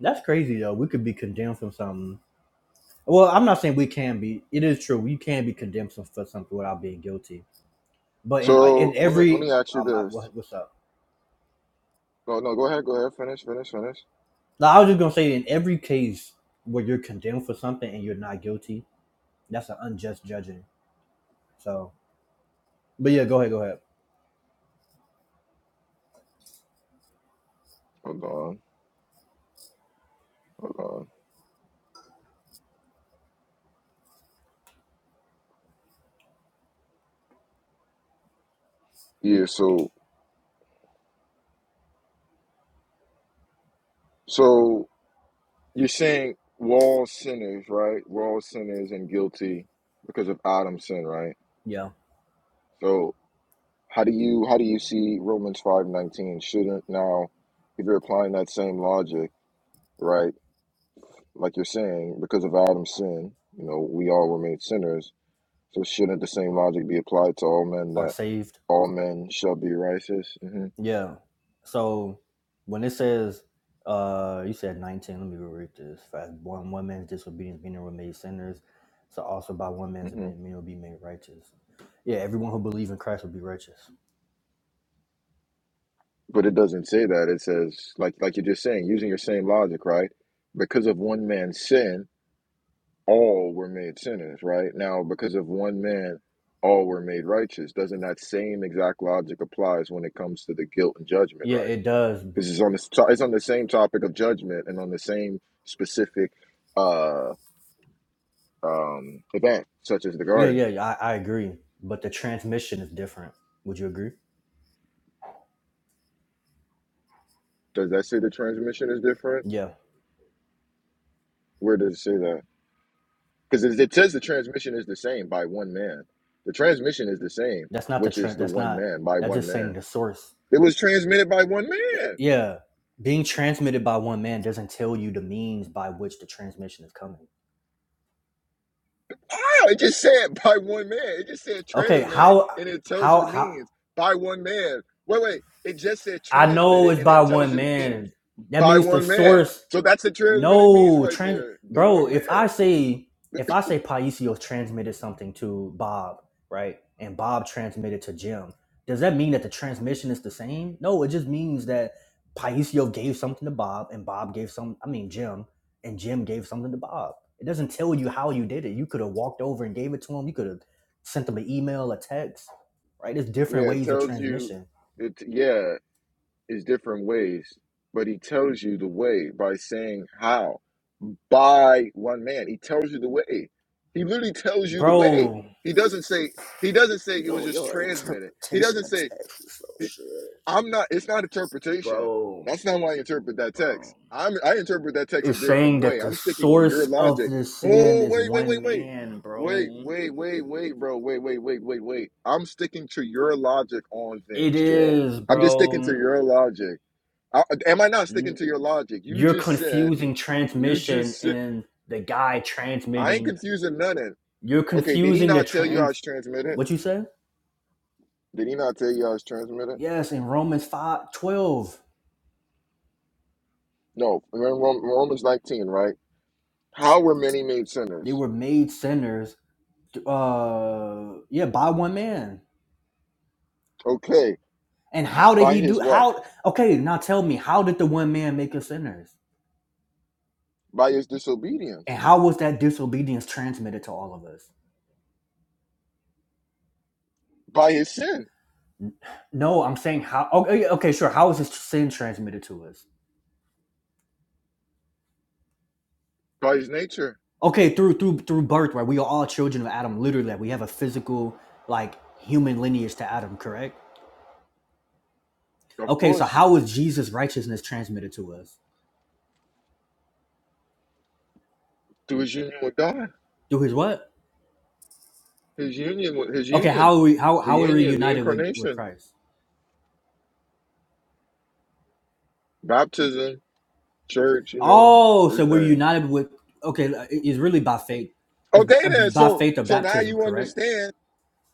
Speaker 2: That's crazy though. We could be condemned from something Well, I'm not saying we can be. It is true you can be condemned for something without being guilty. But in in
Speaker 1: So let me let
Speaker 2: every
Speaker 1: me ask you
Speaker 2: oh
Speaker 1: this.
Speaker 2: what, what's up?
Speaker 1: No, no, go ahead, go ahead, finish, finish, finish.
Speaker 2: No, I was just gonna say in every case where you're condemned for something and you're not guilty, that's an unjust judging. So, but yeah, go ahead, go ahead.
Speaker 1: Hold on, hold on. Yeah, so so you're saying we're all sinners, right? We're all sinners and guilty because of Adam's sin, right?
Speaker 2: Yeah,
Speaker 1: So how do you how do you see Romans five nineteen? Shouldn't now if you're applying that same logic, right? like you're saying, because of Adam's sin, you know, we all were made sinners. So shouldn't the same logic be applied to all men
Speaker 2: are
Speaker 1: that
Speaker 2: saved.
Speaker 1: all men shall be righteous? hmm
Speaker 2: Yeah. So when it says, uh, you said 19. Let me read this fast. One one man's disobedience meaning were made sinners. So also by one man's
Speaker 1: hmm
Speaker 2: obedience meaning will be made righteous. Yeah, everyone who believes in Christ will be righteous.
Speaker 1: But it doesn't say that. It says, like, like you're just saying, using your same logic, right? Because of one man's sin, all were made sinners, right? Now, because of one man, all were made righteous. Doesn't that same exact logic applies when it comes to the guilt and judgment,
Speaker 2: Yeah,
Speaker 1: right?
Speaker 2: it does. b-
Speaker 1: Because it's on the it's on the same topic of judgment and on the same specific uh. um, event, such as the
Speaker 2: Yeah,
Speaker 1: garden.
Speaker 2: yeah, yeah, I, I agree. But the transmission is different. Would you agree?
Speaker 1: Does that say the transmission is different?
Speaker 2: Yeah,
Speaker 1: Where does it say that? Because it it says the transmission is the same by one man. The transmission is the same,
Speaker 2: that's not the
Speaker 1: which is
Speaker 2: trend.
Speaker 1: the
Speaker 2: That's
Speaker 1: one
Speaker 2: not.
Speaker 1: man by
Speaker 2: That's
Speaker 1: one
Speaker 2: just saying
Speaker 1: man.
Speaker 2: the source.
Speaker 1: It was transmitted by one
Speaker 2: Th-
Speaker 1: man.
Speaker 2: Yeah, being transmitted by one man doesn't tell you the means by which the transmission is coming.
Speaker 1: Wow, it just said by one man. It just said
Speaker 2: Okay,
Speaker 1: transmitted
Speaker 2: how,
Speaker 1: and it tells you
Speaker 2: how,
Speaker 1: the
Speaker 2: how?
Speaker 1: means by one man. Wait, wait. It just said
Speaker 2: I know
Speaker 1: transmitted
Speaker 2: it's
Speaker 1: and
Speaker 2: by
Speaker 1: it tells
Speaker 2: one
Speaker 1: you the means
Speaker 2: man. That
Speaker 1: by
Speaker 2: means the
Speaker 1: one man.
Speaker 2: source
Speaker 1: So that's the transmitted means
Speaker 2: No,
Speaker 1: right
Speaker 2: trans
Speaker 1: there. The
Speaker 2: bro,
Speaker 1: one
Speaker 2: if I
Speaker 1: man.
Speaker 2: say if I say Paisios transmitted something to Bob, right? And Bob transmitted to Jim, does that mean that the transmission is the same? No, it just means that Paisio gave something to Bob and Bob gave some I mean Jim and Jim gave something to Bob. It doesn't tell you how you did it. You could have walked over and gave it to him. You could have sent him an email, a text, right? There's different
Speaker 1: Yeah, it
Speaker 2: ways of
Speaker 1: tells you
Speaker 2: transmission.
Speaker 1: it yeah is different ways, but he tells you the way by saying how. By one man. He tells you the way. He literally tells you the way.
Speaker 2: Bro,
Speaker 1: He doesn't say he doesn't say it was
Speaker 2: Yo,
Speaker 1: just
Speaker 2: your
Speaker 1: transmitted. He
Speaker 2: interpretation
Speaker 1: doesn't
Speaker 2: of
Speaker 1: say
Speaker 2: text is so shit.
Speaker 1: I'm not it's not interpretation.
Speaker 2: bro.
Speaker 1: That's not why I interpret that text.
Speaker 2: bro.
Speaker 1: I'm I interpret that text a
Speaker 2: It's
Speaker 1: different
Speaker 2: saying that
Speaker 1: way.
Speaker 2: the
Speaker 1: I'm sticking with your
Speaker 2: source of
Speaker 1: logic.
Speaker 2: this sin
Speaker 1: Oh
Speaker 2: is
Speaker 1: wait, wait,
Speaker 2: one
Speaker 1: wait, wait.
Speaker 2: man,
Speaker 1: Wait,
Speaker 2: bro.
Speaker 1: wait, wait, wait, bro. Wait, wait, wait, wait, wait. I'm sticking to your logic on
Speaker 2: It
Speaker 1: things, Trail.
Speaker 2: is,
Speaker 1: I'm just sticking to
Speaker 2: bro.
Speaker 1: your logic. I, am I not sticking to your logic? You
Speaker 2: You're
Speaker 1: just said,
Speaker 2: confusing
Speaker 1: you
Speaker 2: transmission
Speaker 1: just said,
Speaker 2: and the guy
Speaker 1: I ain't
Speaker 2: transmitting.
Speaker 1: confusing none of it.
Speaker 2: You're
Speaker 1: Okay, did he
Speaker 2: confusing the
Speaker 1: not tell you how
Speaker 2: trans.
Speaker 1: it's transmitted?
Speaker 2: What you say?
Speaker 1: Did he not tell you how it's transmitted?
Speaker 2: Yes, in Romans five twelve,
Speaker 1: No, remember Rom- Romans 19, right? How were many made
Speaker 2: they
Speaker 1: sinners?
Speaker 2: were made sinners. Uh, yeah, by one man.
Speaker 1: Okay,
Speaker 2: And how did
Speaker 1: by
Speaker 2: he do?
Speaker 1: his what?
Speaker 2: How? Okay, now tell me, how did the one man make us sinners?
Speaker 1: By his disobedience,
Speaker 2: And how was that disobedience transmitted to all of us?
Speaker 1: by his sin,
Speaker 2: No, I'm saying how. Okay, okay, sure. How is this sin transmitted to us?
Speaker 1: by his nature,
Speaker 2: Okay, through through through birth, right? We are all children of Adam. Literally, like, we have a physical, like, human lineage to Adam. Correct.
Speaker 1: of
Speaker 2: Okay, so
Speaker 1: course,
Speaker 2: how is Jesus' righteousness transmitted to us
Speaker 1: through his union with God,
Speaker 2: through his what?
Speaker 1: his union with his
Speaker 2: Okay,
Speaker 1: union,
Speaker 2: how are we how
Speaker 1: the
Speaker 2: how are we
Speaker 1: union, the
Speaker 2: united with with
Speaker 1: incarnation,
Speaker 2: Christ?
Speaker 1: baptism, church, you know,
Speaker 2: Oh, so we're
Speaker 1: everything.
Speaker 2: united with. Okay, it's really by faith. It's
Speaker 1: Okay
Speaker 2: b-
Speaker 1: then.
Speaker 2: by
Speaker 1: So
Speaker 2: faith or
Speaker 1: so now
Speaker 2: baptism,
Speaker 1: you
Speaker 2: correct?
Speaker 1: understand.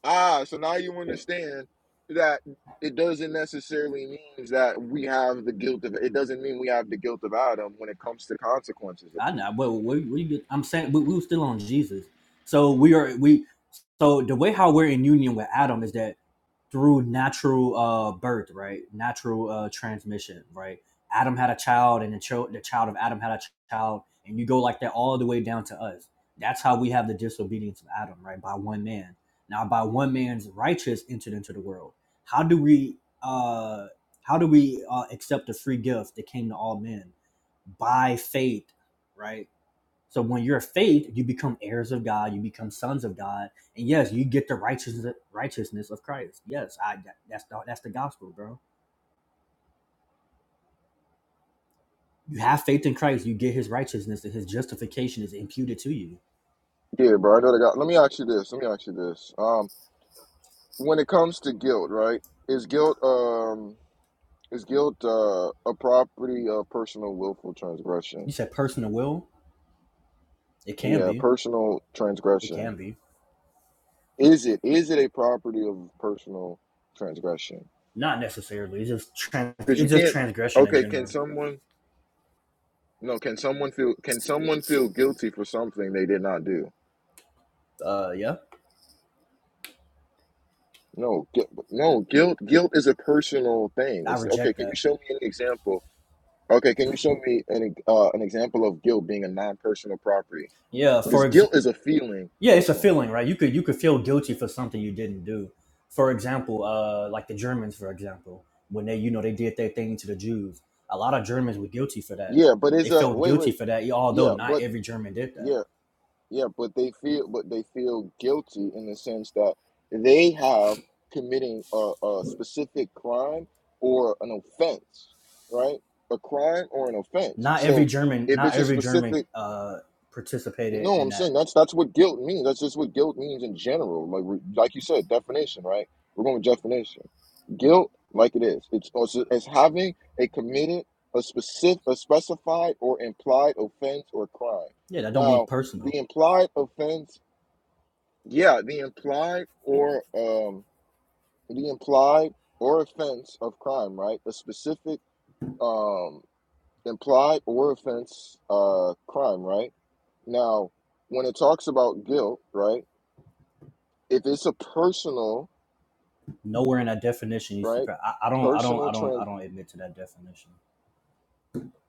Speaker 1: Ah, so now you understand that it doesn't necessarily mean that we have the guilt of it doesn't mean we have the guilt of Adam when it comes to consequences of
Speaker 2: I
Speaker 1: things.
Speaker 2: know. Well, we, where get? I'm saying we, we were still on Jesus. So we are we. So the way how we're in union with Adam is that through natural uh, birth, right? Natural uh, transmission, right? Adam had a child, and the, chil- the child of Adam had a ch- child, and you go like that all the way down to us. That's how we have the disobedience of Adam, right? By one man. Now, by one man's righteousness entered into the world. How do we? Uh, how do we uh, accept the free gift that came to all men by faith, right? So when you're faith, you become heirs of God, you become sons of God, and yes, you get the righteousness righteousness of Christ. Yes, I that- that's the, that's the gospel, bro. You have faith in Christ, you get His righteousness, and His justification is imputed to you.
Speaker 1: Yeah, bro, I know that got let me ask you this. Let me ask you this. Um when it comes to guilt, right? Is guilt um is guilt uh a property of personal willful transgression?
Speaker 2: You said personal will? It can
Speaker 1: Yeah,
Speaker 2: be,
Speaker 1: personal
Speaker 2: it
Speaker 1: transgression.
Speaker 2: can be,
Speaker 1: Is it is it a property of personal transgression?
Speaker 2: not necessarily. It's just trans,
Speaker 1: Because you
Speaker 2: it's just
Speaker 1: can't.
Speaker 2: transgression in
Speaker 1: Okay, can
Speaker 2: general.
Speaker 1: someone? No, can someone feel? Can someone feel guilty for something they did not do?
Speaker 2: Uh, yeah,
Speaker 1: No, gu- no. Guilt, guilt is a personal thing.
Speaker 2: I
Speaker 1: It's okay.
Speaker 2: reject
Speaker 1: Can you
Speaker 2: that.
Speaker 1: show me an example? Okay, can you show me an uh, an example of guilt being a non-personal property?
Speaker 2: Yeah, for
Speaker 1: Because
Speaker 2: example.
Speaker 1: guilt is a feeling
Speaker 2: yeah
Speaker 1: of
Speaker 2: it's a
Speaker 1: something.
Speaker 2: feeling right you could you could feel guilty for something you didn't do for example uh like the germans for example when they you know they did their thing to the jews a lot of germans were guilty for that
Speaker 1: Yeah, but
Speaker 2: they
Speaker 1: it's a
Speaker 2: felt
Speaker 1: wait,
Speaker 2: guilty
Speaker 1: wait.
Speaker 2: for that although
Speaker 1: Yeah,
Speaker 2: not
Speaker 1: but
Speaker 2: every german did
Speaker 1: yeah,
Speaker 2: that
Speaker 1: Yeah, but they feel but they feel guilty in the sense that they have committing a, a specific crime or an offense, right? A crime or an offense.
Speaker 2: not every
Speaker 1: So
Speaker 2: german
Speaker 1: if
Speaker 2: not
Speaker 1: it's a
Speaker 2: every german
Speaker 1: specific,
Speaker 2: uh participated
Speaker 1: no,
Speaker 2: in
Speaker 1: I'm saying
Speaker 2: that
Speaker 1: that's that's what guilt means. That's just what guilt means in general. Like we- like you said, definition, right? We're going with definition. Guilt, like it is, it's also as having a committed a specific a specified or implied offense or crime.
Speaker 2: yeah that don't mean
Speaker 1: Now
Speaker 2: personal
Speaker 1: the implied offense yeah, the implied or um the implied or offense of crime, right? A specific um implied or offense uh crime, right? Now, when it talks about guilt, right? If it's a personal,
Speaker 2: nowhere in that definition you see
Speaker 1: right?
Speaker 2: per- I, I don't i don't
Speaker 1: Personal
Speaker 2: i don't i don't admit to that definition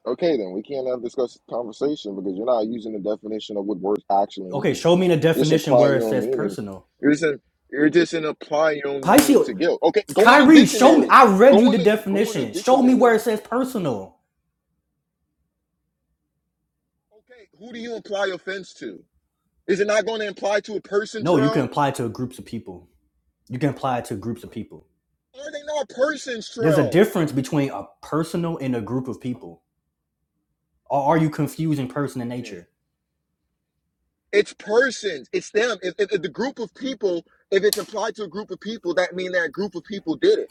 Speaker 1: Okay, then we can't have this discuss- conversation because you're not using the definition of what words actually
Speaker 2: okay show
Speaker 1: means.
Speaker 2: me the
Speaker 1: You're just
Speaker 2: definition
Speaker 1: implying
Speaker 2: where it
Speaker 1: your own
Speaker 2: says
Speaker 1: meaning.
Speaker 2: personal
Speaker 1: You're just in, you're just in applying your own meaning
Speaker 2: Pisces
Speaker 1: to guilt. Okay, go in the
Speaker 2: Kyrie, show me.
Speaker 1: dictionary.
Speaker 2: I read you
Speaker 1: Go
Speaker 2: the
Speaker 1: in the go in the
Speaker 2: definition. Show me where
Speaker 1: dictionary.
Speaker 2: it says personal.
Speaker 1: Okay, who do you imply offense to? Is it not going to imply to a person,
Speaker 2: No, you can
Speaker 1: Trail?
Speaker 2: apply it to groups of people. You can apply it to groups of people.
Speaker 1: Are they not persons,
Speaker 2: There's a
Speaker 1: Trail?
Speaker 2: difference between a personal and a group of people. Or are you confusing
Speaker 1: Oh
Speaker 2: person
Speaker 1: my
Speaker 2: and
Speaker 1: goodness.
Speaker 2: nature?
Speaker 1: It's persons. It's them. If, if, if the group of people, if it's applied to a group of people, that mean that group of people did it.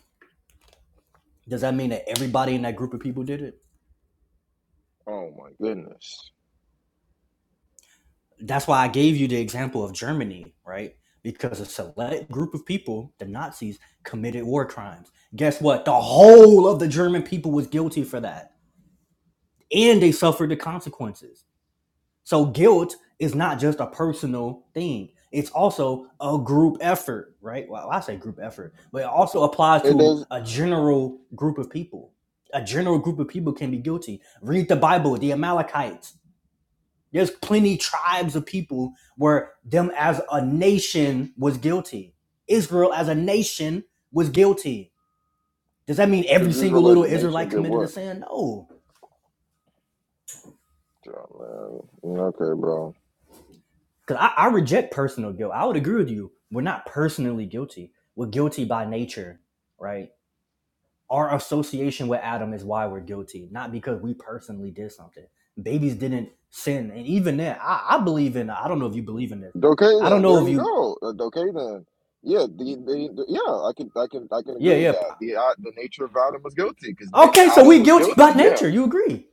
Speaker 2: Does that mean that everybody in that group of people did it?
Speaker 1: Oh my goodness.
Speaker 2: That's why I gave you the example of Germany, right? Because a select group of people, the Nazis, committed war crimes. Guess what? The whole of the German people was guilty for that. And they suffered the consequences. So guilt is not just a personal thing. It's also a group effort, right? Well, I say group effort, but it also applies
Speaker 1: It
Speaker 2: to
Speaker 1: does.
Speaker 2: a general group of people. A general group of people can be guilty. Read the Bible, the Amalekites. There's plenty tribes of people where them as a nation was guilty. Israel as a nation was guilty. Does that mean every
Speaker 1: Because this
Speaker 2: single little
Speaker 1: religion
Speaker 2: Israelite
Speaker 1: nation did
Speaker 2: committed a
Speaker 1: what?
Speaker 2: sin? No
Speaker 1: Oh, man. Okay, bro.
Speaker 2: Because I, I reject personal guilt. I would agree with you. We're not personally guilty. We're guilty by nature, right? Our association with Adam is why we're guilty, not because we personally did something. Babies didn't sin. And even then, I, I believe in, I don't know if you believe in this.
Speaker 1: Okay
Speaker 2: I don't
Speaker 1: then. There
Speaker 2: know if
Speaker 1: you
Speaker 2: you,
Speaker 1: go. Uh, Okay then. Yeah, the, the, the yeah, I can I can I can
Speaker 2: yeah,
Speaker 1: agree with
Speaker 2: yeah.
Speaker 1: that. The uh, the nature of Adam was guilty because
Speaker 2: Okay, so
Speaker 1: Adam
Speaker 2: we
Speaker 1: was
Speaker 2: guilty by
Speaker 1: guilty. Yeah.
Speaker 2: nature. You agree.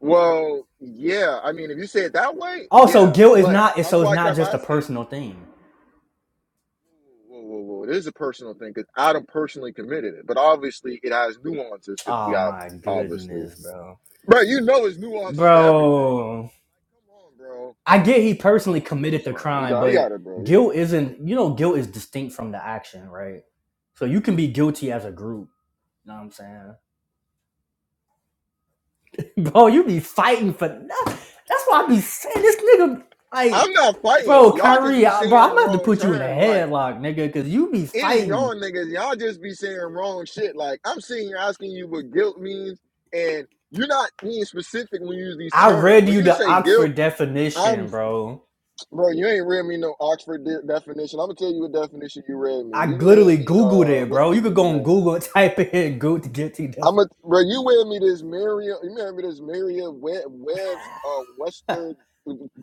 Speaker 1: Well, yeah. I mean, if you say it that way,
Speaker 2: Also,
Speaker 1: yeah.
Speaker 2: guilt is
Speaker 1: But
Speaker 2: not, so
Speaker 1: that's
Speaker 2: it's
Speaker 1: why I
Speaker 2: not
Speaker 1: kept
Speaker 2: just a
Speaker 1: asking.
Speaker 2: personal thing.
Speaker 1: Whoa, whoa, whoa! This is a personal thing because Adam personally committed it, but obviously it has nuances because we
Speaker 2: Oh
Speaker 1: have
Speaker 2: my
Speaker 1: obviously
Speaker 2: goodness, bro.
Speaker 1: Bro, you know it's nuances to everything.
Speaker 2: Bro.
Speaker 1: Like, Come on, bro.
Speaker 2: I get he
Speaker 1: It's
Speaker 2: personally
Speaker 1: fine, bro.
Speaker 2: committed
Speaker 1: It's
Speaker 2: the
Speaker 1: fine. You
Speaker 2: crime,
Speaker 1: got, you
Speaker 2: but
Speaker 1: got it, bro. You-
Speaker 2: guilt isn't, you know, guilt is distinct from the action, right? So you can be guilty as a group. You know what I'm saying? Bro, you be fighting for nothing. That's why I be saying this nigga,
Speaker 1: I'm
Speaker 2: like,
Speaker 1: not fighting.
Speaker 2: bro,
Speaker 1: Y'all just
Speaker 2: Kyrie,
Speaker 1: be
Speaker 2: I, bro, I'm
Speaker 1: saying
Speaker 2: gonna have to
Speaker 1: wrong
Speaker 2: put you in a
Speaker 1: terms. Like
Speaker 2: headlock, nigga, because you be
Speaker 1: it is
Speaker 2: fighting.
Speaker 1: y'all niggas. Y'all just be saying wrong shit. Like I'm sitting here asking you what guilt means, and you're not being specific when you use these
Speaker 2: I
Speaker 1: terms.
Speaker 2: read
Speaker 1: When
Speaker 2: you
Speaker 1: you
Speaker 2: the
Speaker 1: say guilt,
Speaker 2: Oxford
Speaker 1: I'm
Speaker 2: definition, bro.
Speaker 1: bro. You ain't read me no Oxford de- definition. I'm gonna tell you what definition you read me.
Speaker 2: I
Speaker 1: You read
Speaker 2: literally
Speaker 1: me.
Speaker 2: Googled
Speaker 1: Uh,
Speaker 2: it,
Speaker 1: what's
Speaker 2: bro.
Speaker 1: this
Speaker 2: You could
Speaker 1: nigga
Speaker 2: go on
Speaker 1: name?
Speaker 2: Google and type in guilty, guilty
Speaker 1: I'm a
Speaker 2: definition.
Speaker 1: bro. You wear me this Maria. You wear me this Maria Web Webb's uh, Western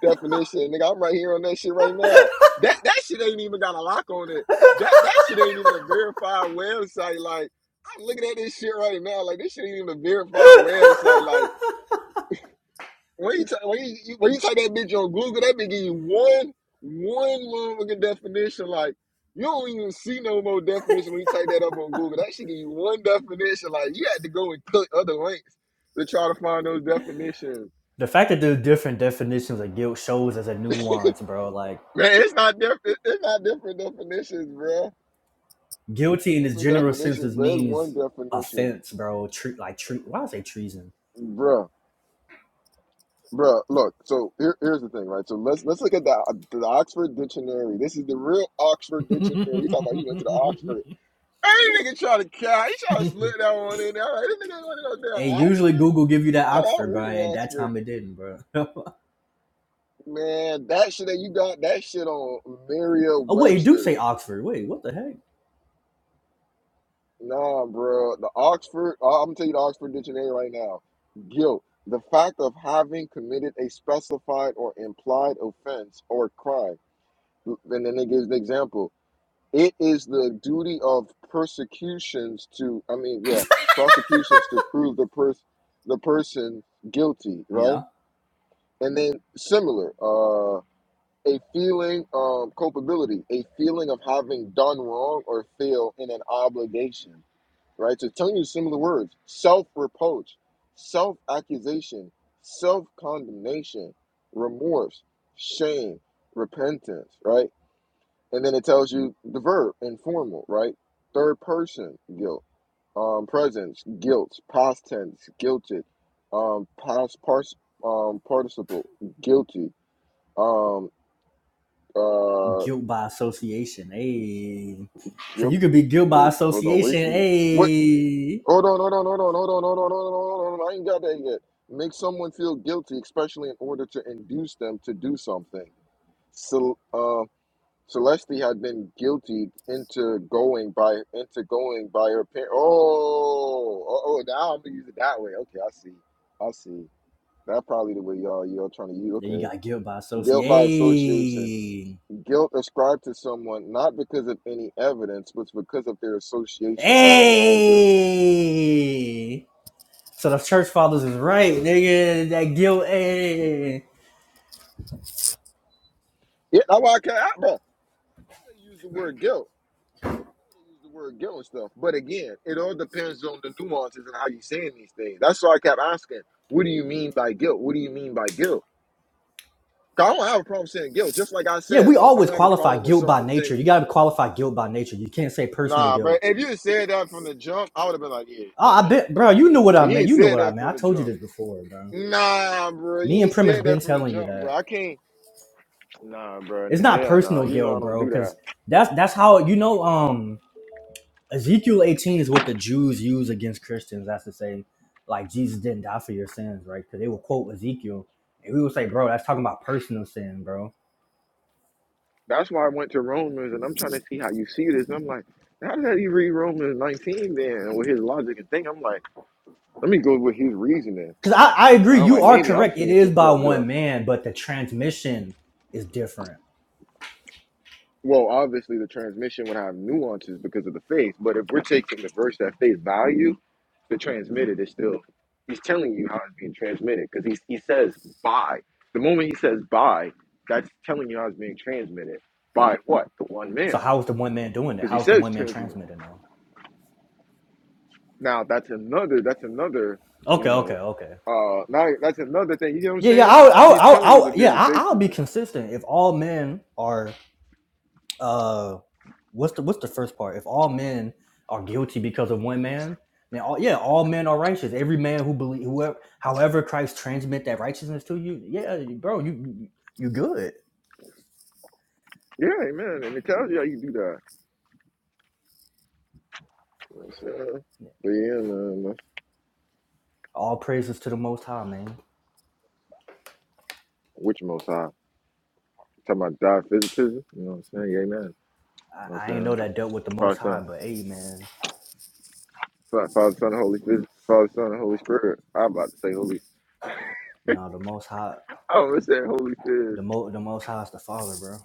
Speaker 1: definition, nigga. I'm right here on that shit right now. That that shit ain't even got a lock on it. That that shit ain't even a verified website. Like I'm looking at this shit right now. Like this shit ain't even a verified website. Like when you, t- when you when you type that bitch on Google, that bitch give you one one motherfucking definition. Like you don't even see no more definition when you type that up on Google. That should give you one definition. Like you had to go and click other links to try to find those definitions.
Speaker 2: The fact that there's different definitions of guilt shows as a nuance, bro. Like
Speaker 1: Man, it's not different. It's not different definitions, bruh. It's
Speaker 2: guilty in
Speaker 1: not
Speaker 2: this
Speaker 1: different
Speaker 2: general sense just
Speaker 1: definitions, bruh. It's one
Speaker 2: means
Speaker 1: definition,
Speaker 2: offense, bro. Tre- like tre- why I say treason.
Speaker 1: bruh. Bruh, look. So here, here's the thing, right? So let's let's look at the the Oxford Dictionary. This is the real Oxford Dictionary. You talking about you went to the Oxford? Every nigga try to cow. He try to slip that one in there. Like, this nigga going to go down
Speaker 2: Hey, usually
Speaker 1: Oxford.
Speaker 2: Google give you that
Speaker 1: Oh, I'm
Speaker 2: Oxford, but
Speaker 1: reading
Speaker 2: at that time
Speaker 1: Oxford.
Speaker 2: it didn't, bro. oh
Speaker 1: Man, that shit that you got, that shit on Merriam
Speaker 2: wait, it do say
Speaker 1: Webster.
Speaker 2: Oxford. Wait, what the heck?
Speaker 1: Nah, bro. The Oxford, I'm going to tell you the Oxford Dictionary right now. Guilt. The fact of having committed a specified or implied offense or crime. And then it gives the example. it is the duty of persecutions to i mean yeah prosecutions to prove the pers- the person guilty
Speaker 2: Yeah,
Speaker 1: right and then similar uh a feeling um culpability a feeling of having done wrong or fail in an obligation right so telling you similar words self reproach self accusation self condemnation remorse shame repentance right and then it tells you the verb informal right third person guilt um presence guilt past tense guilted um past pars, um participle guilty um uh
Speaker 2: guilt by association. Hey, so
Speaker 1: guilt,
Speaker 2: you could be guilt by
Speaker 1: wait hold on wait
Speaker 2: association.
Speaker 1: what
Speaker 2: Hey,
Speaker 1: hold on hold on hold on hold on hold on hold on hold on I ain't got that yet make someone feel guilty especially in order to induce them to do something so uh, Celeste had been guilty into going by into going by her parents. Oh, oh, oh, now I'm gonna use it that way. Okay, I see. I see. That's probably the way y'all y'all trying to use.
Speaker 2: then you
Speaker 1: Okay,
Speaker 2: got guilt by
Speaker 1: guilt by association.
Speaker 2: association.
Speaker 1: Guilt ascribed to someone not because of any evidence, but because of their association with an offender.
Speaker 2: Hey. So the church fathers is right, nigga. That guilt. Hey.
Speaker 1: Yeah, that's why I can't, I- bro. They use the word guilt. They use the word guilt and stuff. But again, it all depends on the nuances and how you saying these things. That's why I kept asking, "What do you mean by guilt? What do you mean by guilt?" 'Cause I don't have a problem saying guilt. Just like I
Speaker 2: Yeah,
Speaker 1: said,
Speaker 2: we
Speaker 1: I
Speaker 2: always
Speaker 1: don't have a
Speaker 2: qualify
Speaker 1: problem with
Speaker 2: guilt by
Speaker 1: someone
Speaker 2: nature.
Speaker 1: saying,
Speaker 2: You gotta qualify guilt by nature. You can't say personal
Speaker 1: nah, but
Speaker 2: guilt.
Speaker 1: if you had said that from the jump, I would have been like, yeah,
Speaker 2: Oh, I
Speaker 1: amen.
Speaker 2: bet, bro. You knew what I
Speaker 1: But you
Speaker 2: meant.
Speaker 1: ain't
Speaker 2: You knew
Speaker 1: said
Speaker 2: what I
Speaker 1: that
Speaker 2: meant. I
Speaker 1: from the
Speaker 2: told you
Speaker 1: jump.
Speaker 2: this before, bro.
Speaker 1: Nah, bro,
Speaker 2: Me
Speaker 1: you
Speaker 2: and
Speaker 1: ain't
Speaker 2: Primus
Speaker 1: said
Speaker 2: been
Speaker 1: that from the
Speaker 2: telling you
Speaker 1: jump, bro.
Speaker 2: that
Speaker 1: I can't. Nah, bro,
Speaker 2: it's not
Speaker 1: hell nah.
Speaker 2: personal
Speaker 1: You know I
Speaker 2: guilt,
Speaker 1: don't
Speaker 2: bro.
Speaker 1: do
Speaker 2: Because
Speaker 1: that.
Speaker 2: that's that's how you know. Um, Ezekiel 18 is what the Jews use against Christians. That's to say, like Jesus didn't die for your sins, right? Because they will quote Ezekiel, and we will say, bro, that's talking about personal sin, bro.
Speaker 1: That's why I went to Romans and I'm trying to see how you see this. And I'm like, how did that he read Romans 19 then with his logic and thing? I'm like, let me go with his reasoning.
Speaker 2: Because I, I
Speaker 1: And
Speaker 2: agree,
Speaker 1: I'm
Speaker 2: you
Speaker 1: like,
Speaker 2: are
Speaker 1: maybe I'm
Speaker 2: correct. It
Speaker 1: seeing
Speaker 2: is
Speaker 1: shit
Speaker 2: by
Speaker 1: for the.
Speaker 2: one man, but the transmission is different.
Speaker 1: Well, obviously the transmission would have nuances because of the faith, but if we're taking the verse at face value, the transmitted is still he's telling you how it's being transmitted because he he says by the moment he says by, that's telling you how it's being transmitted by what the one
Speaker 2: So
Speaker 1: man
Speaker 2: how is the one man doing it?
Speaker 1: because he
Speaker 2: How is the
Speaker 1: says
Speaker 2: one man
Speaker 1: transmitted.
Speaker 2: transmitting though?
Speaker 1: Now that's another that's another you
Speaker 2: Okay,
Speaker 1: know
Speaker 2: okay, okay.
Speaker 1: uh now that's another thing you know what I'm
Speaker 2: Yeah, yeah,
Speaker 1: saying.
Speaker 2: I'll, I'll,
Speaker 1: He's
Speaker 2: I'll,
Speaker 1: telling you
Speaker 2: I'll
Speaker 1: the
Speaker 2: yeah,
Speaker 1: very
Speaker 2: I,
Speaker 1: base
Speaker 2: I'll be
Speaker 1: of it.
Speaker 2: consistent. If all men are, uh What's the what's the first part? If all men are guilty because of one man, then all yeah, all men are righteous. Every man who believe whoever however Christ transmit that righteousness to you, yeah, bro, you you you good.
Speaker 1: Yeah, man, and it tells you how you do that. You know what I'm saying? But yeah, man, that's-
Speaker 2: All praises to the Most High, man.
Speaker 1: which most high. Talking about God physicism, you know what I'm saying? Yeah, Amen.
Speaker 2: I,
Speaker 1: You know what
Speaker 2: I
Speaker 1: I'm
Speaker 2: ain't know
Speaker 1: saying?
Speaker 2: that dealt with the Most
Speaker 1: Father,
Speaker 2: High,
Speaker 1: Son,
Speaker 2: but hey, man,
Speaker 1: Fa- Father, Son, Holy Phys, Father, Son, Holy Spirit. I'm about to say Holy.
Speaker 2: no, the Most High,
Speaker 1: I was saying Holy Phys,
Speaker 2: the mo the Most High is the Father, bro.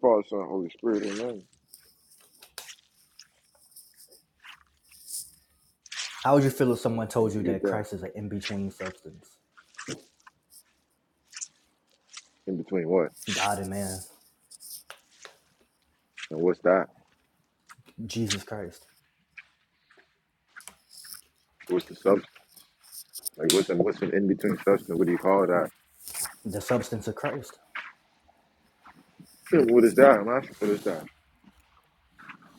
Speaker 1: Father, Son, Holy Spirit. Amen.
Speaker 2: How would you feel if someone told
Speaker 1: Can't
Speaker 2: you
Speaker 1: forget
Speaker 2: that
Speaker 1: that.
Speaker 2: Christ is an in between substance,
Speaker 1: In between what?
Speaker 2: God and man,
Speaker 1: And what's that?
Speaker 2: Jesus Christ,
Speaker 1: What's the substance? Like what's what's an in between substance? What do you call that?
Speaker 2: the substance of Christ?
Speaker 1: Yeah, What is that? I'm asking, what is that?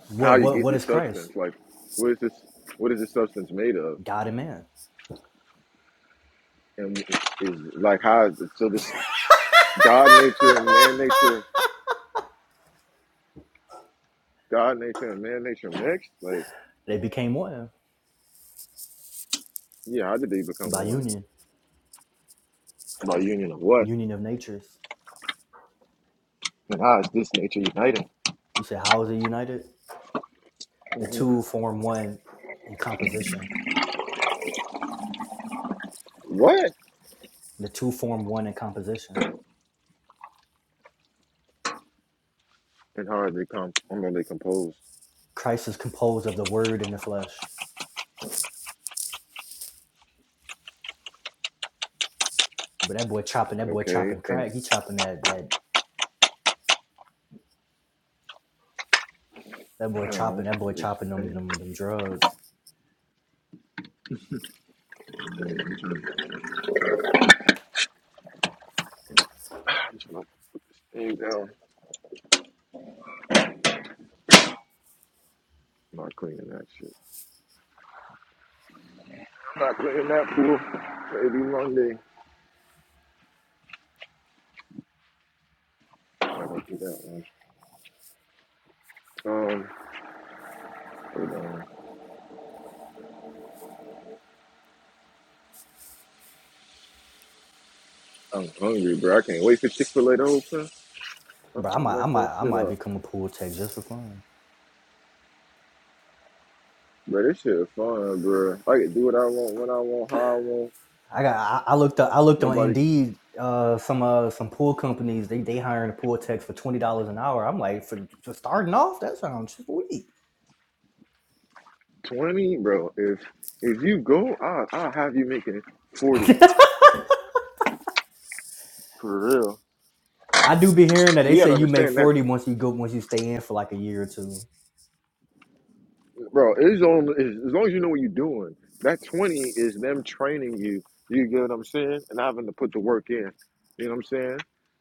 Speaker 2: What
Speaker 1: How you
Speaker 2: what
Speaker 1: get
Speaker 2: what is
Speaker 1: this
Speaker 2: Christ?
Speaker 1: substance? Like, what is this? What is this substance made of?
Speaker 2: God and man.
Speaker 1: And is like how? So this God nature and man nature, God nature and man nature mixed. Like.
Speaker 2: They became one
Speaker 1: Yeah, how did they become
Speaker 2: by
Speaker 1: one?
Speaker 2: union,
Speaker 1: By union of what?
Speaker 2: union of natures.
Speaker 1: And how is this nature united?
Speaker 2: You said, how is it united? The
Speaker 1: hmm
Speaker 2: two form one in composition.
Speaker 1: What?
Speaker 2: The two form one in composition.
Speaker 1: And how are they com? I mean, they composed.
Speaker 2: Christ is composed of the Word and the flesh. But that boy chopping, that boy
Speaker 1: Okay,
Speaker 2: chopping
Speaker 1: and
Speaker 2: crack. He chopping that that that
Speaker 1: I
Speaker 2: boy
Speaker 1: don't know. I'm
Speaker 2: chopping, that
Speaker 1: trying to
Speaker 2: boy
Speaker 1: do this
Speaker 2: chopping them
Speaker 1: thing.
Speaker 2: them them drugs.
Speaker 1: I'm trying to put this thing down. I'm not cleaning that shit. I'm not cleaning that pool. Maybe Monday. I don't do that one. Um, hold on. I'm hungry, bro. I can't wait for Chick Fil A to open. I'm
Speaker 2: Bro, I
Speaker 1: gonna
Speaker 2: might I
Speaker 1: mess that
Speaker 2: might I
Speaker 1: shit
Speaker 2: might
Speaker 1: up,
Speaker 2: become a pool tech just for fun.
Speaker 1: bro. This shit is fun, bro. I can do what I want, when I want, how I want.
Speaker 2: I got. I, I looked. Up, I looked on
Speaker 1: Nobody.
Speaker 2: Indeed. Uh, some uh, some pool companies they they hiring pool techs for twenty dollars an hour. I'm like, for, for starting off, that sounds sweet.
Speaker 1: Twenty, bro. If if you go, I I'll have you making forty
Speaker 2: I
Speaker 1: for real.
Speaker 2: do be hearing that they
Speaker 1: You
Speaker 2: say
Speaker 1: gotta
Speaker 2: you make
Speaker 1: understand that,
Speaker 2: forty once you go once you stay in for like a year or two.
Speaker 1: bro. It's on as long as you know what you're doing. That twenty is them training you. You get what I'm saying? And having to put the work in. You know what I'm saying?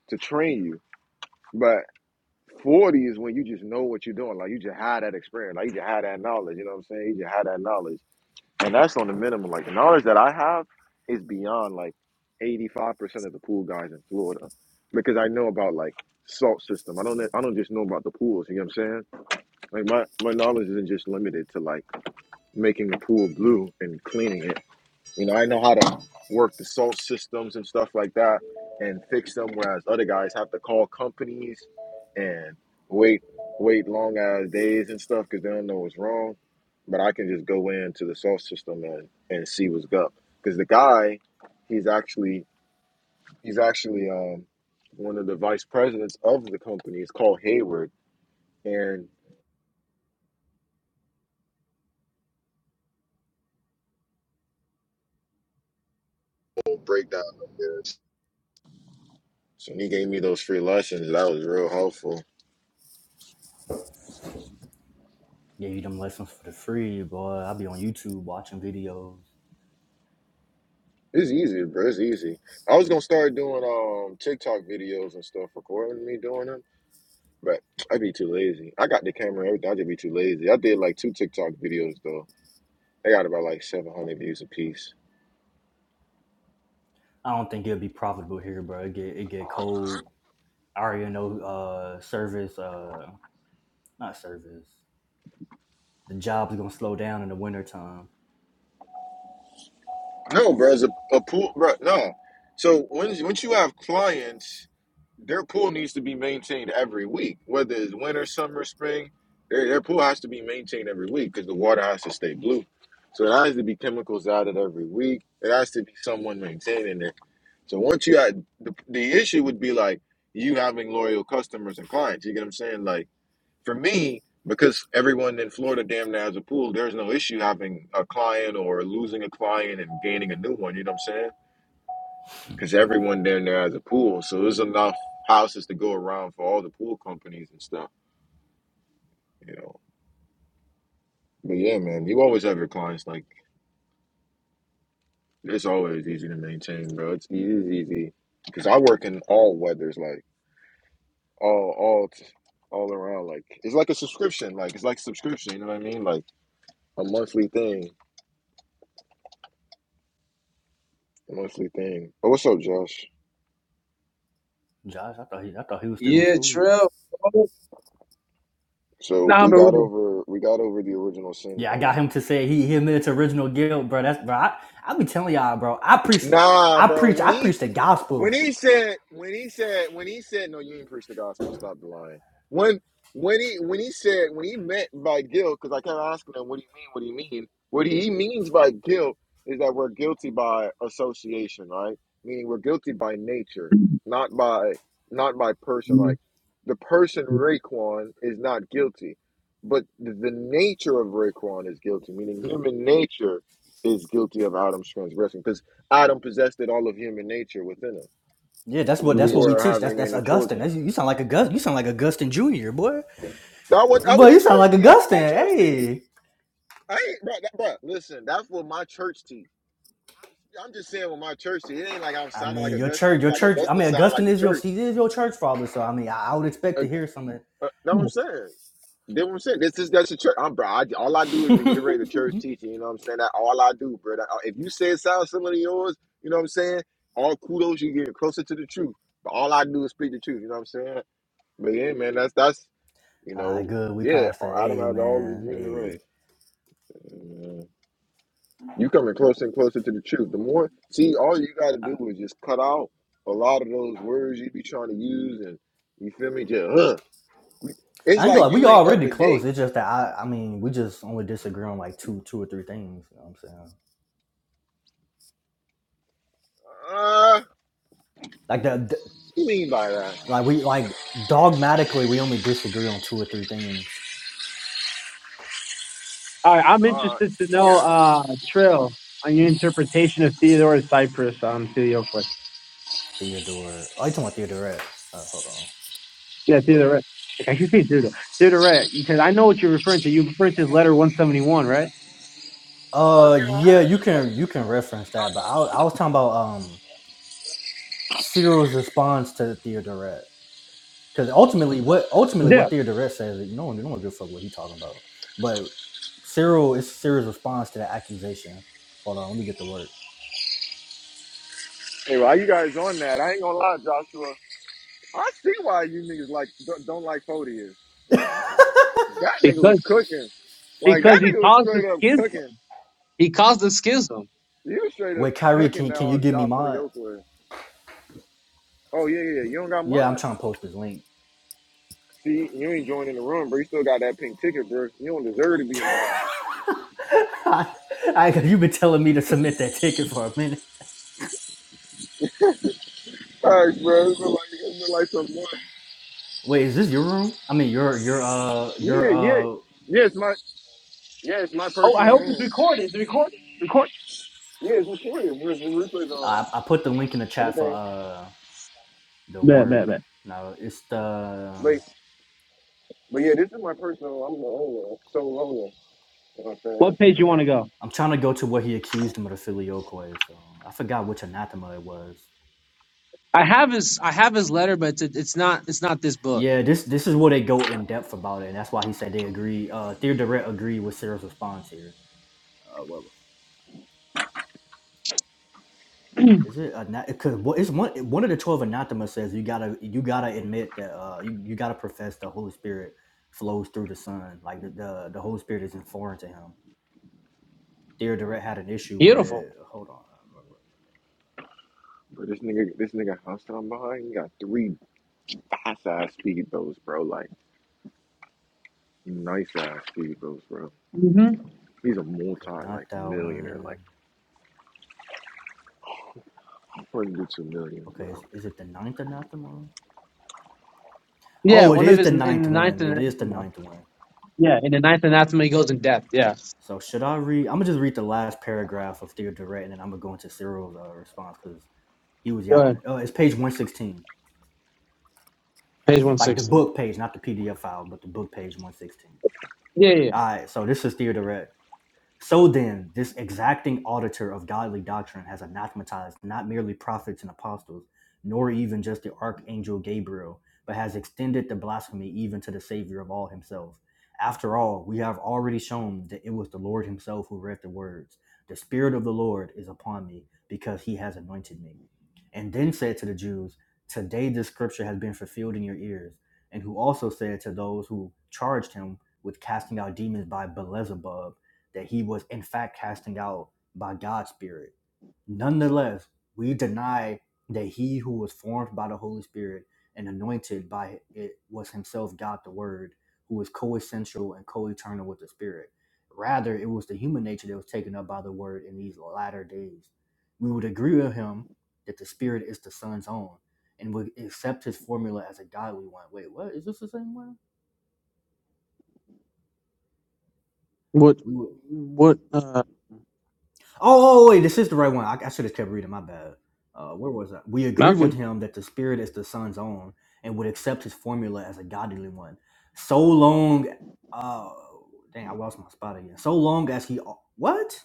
Speaker 1: To train you, but. 40 is when you just know what you're doing. Like you just had that experience. Like you just had that knowledge. You know what I'm saying? You just had that knowledge. and that's on the minimum. Like the knowledge that I have is beyond like eighty five percent of the pool guys in Florida, because I know about like salt system. I don't I don't just know about the pools. You know what I'm saying? Like my my knowledge isn't just limited to like making a pool blue and cleaning it. You know, I know how to work the salt systems and stuff like that and fix them, whereas other guys have to call companies and wait wait long ass days and stuff because they don't know what's wrong. But I can just go into the salt system and, and see what's up. Because the guy, he's actually he's actually um one of the vice presidents of the company. It's called Hayward and full breakdown of this. So when he gave me those free lessons, that was real helpful.
Speaker 2: Yeah, you them lessons for the free, boy. I be on YouTube watching videos.
Speaker 1: It's easy, bro. It's easy. I was gonna start doing um TikTok videos and stuff, recording me doing them, but I'd be too lazy. I got the camera and everything. I'd just be too lazy. I did like two TikTok videos though. They got about like seven hundred views apiece.
Speaker 2: I don't think it'll be profitable here, bro. It get it get cold. I already know uh service uh not service. The job's gonna slow down in the wintertime.
Speaker 1: No, bro. It's a, a pool, bro. No. So when once you have clients, their pool needs to be maintained every week, whether it's winter, summer, spring. Their their pool has to be maintained every week because the water has to stay blue. So it has to be chemicals added every week. It has to be someone maintaining it. So once you had the, the issue would be like you having loyal customers and clients. You get what I'm saying? Like for me, because everyone in Florida damn near has a pool, there's no issue having a client or losing a client and gaining a new one. You know what I'm saying? Because everyone damn near has a pool, so there's enough houses to go around for all the pool companies and stuff. You know. But yeah, man, you always have your clients. Like it's always easy to maintain, bro. It's easy, easy. Because I work in all weathers. Like. all all all around like it's like a subscription like it's like subscription you know what i mean like a monthly thing a monthly thing but what's up josh
Speaker 2: Josh, I thought he I thought he was still in
Speaker 4: Yeah,
Speaker 2: school.
Speaker 4: Trill. Oh,
Speaker 1: so
Speaker 4: Nah,
Speaker 1: we
Speaker 4: but we
Speaker 1: got over we got over the original sin
Speaker 2: Yeah, I got
Speaker 1: thing
Speaker 2: him to say he he admitted to original guilt, bro. That's bro. I, I be telling y'all, bro. I preach,
Speaker 1: nah
Speaker 2: I
Speaker 1: bro
Speaker 2: preach,
Speaker 1: when
Speaker 2: I
Speaker 1: he
Speaker 2: preach the
Speaker 1: When
Speaker 2: gospel.
Speaker 1: he said, when he said, when he said, no, you ain't preach the gospel. Stop the lying. When when he when he said when he meant by guilt, because I kept asking him, what do you mean? What do you mean? What he means by guilt is that we're guilty by association, right? Meaning we're guilty by nature,
Speaker 4: do.
Speaker 1: not by not by person. Like the person Raekwon is not guilty, but the, the nature of Raekwon is guilty. Meaning human nature is guilty of Adam's transgression, because Adam possessed it all of human nature within him
Speaker 2: Yeah, that's what that's
Speaker 4: Yeah,
Speaker 2: what we
Speaker 1: before
Speaker 4: sure.
Speaker 2: teach. That's
Speaker 1: having
Speaker 2: that's
Speaker 1: any
Speaker 2: Augustine.
Speaker 1: children.
Speaker 2: That's, you sound like Augustine. You sound like Augustine Junior, boy.
Speaker 1: I would I would
Speaker 2: Boy,
Speaker 1: a
Speaker 2: you sound
Speaker 1: church
Speaker 2: like
Speaker 1: teach. That's what
Speaker 2: Augustine.
Speaker 1: my church teach.
Speaker 2: Hey,
Speaker 1: I ain't bro, that, bro. Listen, that's what my church teach. I'm, I'm just saying what my church teach. It ain't like I'm
Speaker 2: I
Speaker 1: sounding like
Speaker 2: mean your
Speaker 1: Augustine.
Speaker 2: church,
Speaker 1: It's
Speaker 2: your
Speaker 1: like
Speaker 2: church. I
Speaker 1: Augustine
Speaker 2: mean
Speaker 1: sound like
Speaker 2: Augustine
Speaker 1: the
Speaker 2: is your
Speaker 1: church.
Speaker 2: he is your church father. So I mean I, I would expect
Speaker 1: Uh,
Speaker 2: to hear something.
Speaker 1: uh, know what I'm saying? Know what I'm saying? This is that's the church. I'm bro. I, all I do is reiterate the church teaching. You know what I'm saying? That all I do, bro. That- uh, if you say it sounds similar to yours, you know what I'm saying? All kudos, you getting closer to the truth. But all I do is speak the truth. You know what I'm saying? But yeah, man, that's that's You
Speaker 2: All
Speaker 1: know,
Speaker 2: right, good. We
Speaker 1: yeah,
Speaker 2: passed that.
Speaker 1: Adam
Speaker 2: Hey,
Speaker 1: out of all the
Speaker 2: man.
Speaker 1: human
Speaker 2: Hey.
Speaker 1: race. Amen. You coming closer and closer to the truth. The more, see, all you got to do is just cut out a lot of those words you be trying to use, and you feel me? Just huh? It's
Speaker 2: I ain't
Speaker 1: like
Speaker 2: gonna lie, we
Speaker 1: you ain't up
Speaker 2: already
Speaker 1: to
Speaker 2: close.
Speaker 1: date.
Speaker 2: It's just that I, I mean, we just only disagree on like two, two or three things. You know what I'm saying?
Speaker 1: Uh, what
Speaker 2: Like the,
Speaker 1: you mean by that?
Speaker 2: Like we like dogmatically we only disagree on two or three things.
Speaker 4: All right, I'm
Speaker 1: Uh,
Speaker 4: interested to
Speaker 1: yeah.
Speaker 4: know, uh, Trill, on your interpretation of Theodorus Cyprus on Filioque.
Speaker 2: Theodore, oh, you talking about Theodore? Uh, hold on.
Speaker 4: Yeah, Theodore. Like, I should say Theodore. Theodore, because I know what you're referring to. You're referring to letter 171, right?
Speaker 1: I was
Speaker 2: Uh,
Speaker 1: gonna
Speaker 2: yeah,
Speaker 1: ask. it's
Speaker 2: you
Speaker 1: like-
Speaker 2: can you can reference that, but I I was talking about um Cyril's response to Theodoret because ultimately what ultimately
Speaker 4: Yeah,
Speaker 2: what Theodoret says, like, no one no one give a fuck what he talking about, but Cyril is Cyril's response to that accusation. Hold on, let me get the word.
Speaker 1: Hey, why you guys on that? I ain't gonna lie, Joshua. I see why you niggas like don't, don't like Fodius. That nigga
Speaker 4: because
Speaker 1: was cooking. Like
Speaker 4: because
Speaker 1: that
Speaker 4: he
Speaker 1: nigga was
Speaker 4: caused the
Speaker 1: straight up
Speaker 4: schism.
Speaker 1: cooking.
Speaker 4: He caused the schism.
Speaker 1: You straight up
Speaker 2: Wait, Kyrie,
Speaker 1: cooking
Speaker 2: can can you
Speaker 1: now,
Speaker 2: give me
Speaker 1: y'all Philly
Speaker 2: mods?
Speaker 1: Oakland. Oh yeah, yeah. yeah. You don't got
Speaker 2: Yeah, I'm
Speaker 1: mine.
Speaker 2: trying to post this link.
Speaker 1: See, you ain't joining the room, bro. You still got that pink ticket, bro. You don't deserve to be in mine.
Speaker 2: I, I, 'cause you've been telling me to submit that ticket for a minute.
Speaker 1: Alright, bro. It's been like it like some months.
Speaker 2: Wait, is this your room? I mean, your your uh your
Speaker 1: Yeah, yeah,
Speaker 2: uh.
Speaker 1: yeah. It's my yeah, it's my
Speaker 4: Oh, I
Speaker 1: personal
Speaker 4: hope it's
Speaker 1: room.
Speaker 4: recorded. It's recorded. Record.
Speaker 1: Yeah, it's recorded. We're replays on
Speaker 2: I, I put the link in the chat for
Speaker 1: everything.
Speaker 2: uh the
Speaker 4: Bet, bet,
Speaker 2: work.
Speaker 4: bet.
Speaker 2: No, it's the.
Speaker 1: But but yeah, this is my personal. I'm the owner. So owner. You know what I'm saying?
Speaker 4: What page you want to go?
Speaker 2: I'm trying to go to where he accused him of the filioque. So I forgot which anathema it was.
Speaker 4: I have his I have his letter, but it's it's not it's not this book.
Speaker 2: Yeah, this this is where they go in depth about it, and that's why he said they agree. Uh, Theodoret agreed with Cyril's response here. Uh, Is it a because it's one one of the twelve anathema says you gotta you gotta admit that uh you, you gotta profess the Holy Spirit flows through the Son like the the, the Holy Spirit isn't foreign to him. Theodoret had an issue with
Speaker 4: Beautiful.
Speaker 2: it. Hold on,
Speaker 1: But this nigga, this nigga house down behind, he got three fast ass speedboats, bro. Like nice ass speedboats, bro.
Speaker 4: hmm
Speaker 1: He's a
Speaker 2: okay,
Speaker 1: multi like
Speaker 2: not that one.
Speaker 1: millionaire, like hundreds of millions,
Speaker 2: Okay,
Speaker 1: bro.
Speaker 2: is, is it the ninth anathema?
Speaker 4: Yeah,
Speaker 2: Oh, it
Speaker 4: one of
Speaker 2: is
Speaker 4: his
Speaker 2: the
Speaker 4: in the
Speaker 2: ninth
Speaker 4: ninth
Speaker 2: one. It is the
Speaker 4: anathema.
Speaker 2: ninth one.
Speaker 4: Yeah, in the ninth anathema, he goes in depth. Yeah.
Speaker 2: So should I read? I'm gonna just read the last paragraph of Theodoret and then I'm gonna go into Cyril's uh, response because he was
Speaker 4: Go
Speaker 2: yapping.
Speaker 4: ahead.
Speaker 2: Oh, it's page one sixteen.
Speaker 4: Page one
Speaker 2: like the
Speaker 4: sixteen.
Speaker 2: book page, not the PDF file, but the book page 116.
Speaker 4: Yeah, yeah. yeah.
Speaker 2: All right, so this is Theater Rec. So then, this exacting auditor of godly doctrine has anathematized not merely prophets and apostles, nor even just the archangel Gabriel, but has extended the blasphemy even to the Savior of all himself. After all, we have already shown that it was the Lord himself who read the words, The Spirit of the Lord is upon me, because he has anointed me. And then said to the Jews, Today this scripture has been fulfilled in your ears. And who also said to those who charged him with casting out demons by Beelzebub, that he was in fact casting out by God's Spirit. Nonetheless, we deny that he who was formed by the Holy Spirit and anointed by it was himself God the Word, who was co-essential and co-eternal with the Spirit. Rather, it was the human nature that was taken up by the Word in these latter days. We would agree with him that the Spirit is the Son's own and would accept his formula as a godly one. Wait, what? Is this the same one?
Speaker 4: What?
Speaker 2: We would
Speaker 4: What? uh
Speaker 2: Oh, oh, oh, wait, this is the right one. I, I should have kept reading. My bad. Uh, where was I? We agree with
Speaker 4: Okay.
Speaker 2: him that the spirit is the son's own and would accept his formula as a godly one, so long. Uh, dang, I lost my spot again. So long as he what?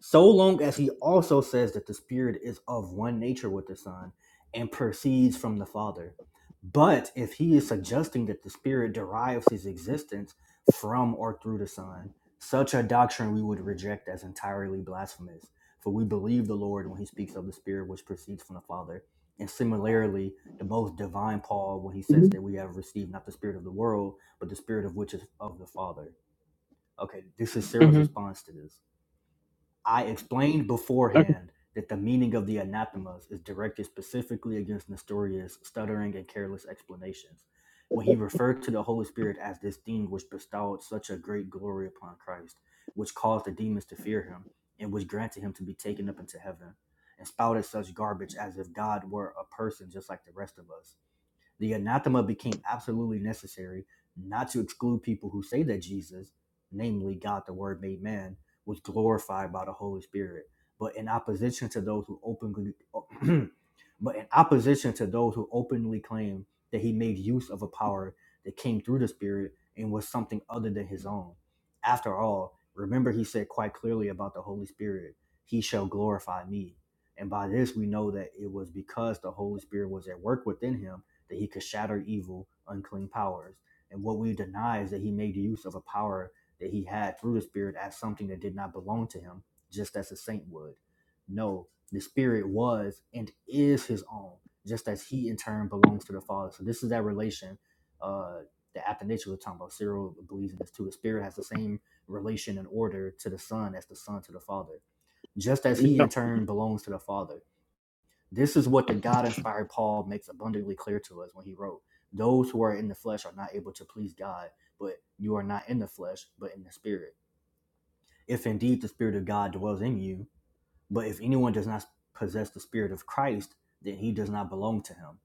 Speaker 2: so long as he also says that the Spirit is of one nature with the Son and proceeds from the Father. But if he is suggesting that the Spirit derives his existence from or through the Son, such a doctrine we would reject as entirely blasphemous. For we believe the Lord when he speaks of the Spirit which proceeds from the Father. And similarly, the most divine Paul when he says that we have received not the Spirit of the world, but the Spirit of which is of the Father. Okay, this is Cyril's
Speaker 4: Mm-hmm.
Speaker 2: response to this. I explained
Speaker 4: Okay.
Speaker 2: beforehand that the meaning of the anathemas is directed specifically against Nestorius' stuttering and careless explanations. When he referred to the Holy Spirit as this thing which bestowed such a great glory upon Christ, which caused the demons to fear him, and which granted him to be taken up into heaven, and spouted such garbage as if God were a person just like the rest of us the anathema became absolutely necessary not to exclude people who say that Jesus, namely God the Word made man, was glorified by the Holy Spirit, but in opposition to those who openly but in opposition to those who openly claim that he made use of a power that came through the Spirit and was something other than his own. After all, remember he said quite clearly about the Holy Spirit, he shall glorify me. And by this we know that it was because the Holy Spirit was at work within him that he could shatter evil, unclean powers. And what we deny is that he made use of a power that he had through the Spirit as something that did not belong to him, just as a saint would. No, the Spirit was and is his own, just as he in turn belongs to the Father. So this is that relation uh, that Athanasius was talking about. Cyril believes in this too. The Spirit has the same relation and order to the Son as the Son to the Father, just as he
Speaker 4: Yeah.
Speaker 2: in turn belongs to the Father this is what the God inspired Paul makes abundantly clear to us when he wrote, Those who are in the flesh are not able to please God, but you are not in the flesh, but in the spirit. If indeed the spirit of God dwells in you, but if anyone does not possess the spirit of Christ, then he does not belong to him.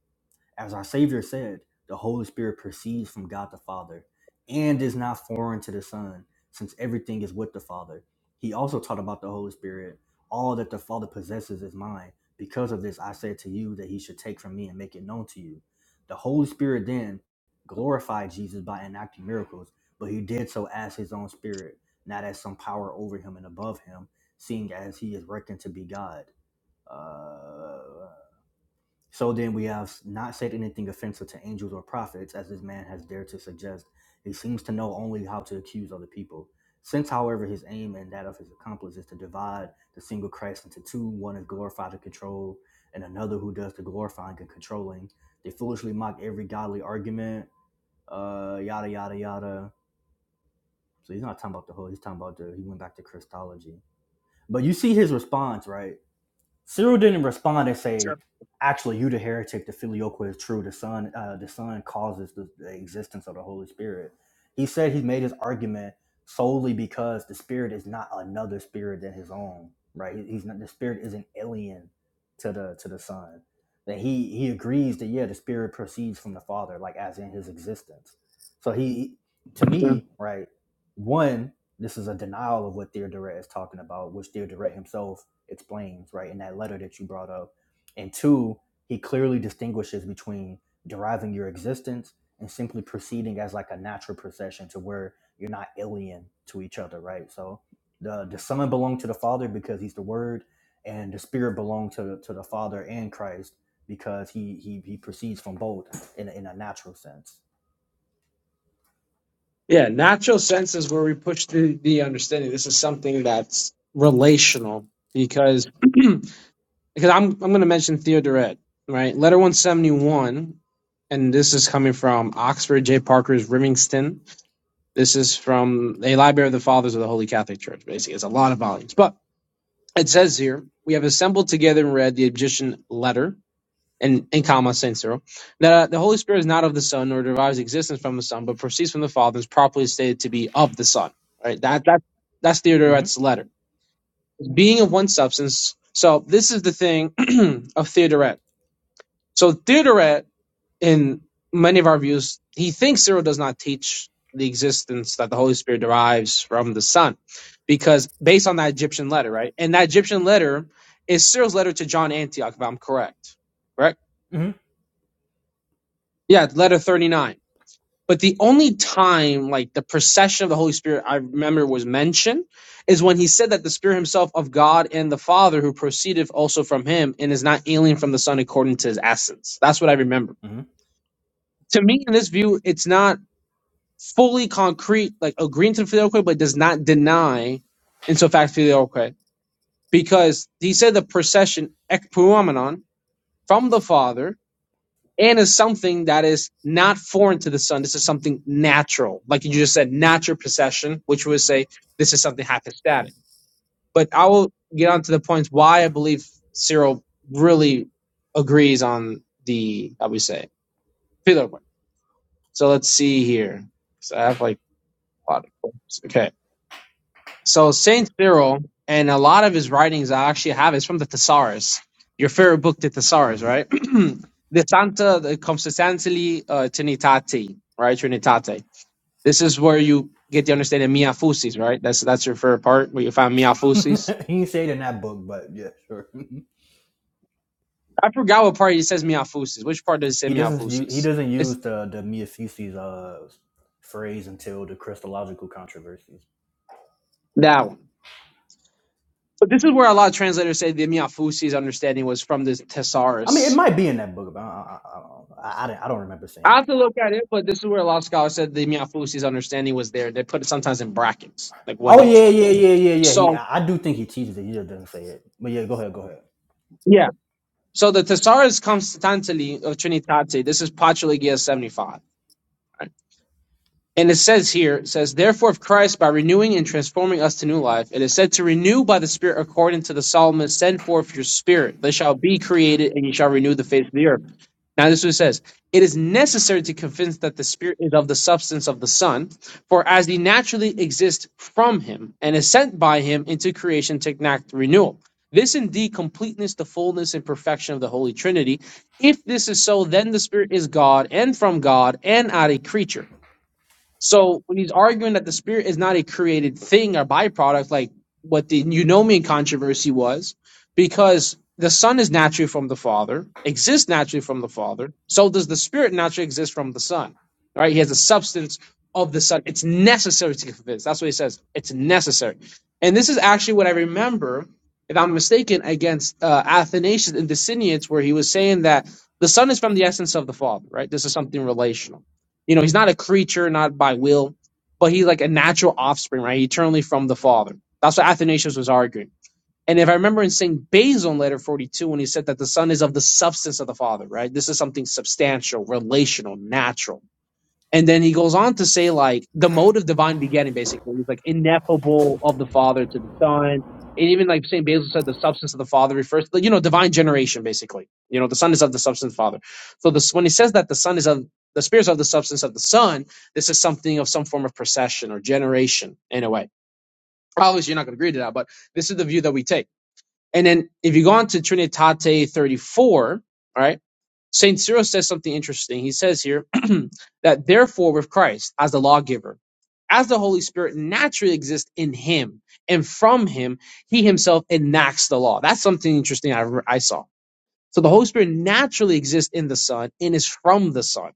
Speaker 2: As our Savior said, the Holy Spirit proceeds from God the Father and is not foreign to the Son, since everything is with the Father. He also taught about the Holy Spirit. All that the Father possesses is mine. Because of this, I said to you that he should take from me and make it known to you. The Holy Spirit then glorified Jesus by enacting miracles, but he did so as his own spirit, not as some power over him and above him, seeing as he is reckoned to be God. Uh, so then we have not said anything offensive to angels or prophets, as this man has dared to suggest. He seems to know only how to accuse other people. Since, however, his aim and that of his accomplice is to divide the single Christ into two, one is glorified and controlled, and another who does the glorifying and controlling, they foolishly mock every godly argument, uh, yada, yada, yada. So he's not talking about the whole, he's talking about the, he went back to Christology. But you see his response, right? Cyril didn't respond and say,
Speaker 4: Sure.
Speaker 2: "Actually, you the heretic. The filioque is true. The son, uh, the son causes the, the existence of the Holy Spirit." He said he made his argument solely because the Spirit is not another spirit than his own. Right? He- He's not the Spirit isn't alien to the to the Son. That he he agrees that yeah, the Spirit proceeds from the Father, like as in his existence. So he, to
Speaker 4: Yeah.
Speaker 2: me, right, one. This is a denial of what Theodoret is talking about, which Theodoret himself Explains right in that letter that you brought up and two he clearly distinguishes between deriving your existence and simply proceeding as like a natural procession to where you're not alien to each other right so the the son belonged to the father because he's the word and the spirit belonged to the, to the father and christ because he he, he proceeds from both in, a- in a natural sense
Speaker 4: Yeah, It's, it's relevant because because I read right and um Ocker's in this in the Catholic Church basically. It's a lot of volumes, but it says here we have other read the Egyptian letter and, in comma censor, that uh, the Holy Spirit is not of the Son, nor derives existence from the Son, but proceeds from the Father, is properly stated to be of the Son. Right? That that that's
Speaker 2: hmm
Speaker 4: Theodoret's letter. Being of one substance. So this is the thing of Theodoret. So Theodoret, in many of our views, he thinks Cyril does not teach the existence that the Holy Spirit derives from the Son, because based on that Egyptian letter, right? And that Egyptian letter is Cyril's letter to John Antioch, if I'm correct. Correct?
Speaker 2: hmm
Speaker 4: Yeah, letter 39 But the only time, like the procession of the Holy Spirit, I remember was mentioned is when he said that the Spirit himself of God and the Father, who proceedeth also from him and is not alien from the Son according to his essence. That's what I remember.
Speaker 2: hmm
Speaker 4: To me, in this view, it's not fully concrete, like agreeing to filioque, but does not deny, in so fact, filioque, because he said the procession ekpuomenon from the Father and is something that is not foreign to the sun. This is something natural, like you just said, natural procession, which would say this is something hypostatic. But I will get on to the points why I believe Cyril really agrees on the, how we say, pillar one. So let's see here. So I have like a lot of points. Okay. So Saint Cyril and a lot of his writings I actually have is from the Thesaurus. Your favorite book, the Thesaurus,
Speaker 2: hmm
Speaker 4: right? the Santa the Consubstantially uh, Trinitate, right? Trinitate. This is where you get the understanding of mia fusis, right? That's that's your favorite part where you find mia fusis.
Speaker 2: he did say it in that book but yeah sure
Speaker 4: I forgot what part it says mia fusis. Which part does it say
Speaker 2: He
Speaker 4: mia
Speaker 2: doesn't use, he
Speaker 4: fusis?
Speaker 2: doesn't
Speaker 4: It's
Speaker 2: use the the Miafise's uh phrase until the Christological controversies.
Speaker 4: that one. But this is where a lot of translators say the mia fusis understanding was from the
Speaker 2: I mean, it
Speaker 4: Thesaurus
Speaker 2: might be in that book, but I I, I, don't- I, I didn't- I don't remember seeing
Speaker 4: I have
Speaker 2: that.
Speaker 4: to look at it, but this is where a lot of scholars said the Miafusi's understanding was there. They put it sometimes in brackets, like one
Speaker 2: Oh yeah,
Speaker 4: nature.
Speaker 2: yeah, yeah, yeah, yeah. yeah. He,
Speaker 4: So
Speaker 2: I, I do think he teaches it. He just doesn't say it. But yeah, go ahead, go ahead.
Speaker 4: yeah. So the Thesaurus Constantili of Trinitate, this is Patrilegia 75. And it says here, it says, Therefore, if Christ, by renewing and transforming us to new life, it is said to renew by the Spirit according to the psalmist, send forth your spirit, they shall be created, and you shall renew the face of the earth. Now, this is what it says It is necessary to convince that the Spirit is of the substance of the Son, for as he naturally exists from him, and is sent by him into creation to enact renewal. This indeed completeness, the fullness, and perfection of the Holy Trinity. If this is so, then the Spirit is God and from God and not a creature. So when he's arguing that the spirit is not a created thing or byproduct, like what the eunomian controversy was, because the son is naturally from the father, exists naturally from the father, so does the spirit naturally exist from the son. All Right? He has the substance of the son. It's necessary to convince. That's what he says. It's necessary. And this is actually what I remember, if I'm mistaken, against uh, Athanasius and Decidians, where he was saying that the son is from the essence of the father. Right? This is something relational. You know, he's not a creature, not by will, but he's like a natural offspring, right? Eternally from the Father. That's what Athanasius was arguing. And if I remember in St. Basil in letter 42, when he said that the Son is of the substance of the Father, right? This is something substantial, relational, natural and then he goes on to say, like, the mode of divine begetting, basically. He's like, ineffable of the Father to the Son. And even like St. Basil said, the substance of the Father refers to, you know, divine generation, basically. You know, the Son is of the substance of the Father. So this, when he says that the Son is of, the Spirit is of the substance of the Son, this is something of some form of procession or generation in a way. Obviously, you're not going to agree to that, but this is the view that we take. And then if you go on to Trinitate 34, all right? St. Cyril says something interesting. He says here that therefore, with Christ as the lawgiver, as the Holy Spirit naturally exists in him and from him, he himself enacts the law. That's something interesting I, I saw. So the Holy Spirit naturally exists in the Son and is from the Son.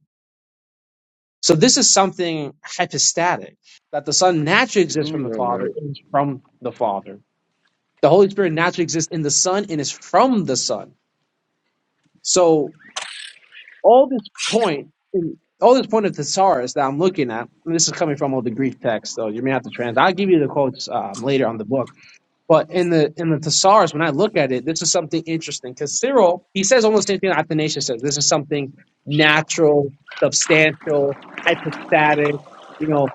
Speaker 4: So this is something hypostatic that the Son naturally
Speaker 1: I
Speaker 4: exists from
Speaker 1: don't
Speaker 4: the
Speaker 1: know,
Speaker 4: Father
Speaker 1: man.
Speaker 4: and is from the Father. The Holy Spirit naturally exists in the Son and is from the Son. So all this point in all this point of thesaurus that I'm looking at, and this is coming from all the Greek text, so you may have to trans. I'll give you the quotes um, later on the book, but in the in the thesaurus, when I look at it, this is something interesting because Cyril he says almost the same thing Athanasius says. This is something natural, substantial, hypostatic, you know,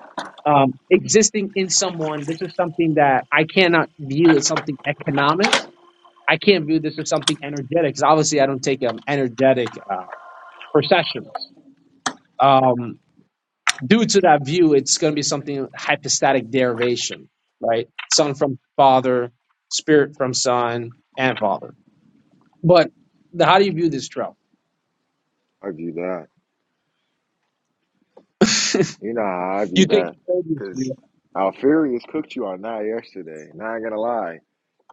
Speaker 4: um, existing in someone. This is something that I cannot view as something economic. I can't view this as something energetic because obviously I don't take um, energetic uh, perceptions um, due to that view, it's going to be something hypostatic derivation, right? Son from father, spirit from son, and father. But the, how do you view this trail?
Speaker 1: I view that.
Speaker 4: you
Speaker 1: You know how I view
Speaker 4: take
Speaker 1: that.
Speaker 4: the Phaedrus
Speaker 1: Because
Speaker 4: view.
Speaker 1: Alfarius cooked you on that yesterday. Not gonna lie.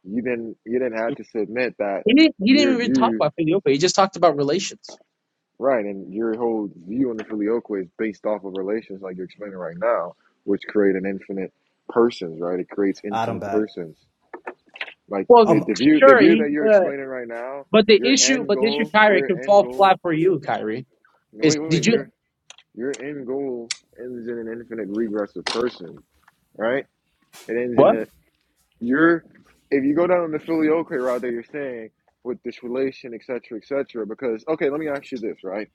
Speaker 1: You didn't you didn't have to submit that
Speaker 4: He didn't, he didn't
Speaker 1: your
Speaker 4: even talk
Speaker 1: view
Speaker 4: about filioque. He just talked about relations.
Speaker 1: right and your whole view on the filioque is based off of relations like you're explaining right now, which create an infinite persons, right? It creates
Speaker 2: i Adam
Speaker 1: infinite
Speaker 2: back.
Speaker 1: persons. Like
Speaker 4: Well,
Speaker 1: the,
Speaker 2: Um,
Speaker 1: the view the
Speaker 4: sure,
Speaker 1: view
Speaker 4: he,
Speaker 1: that you're
Speaker 4: but
Speaker 1: explaining right now,
Speaker 4: but the
Speaker 1: your
Speaker 4: issue,
Speaker 1: end
Speaker 4: but the issue,
Speaker 1: goal,
Speaker 4: Kyrie,
Speaker 1: your
Speaker 4: can
Speaker 1: end
Speaker 4: fall
Speaker 1: goal
Speaker 4: flat for you, Kyrie. Is
Speaker 1: Wait, wait, wait.
Speaker 4: did you
Speaker 1: Your Your end goal ends in an infinite regressive person, right? It ends
Speaker 4: what?
Speaker 1: in a you're if you go down the filioque route that you're saying with this relation, etc., cetera, etc. because okay, let me ask you this, right?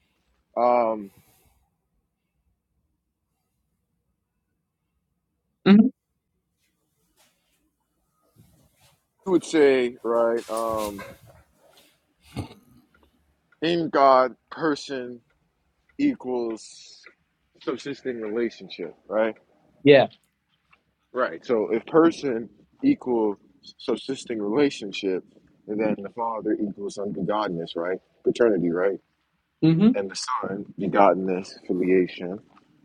Speaker 1: Um,
Speaker 4: hmm
Speaker 1: you would say, right? Um, in God, person equals subsisting relationship, right?
Speaker 4: Yeah.
Speaker 1: Right. So if person equals subsisting relationship, and then the Father equals unbegottenness, right? Paternity, right?
Speaker 4: hmm
Speaker 1: and the Son begotten this filiation,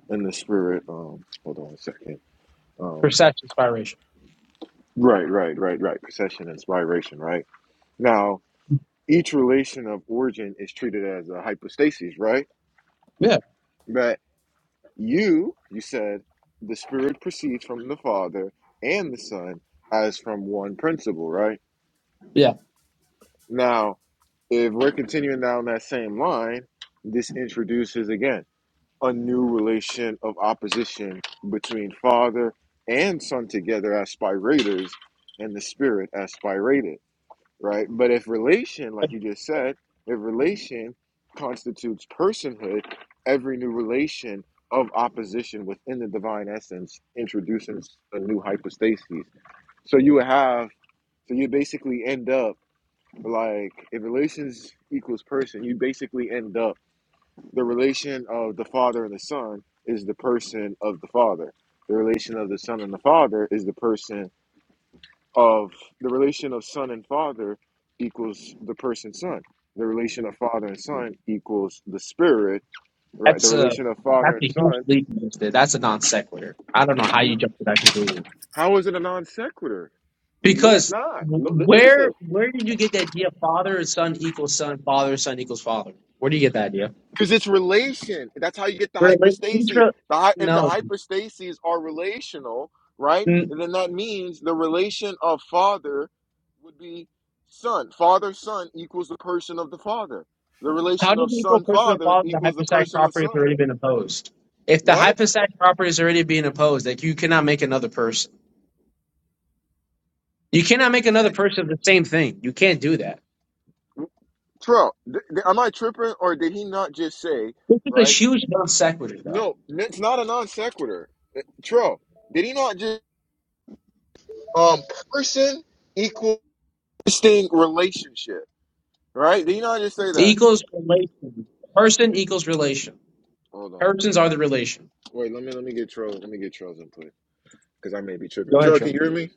Speaker 1: and the Spirit. Um, hold on a second. Um,
Speaker 4: Perception spiration.
Speaker 1: right, right, right, right. Procession, inspiration. Right now, each relation of origin is treated as a hypostasis. Right,
Speaker 4: Yeah.
Speaker 1: that you you said the Spirit proceeds from the Father and the Son as from one principle. Right
Speaker 4: Yeah.
Speaker 1: now, if we're continuing down that same line, this introduces again. a new relation of opposition between father and son together as spirators and the spirit as spirated, right? But if relation, like you just said, if relation constitutes personhood, every new relation of opposition within the divine essence introduces a new hypostasis. So you would have, so you basically end up like if relations equals person, you basically end up the relation of the father and the son is the person of the father the relation of the son and the father is the person of the relation of son and father equals the person son the relation of father and son equals the spirit right the
Speaker 4: That's a
Speaker 1: relation of
Speaker 4: that's
Speaker 1: father
Speaker 4: a
Speaker 1: and
Speaker 4: huge leap. Mister. That's a non sequitur. I don't know how you
Speaker 1: son
Speaker 4: jump to that conclusion.
Speaker 1: how is it a non sequitur no it's
Speaker 4: Because
Speaker 1: not
Speaker 4: w-
Speaker 1: no, li- listen
Speaker 4: where where did you get the idea father and son equals son, father son equals father? Where do you get that idea?
Speaker 1: Because it's relation. That's how you get the
Speaker 4: Rel-
Speaker 1: hypostases.
Speaker 4: intra-
Speaker 1: The hy- if the
Speaker 4: no.
Speaker 1: hypostases are relational, right?
Speaker 4: N-
Speaker 1: And then that means the relation of father would be son. Father son equals the person of the father. The
Speaker 4: How
Speaker 1: relation
Speaker 4: does
Speaker 1: of
Speaker 4: it equal
Speaker 1: son
Speaker 4: person and
Speaker 1: father
Speaker 4: father the
Speaker 1: equals the
Speaker 4: hypostatic
Speaker 1: person of
Speaker 4: property has
Speaker 1: son.
Speaker 4: already been opposed? If the
Speaker 1: What?
Speaker 4: hypostatic property is already being opposed, like you cannot make another person. You
Speaker 1: But
Speaker 4: cannot
Speaker 1: you
Speaker 4: make
Speaker 1: just
Speaker 4: another
Speaker 1: said,
Speaker 4: person the same thing. You can't do that.
Speaker 1: Tro, th- th- am I tripping or did he not just say,
Speaker 4: This is a
Speaker 1: right?
Speaker 4: huge non sequitur, though.
Speaker 1: No, it's not a non sequitur. Uh, Tro, did he not just um person equal distinct relationship? Right? Did you know I just say that?
Speaker 4: Equals relation. Person equals relation.
Speaker 1: Hold on.
Speaker 4: Persons are the relation.
Speaker 1: Wait, let me let me get Tro let me get Tro's input. Because I may be tripping.
Speaker 4: Go ahead,
Speaker 1: Tro, can
Speaker 4: Troy.
Speaker 1: you hear me?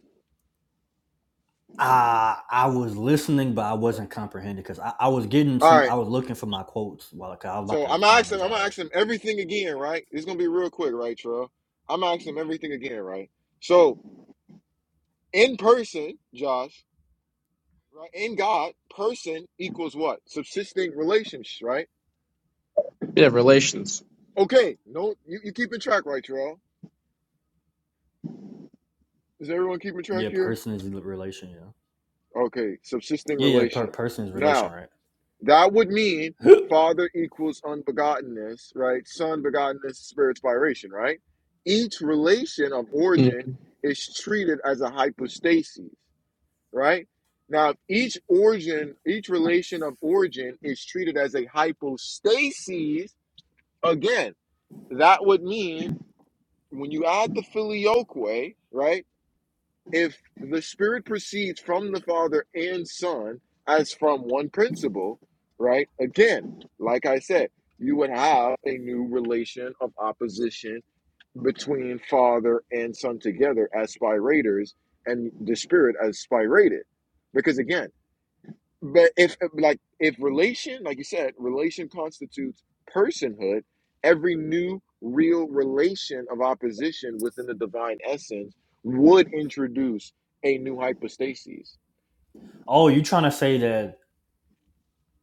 Speaker 2: I I was listening, but I wasn't comprehending because I, I was getting
Speaker 1: All
Speaker 2: some. I
Speaker 1: right.
Speaker 2: was looking for my quotes while 'cause I was about
Speaker 1: So
Speaker 2: to
Speaker 1: I'm gonna
Speaker 2: respond
Speaker 1: ask
Speaker 2: to
Speaker 1: him, I'm gonna ask
Speaker 2: Josh.
Speaker 1: him everything again, right? It's gonna be real quick, right, Tro? I'm gonna ask him everything again, right? So in person, Josh, right? In God, person equals what? Subsisting relations. right?
Speaker 4: Yeah, relations.
Speaker 1: Okay, no you, you keeping track, right, Tro? Is everyone keeping track
Speaker 2: Yeah,
Speaker 1: here?
Speaker 2: person is relation. Yeah,
Speaker 1: Okay, subsisting
Speaker 2: yeah, yeah. Per,
Speaker 1: relation.
Speaker 2: person is
Speaker 1: Now
Speaker 2: relation,
Speaker 1: That would mean
Speaker 2: right?
Speaker 1: Father equals unbegottenness, right? Son begottenness, spirit spiration, right? Each relation of
Speaker 4: Mhm.
Speaker 1: origin is treated as a hypostasis, right? Now, if each origin, each relation of origin is treated as a hypostasis. Again, that would mean when you add the filioque, right? if the spirit proceeds from the father and son as from one principle right again like i said you would have a new relation of opposition between father and son together as spirators and the spirit as spirated because again but if uh, like if relation, like you said, relation constitutes personhood, every new real relation of opposition within the divine essence would introduce a new hypostasis.
Speaker 2: oh, you trying to say that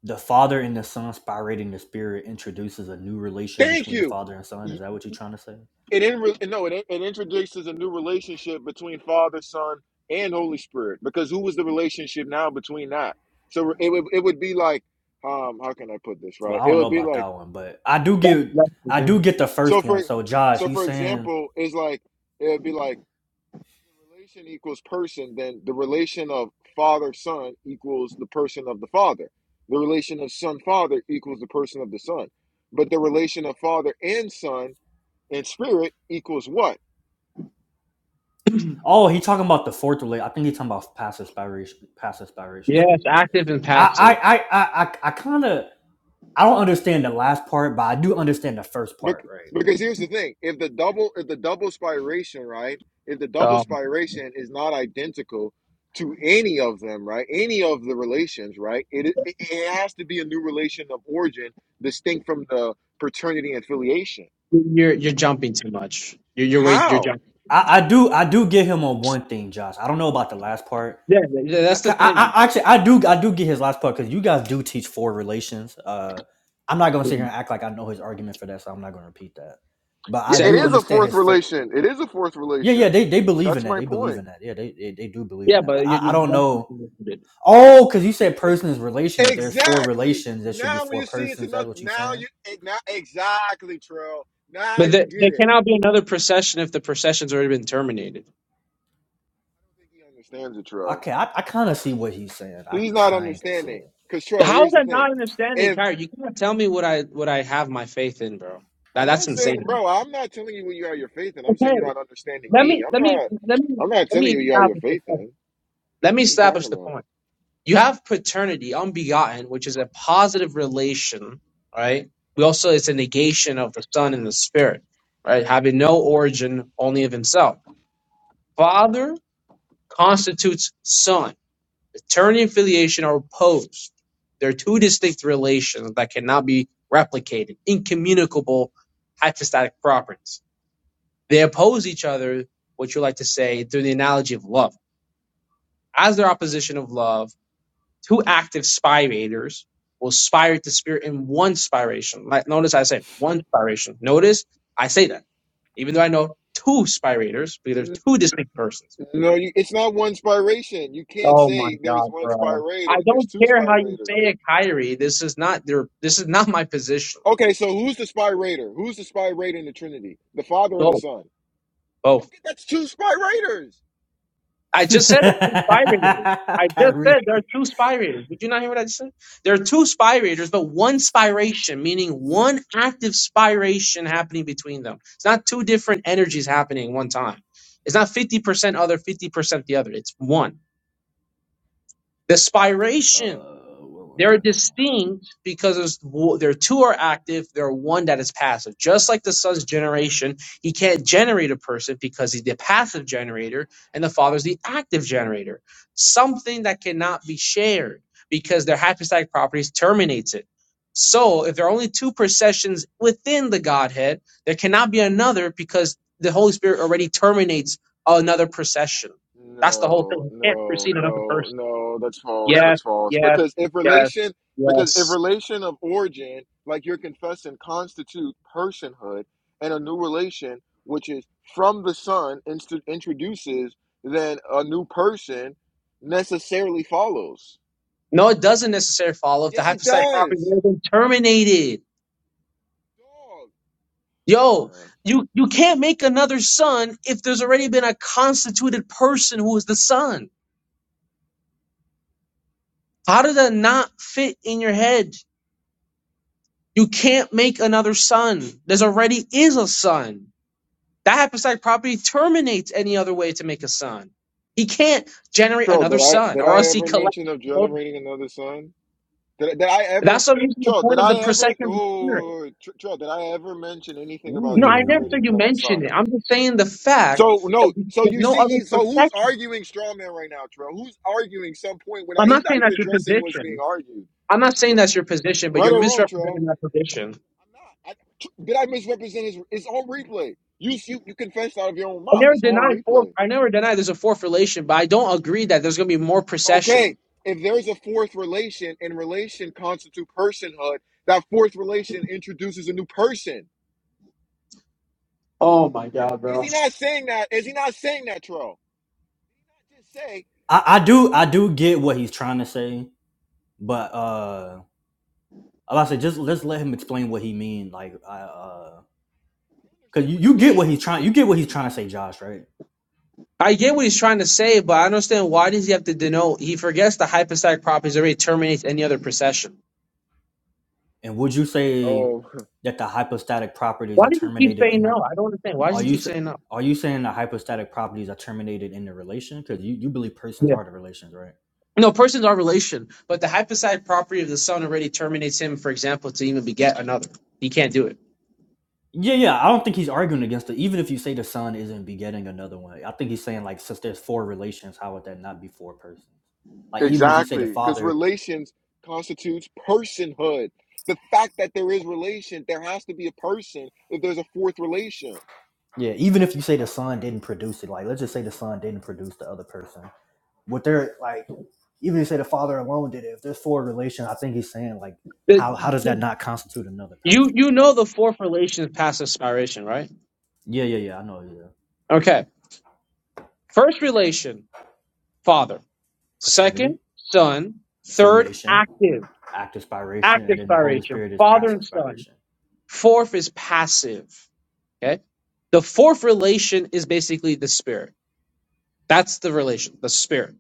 Speaker 2: The Father and the Son spirating the Spirit introduces a new relation
Speaker 1: Thank
Speaker 2: between the
Speaker 1: you.
Speaker 2: Father and Son. Is that what you're trying to say?
Speaker 1: It in no, it, it introduces a new relationship between Father, Son, and Holy Spirit. Because who was the relationship now between that? So it would it would be like, um, how can I put this
Speaker 2: Well,
Speaker 1: right?
Speaker 2: I
Speaker 1: It
Speaker 2: don't know
Speaker 1: would be
Speaker 2: about
Speaker 1: like
Speaker 2: that one, but I do get I do get the
Speaker 1: so
Speaker 2: first one.
Speaker 1: for
Speaker 2: So Josh,
Speaker 1: so
Speaker 2: he's
Speaker 1: for
Speaker 2: saying,
Speaker 1: example, it's like it would be like the relation equals person, then the relation of father son equals the person of the father. The relation of son father equals the person of the son. But the relation of father and son and spirit equals what?
Speaker 2: oh, he talking about the fourth relate. I think he's talking about past inspiration, past inspiration
Speaker 4: Yeah,
Speaker 2: for
Speaker 4: it's
Speaker 2: you.
Speaker 4: active and passive.
Speaker 2: I I I I, I kind of I don't understand the last part, but I do understand the first part,
Speaker 1: Bec-
Speaker 2: right?
Speaker 1: Because here's the thing: if the double if the double spiration, right? If the double
Speaker 4: Um,
Speaker 1: spiration is not identical to any of them, right? Any of the relations, right? It it, it has to be a new relation of origin, distinct from the paternity and filiation.
Speaker 4: you're you're jumping too much. You're you're wait you're
Speaker 1: How?
Speaker 4: jumping.
Speaker 2: I, I do I do get him on one thing, Josh. I don't know about the last part,
Speaker 4: Yeah, yeah,
Speaker 2: I,
Speaker 4: that's the
Speaker 2: I,
Speaker 4: thing.
Speaker 2: I- actually I do I do get his last part because you guys do teach four relations. Uh, I'm not gonna sit here and act like I know his argument for that, so I'm not gonna repeat that. But
Speaker 1: Yeah,
Speaker 2: I
Speaker 1: It
Speaker 4: Said.
Speaker 2: do
Speaker 1: is a
Speaker 2: understand
Speaker 1: fourth
Speaker 2: his first.
Speaker 1: relation. It is a fourth
Speaker 2: Yeah, yeah,
Speaker 1: relation.
Speaker 2: they, they believe in
Speaker 1: That's
Speaker 2: that.
Speaker 1: my
Speaker 2: They believe
Speaker 1: point.
Speaker 2: in that. Yeah, they they, they do believe in
Speaker 4: Yeah,
Speaker 2: that. But
Speaker 4: but you're,
Speaker 2: I, I
Speaker 4: you're
Speaker 2: don't
Speaker 4: jumping
Speaker 2: know.
Speaker 4: too much. of it.
Speaker 2: Oh, because you said
Speaker 1: It's
Speaker 2: person is relation. If there's four
Speaker 1: exactly
Speaker 2: relations, there should be
Speaker 1: now when
Speaker 2: four
Speaker 1: you see it's
Speaker 2: persons. That's
Speaker 1: another.
Speaker 2: what you're
Speaker 1: Now
Speaker 2: saying.
Speaker 1: you it, now exactly Trill. Now
Speaker 4: But
Speaker 1: you
Speaker 4: the, there
Speaker 1: get it.
Speaker 4: cannot be another procession if the procession's already been terminated.
Speaker 1: I don't think he understands it, Trill.
Speaker 2: Okay, I, I kind of see what he's saying. I
Speaker 1: He's not
Speaker 2: kind of see
Speaker 1: understanding. Cause Trill,
Speaker 4: How is
Speaker 1: here's the
Speaker 4: that
Speaker 1: thing.
Speaker 4: not understanding,
Speaker 1: If
Speaker 4: Kyrie? You cannot tell me what I what I have my faith in, bro. That,
Speaker 1: I'm
Speaker 4: that's
Speaker 1: not
Speaker 4: insane.
Speaker 1: saying, bro, I'm not telling you what you have your faith in. I'm
Speaker 4: Okay,
Speaker 1: saying you're not understanding
Speaker 4: let
Speaker 1: me.
Speaker 4: me
Speaker 1: I'm
Speaker 4: let me
Speaker 1: not.
Speaker 4: let me
Speaker 1: I'm not
Speaker 4: let
Speaker 1: telling
Speaker 4: me
Speaker 1: you what you have your
Speaker 4: establish the
Speaker 1: faith
Speaker 4: point.
Speaker 1: in.
Speaker 4: Let me
Speaker 1: What are you
Speaker 4: establish the
Speaker 1: talking
Speaker 4: point. You have paternity, unbegotten, which is a positive relation, right? We also, it's a negation of the Son and the Spirit, right? Having no origin, only of Himself. Father constitutes Son. Paternity and filiation are opposed. They're two distinct relations that cannot be replicated, incommunicable hypostatic properties. They oppose each other, what you like to say, through the analogy of love. As their opposition of love, two active spirators will spirate the spirit in one spiration. Like, notice I said one spiration. Notice I say that, even though I know two spirators, because there's
Speaker 1: about?
Speaker 4: two distinct persons.
Speaker 1: N- No, you, it's not one spiration. You can't
Speaker 4: Oh my
Speaker 1: say there's
Speaker 4: God,
Speaker 1: one
Speaker 4: bro! I
Speaker 1: spirator. There's
Speaker 4: don't
Speaker 1: two
Speaker 4: care how you
Speaker 1: spirators.
Speaker 4: say it, Kyrie. This is not their. This is not my position.
Speaker 1: Okay, so who's the spy raider? Who's the spy raider in the Trinity? The Father or the
Speaker 4: Both,
Speaker 1: Son?
Speaker 4: both.
Speaker 1: Okay, that's two spy raiders.
Speaker 4: I just said there are two spy raters. I
Speaker 2: it.
Speaker 4: just said there are
Speaker 2: Kyrie.
Speaker 4: two spy raters. Did you not hear what I just said? There are two spy raters, but one spiration, meaning one active spiration happening between them. It's not two different energies happening at one time. It's not 50% other, 50% the other. It's one. The
Speaker 2: Uh,
Speaker 4: spiration they're distinct because there's w- there two are active, there are one that is passive. Just like the son's generation, he can't generate a person because he's the passive generator, and the father's the active generator. Something that cannot be shared because their hypostatic properties terminates it. So if there are only two processions within the Godhead, there cannot be another because the Holy Spirit already terminates another procession. That's the whole thing.
Speaker 1: No,
Speaker 4: You can't
Speaker 1: no,
Speaker 4: precede another person.
Speaker 1: no, no. That's false.
Speaker 4: Yes,
Speaker 1: That's false.
Speaker 4: yes,
Speaker 1: Because if
Speaker 4: yes,
Speaker 1: relation, because if
Speaker 4: yes.
Speaker 1: relation of origin, like you're confessing, constitute personhood and a new relation, which is from the Son, inst- introduces, then a new person necessarily follows.
Speaker 4: No, it doesn't necessarily follow if the
Speaker 1: Yes, it
Speaker 4: hypostatic property
Speaker 1: does.
Speaker 4: has been terminated. Yo,
Speaker 1: Dog.
Speaker 4: you you can't make another son if there's already been a constituted person who is the son. How did that not fit in your head? You can't make another son. There's already is a son. That hypostatic property terminates any other way to make a son. He can't generate
Speaker 1: Joe,
Speaker 4: another
Speaker 1: did I
Speaker 4: son,
Speaker 1: did
Speaker 4: or
Speaker 1: I
Speaker 4: else he
Speaker 1: ever
Speaker 4: collects.
Speaker 1: mention of generating another son? Did, did I ever,
Speaker 4: That's the reason the
Speaker 1: Joe? Did
Speaker 4: point of the
Speaker 1: I ever?
Speaker 4: procession of the spirit.
Speaker 1: Oh, Joe, did I ever mention anything about
Speaker 4: No, I never
Speaker 1: generating
Speaker 4: said you
Speaker 2: ooh.
Speaker 1: another
Speaker 4: mentioned
Speaker 1: son?
Speaker 4: it. I'm just saying the fact
Speaker 1: So
Speaker 4: that
Speaker 1: no,
Speaker 4: you
Speaker 1: so
Speaker 4: have
Speaker 1: you
Speaker 4: no
Speaker 1: see,
Speaker 4: other
Speaker 1: he's so who's
Speaker 4: perception.
Speaker 1: arguing straw man right now, Trell? Who's arguing some point without?
Speaker 4: I'm
Speaker 1: He's
Speaker 4: not
Speaker 1: not
Speaker 4: saying
Speaker 1: even
Speaker 4: that's your
Speaker 1: addressing what's being
Speaker 4: position.
Speaker 1: argued,
Speaker 4: I'm not saying
Speaker 1: R-
Speaker 4: that's your position, but
Speaker 1: right
Speaker 4: you're
Speaker 1: or wrong, Trell?
Speaker 4: misrepresenting that position.
Speaker 1: I'm not. I, Tr- did I misrepresent his? It's on replay. You you you confessed out of your own
Speaker 4: I
Speaker 1: mouth.
Speaker 4: never
Speaker 1: It's on
Speaker 4: denied fourth.
Speaker 1: replay.
Speaker 4: I never denied there's a fourth relation, but I don't agree that there's going to be more
Speaker 1: Okay,
Speaker 4: procession.
Speaker 1: if there's a fourth relation and relation constitute personhood, that fourth relation introduces a new person.
Speaker 4: Oh my god,
Speaker 1: Is
Speaker 4: bro!
Speaker 1: he not saying that? Is he not saying that, Tro? Not just say.
Speaker 2: I, I do I do get what he's trying to say. but uh like I was like just let's let him explain what he mean like I uh
Speaker 1: I
Speaker 2: because
Speaker 1: understand
Speaker 2: you,
Speaker 1: what he
Speaker 2: you get what he's
Speaker 1: means.
Speaker 2: trying you get what he's trying to say Josh right
Speaker 4: I get what he's trying to say, but I understand why does he have to denote? He forgets the hypostatic properties already terminates any other procession.
Speaker 2: and would you say
Speaker 1: Oh,
Speaker 2: that the hypostatic properties
Speaker 4: Why
Speaker 2: are
Speaker 4: does he keep
Speaker 2: terminated
Speaker 4: saying
Speaker 2: in
Speaker 4: no? I don't understand. Why does
Speaker 2: are
Speaker 4: he
Speaker 2: you
Speaker 4: keep saying no?
Speaker 2: are you saying the hypostatic properties are terminated in the relation because you, you believe persons are the relations right
Speaker 4: No, persons are relation, but the hypostatic property of the son already terminates him, for example, to even beget another. He can't do it.
Speaker 2: yeah yeah I don't think he's arguing against it even if you say the son isn't begetting another one I think he's saying like since there's four relations how would that not be four persons like even if you say the
Speaker 1: exactly. Because
Speaker 2: father
Speaker 1: relations constitutes personhood. The fact that there is relation, there has to be a person if there's a fourth relation.
Speaker 2: Yeah, even if you say the son didn't produce it, like let's just say the son didn't produce the other person. What they're like, even if you say the father alone did it, if there's four relations, I think he's saying like,
Speaker 4: The-
Speaker 2: how how does that not constitute another
Speaker 4: You
Speaker 2: person?
Speaker 4: you know the fourth relation is passive spiration, right?
Speaker 2: Yeah, yeah, yeah. I know. Yeah,
Speaker 4: Okay. First relation, father.
Speaker 2: paternity,
Speaker 4: Second, son. Third,
Speaker 2: filiation,
Speaker 4: active.
Speaker 2: act aspiration, and
Speaker 4: Active
Speaker 2: then the Holy
Speaker 4: spiration,
Speaker 2: Spirit is
Speaker 4: father
Speaker 2: passive
Speaker 4: and son.
Speaker 2: aspiration.
Speaker 4: Fourth is passive. Okay. The fourth relation is basically the spirit. That's the relation, the spirit.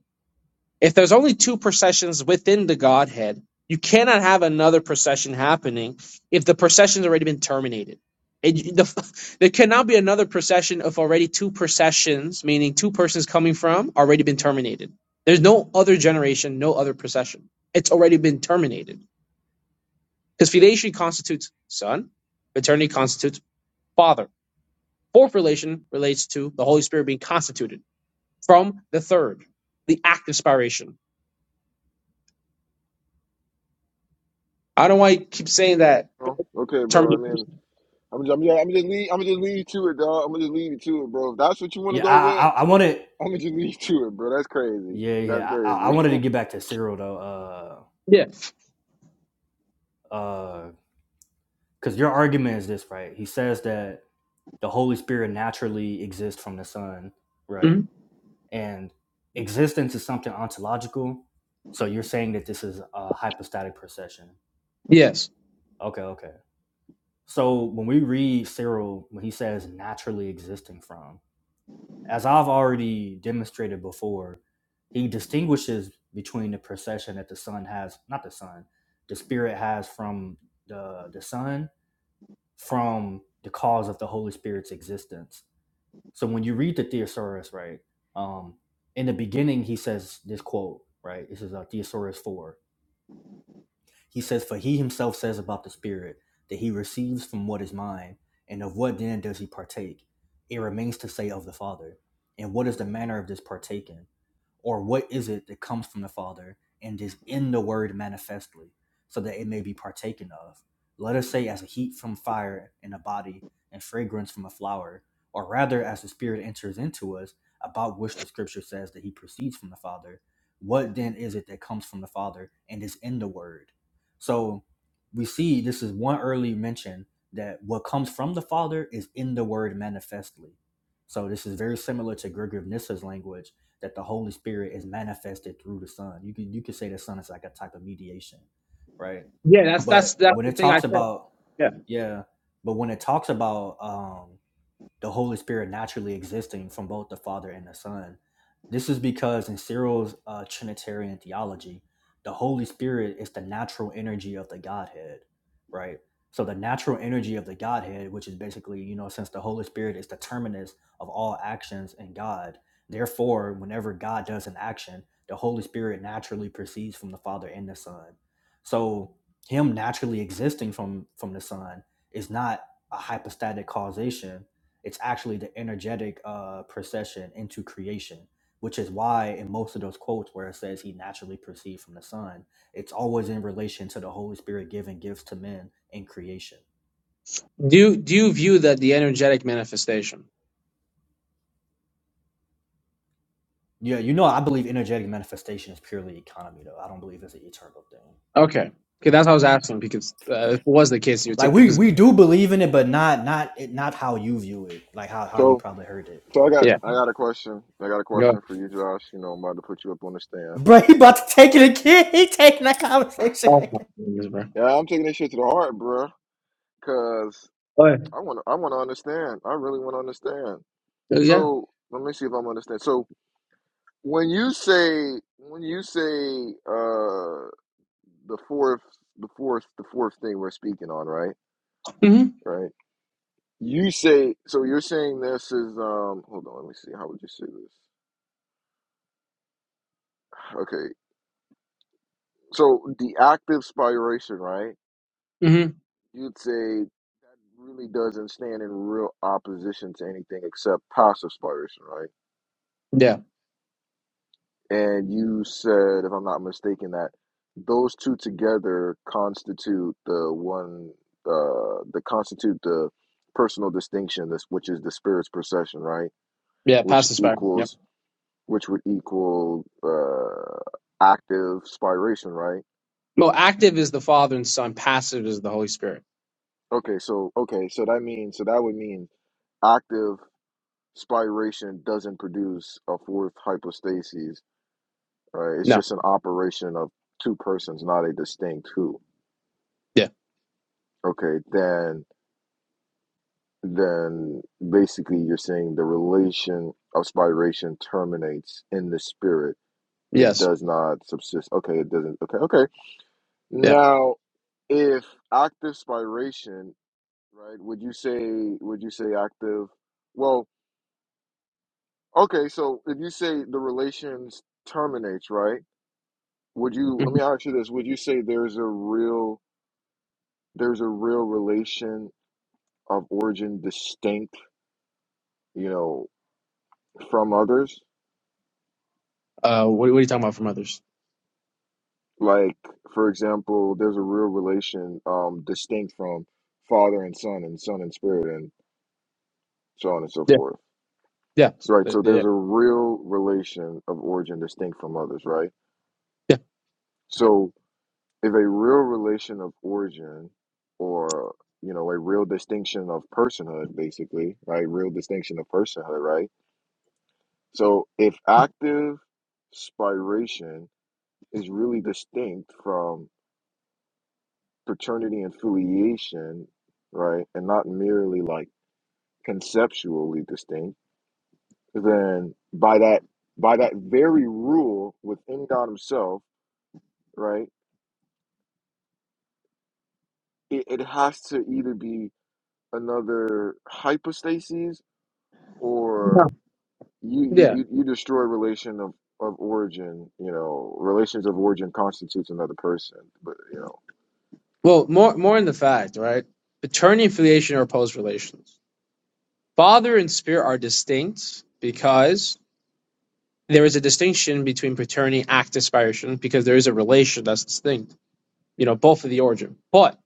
Speaker 4: If there's only two processions within the Godhead, you cannot have another procession happening if the procession's already been terminated. And you- the, there cannot be another procession if already two processions, meaning two persons coming from, already been terminated. There's no other generation, no other procession. It's already been terminated. Because filiation constitutes son, paternity constitutes father. Fourth relation relates to the Holy Spirit being constituted from the third, the act of spiration. I don't know why you keep saying that
Speaker 1: Oh, okay, bro. I mean,
Speaker 4: termination.
Speaker 1: I'm just, I'm, yeah, I'm just lead, I'm just lead you to it, dog. I'm gonna just lead you to it, bro. If that's what you want to
Speaker 2: Yeah,
Speaker 1: go
Speaker 2: I
Speaker 1: with,
Speaker 2: I, I wanted.
Speaker 1: I'm gonna just leave to it, bro. That's crazy.
Speaker 2: Yeah,
Speaker 1: That's
Speaker 2: yeah. I, I I
Speaker 1: crazy.
Speaker 2: wanted to get back to Cyril though,
Speaker 4: Yeah.
Speaker 2: uh, uh, because your argument is this, right? He says that the Holy Spirit naturally exists from the Son, right?
Speaker 4: Mhm.
Speaker 2: and existence is something ontological. So you're saying that this is a hypostatic procession.
Speaker 4: Yes.
Speaker 2: Okay, okay. So when we read Cyril, when he says naturally existing from, as I've already demonstrated before, he distinguishes between the procession that the sun has, not the sun, the spirit has from the the sun, from the cause of the Holy Spirit's existence. So when you read the Thesaurus, right, um, in the beginning he says this quote, right? This is uh, Thesaurus four. He says, "For he himself says about the Spirit that he receives from what is mine, and of what then does he partake? It remains to say of the Father. And what is the manner of this partaking? or what is it that comes from the Father and is in the Word manifestly, so that it may be partaken of. Let us say, as a heat from fire in a body, and fragrance from a flower, or rather, as the Spirit enters into us, about which the Scripture says that He proceeds from the Father. What then is it that comes from the Father and is in the Word? So we see this is one early mention that what comes from the Father is in the Word manifestly. So this is very similar to Gregory of Nyssa's language that the Holy Spirit is manifested through the Son. You can you could say the Son is like a type of mediation, right?
Speaker 4: Yeah. That's
Speaker 2: But
Speaker 4: that's that's
Speaker 2: when
Speaker 4: the
Speaker 2: it
Speaker 4: thing I
Speaker 2: talks
Speaker 4: said.
Speaker 2: about
Speaker 4: Yeah.
Speaker 2: yeah, but when it talks about um the Holy Spirit naturally existing from both the Father and the Son. This is because in Cyril's uh, Trinitarian theology, the Holy Spirit is the natural energy of the Godhead, right? So the natural energy of the Godhead, which is basically, you know, since the Holy Spirit is the terminus of all actions in God, therefore, whenever God does an action, the Holy Spirit naturally proceeds from the Father and the Son. So him naturally existing from from the Son is not a hypostatic causation it's actually the energetic uh, procession into creation, which is why in most of those quotes where it says he naturally proceeds from the sun, it's always in relation to the Holy Spirit giving gifts to men in creation.
Speaker 4: Do you- do you view that the energetic manifestation?
Speaker 2: Yeah, you know, I believe energetic manifestation is purely economy, though. I don't believe it's an eternal thing.
Speaker 4: Okay. Okay, that's what I was asking because uh, if it was the case, you would
Speaker 2: Like
Speaker 4: take the
Speaker 2: we
Speaker 4: position.
Speaker 2: we do believe in it, but not not it not how you view it. Like how how you
Speaker 1: so,
Speaker 2: probably heard it.
Speaker 1: so I got, I got a question. I got a
Speaker 4: and Go.
Speaker 1: question for you, Josh. You know, I'm about to put you up on the stand.
Speaker 2: Bro, he about to take it again. He taking that conversation.
Speaker 4: Oh my
Speaker 2: again.
Speaker 4: goodness, bro.
Speaker 1: Yeah, I'm taking this shit to the heart, bro. Cause
Speaker 4: Oh,
Speaker 1: I want, to I want to understand. I really want to understand.
Speaker 4: yeah. Yeah.
Speaker 1: So, let me see if I'm understand. So, when you say, when you say, uh, the fourth, the fourth, the fourth thing we're speaking on, right?
Speaker 4: hmm
Speaker 1: Right. You say, so you're saying this is, um, hold on, let me see. How would you say this? Okay. So the active spiration, right?
Speaker 4: hmm
Speaker 1: You'd say that really doesn't stand in real opposition to anything except passive spiration, right?
Speaker 4: Yeah.
Speaker 1: And you said, if I'm not mistaken, that those two together constitute the one, uh, the constitute the personal distinction, this which is the spirit's procession, right?
Speaker 4: Yeah.
Speaker 1: Which
Speaker 4: Passive spirit. Yep.
Speaker 1: equals, which would equal uh, active spiration, right?
Speaker 4: Well, active is the Father and Son. Passive is the Holy Spirit.
Speaker 1: Okay, so okay, so that means, so that would mean active. spiration doesn't produce a fourth hypostasis. Right? It's
Speaker 4: No.
Speaker 1: just an operation of two persons, not a distinct who.
Speaker 4: Yeah.
Speaker 1: Okay, then then basically you're saying the relation of spiration terminates in the spirit. It
Speaker 4: Yes.
Speaker 1: does not subsist. Okay, it doesn't. Okay, okay.
Speaker 4: Yeah.
Speaker 1: Now, if active spiration, right? Would you say would you say active? Well, okay. So if you say the relations terminates, right? Would you, let me
Speaker 4: Mhm.
Speaker 1: ask you this, would you say there's a real there's a real relation of origin distinct, you know, from others?
Speaker 4: Uh, what, what are you talking about from others?
Speaker 1: Like, for example, there's a real relation um distinct from father and son and son and spirit and so on and so
Speaker 4: Yeah.
Speaker 1: forth.
Speaker 4: Yeah.
Speaker 1: Right. So
Speaker 4: Yeah.
Speaker 1: there's a real relation of origin distinct from others, right?
Speaker 4: Yeah.
Speaker 1: So if a real relation of origin or you know, a real distinction of personhood, basically, right? Real distinction of personhood, right? So if active spiration is really distinct from paternity and filiation, right, and not merely like conceptually distinct, then by that by that very rule within God Himself, right, it, it has to either be another hypostasis
Speaker 4: Yeah.
Speaker 1: or you you,
Speaker 4: No.
Speaker 1: you you destroy relation of of origin, you know, relations of origin constitutes another person, but you know
Speaker 4: Well, more more in the fact, right? Paternity and filiation are opposed relations. Father and spirit are distinct because there is a distinction between paternity and act aspiration because there is a relation that's distinct. You know, both of the origin. But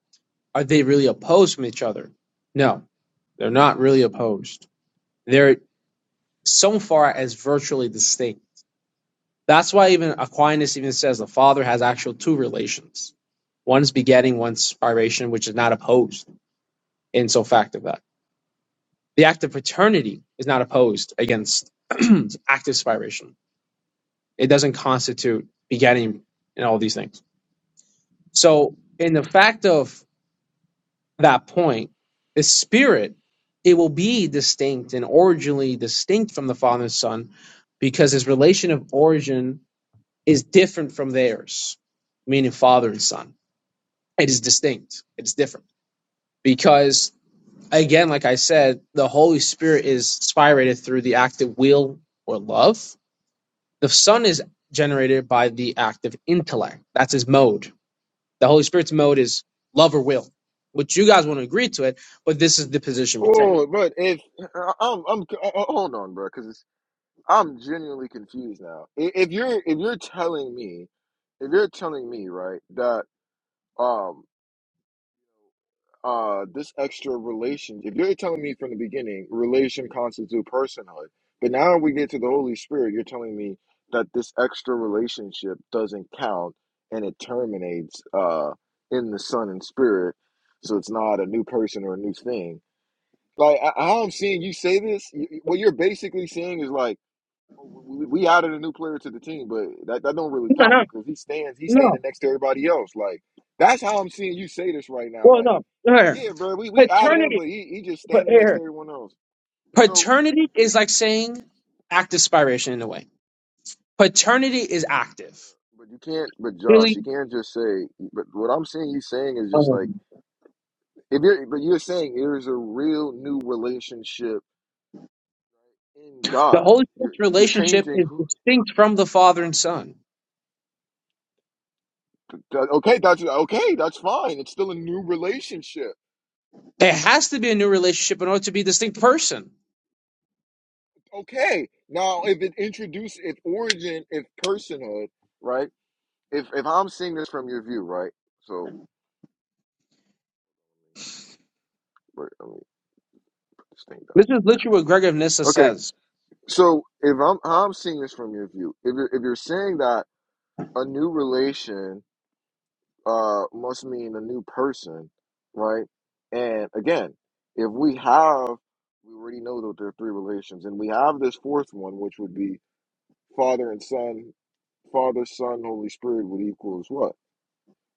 Speaker 4: are they really opposed from each other? No, they're not really opposed. They're so far as virtually distinct. That's why even Aquinas even says the father has actual two relations. One's begetting, one's spiration, which is not opposed in so fact of that. The act of paternity is not opposed against active spiration. It doesn't constitute begetting and all these things. So, in the fact of that point, the spirit, it will be distinct and originally distinct from the Father and Son because his relation of origin is different from theirs, meaning Father and Son. It is distinct, it's different. Because, again, like I said, the Holy Spirit is spirated through the act of will or love The Son is generated by the active intellect. That's his mode. The Holy Spirit's mode is love or will, which you guys won't agree to it, but this is the position we take.
Speaker 1: Oh, but if uh, I'm, I'm, uh, uh, hold on, bro, because I'm genuinely confused now. I- If you're, if you're telling me, if you're telling me, right, that um, uh, this extra relation, if you're telling me from the beginning, relation constitute personhood, but now we get to the Holy Spirit, you're telling me that this extra relationship doesn't count and it terminates uh in the Son and Spirit, so it's not a new person or a new thing like I, how I'm seeing you say this, y- y- what you're basically saying is like oh, we, we added a new player to the team, but that, that don't really
Speaker 4: No,
Speaker 1: count
Speaker 4: no,
Speaker 1: because he stands he's standing
Speaker 4: no.
Speaker 1: next to everybody else. Like that's how I'm seeing you say this right now.
Speaker 4: Well,
Speaker 1: Like
Speaker 4: no. Here.
Speaker 1: yeah, bro, we we added him,
Speaker 4: Paternity.
Speaker 1: but he he just
Speaker 4: But
Speaker 1: standing next to
Speaker 4: here.
Speaker 1: everyone else. So,
Speaker 4: Paternity is like saying active spiration in a way. Paternity is active.
Speaker 1: yeah, but you can't. But Josh,
Speaker 4: Really?
Speaker 1: you can't just say. But what I'm seeing you saying is just
Speaker 4: Oh.
Speaker 1: like if you're. But you're saying there is a real new relationship in
Speaker 4: The
Speaker 1: God.
Speaker 4: Holy
Speaker 1: You're
Speaker 4: Spirit's
Speaker 1: you're
Speaker 4: relationship
Speaker 1: changing.
Speaker 4: is
Speaker 1: who.
Speaker 4: distinct from the Father and Son.
Speaker 1: That- Okay, that's okay. That's fine. It's still a new relationship.
Speaker 4: It has to be a new relationship in order to be a distinct person.
Speaker 1: Okay. Now, if it introduced, if origin, if personhood, right? If if I'm seeing this from your view, right? So wait, let me put this thing down.
Speaker 4: This is literally what Gregory of Nyssa
Speaker 1: Okay.
Speaker 4: says.
Speaker 1: So if I'm how I'm seeing this from your view, if you're, if you're saying that a new relation uh must mean a new person, right? And again, if we have, we already know that there are three relations, and we have this fourth one, which would be Father and Son, Father, Son, Holy Spirit would equals what?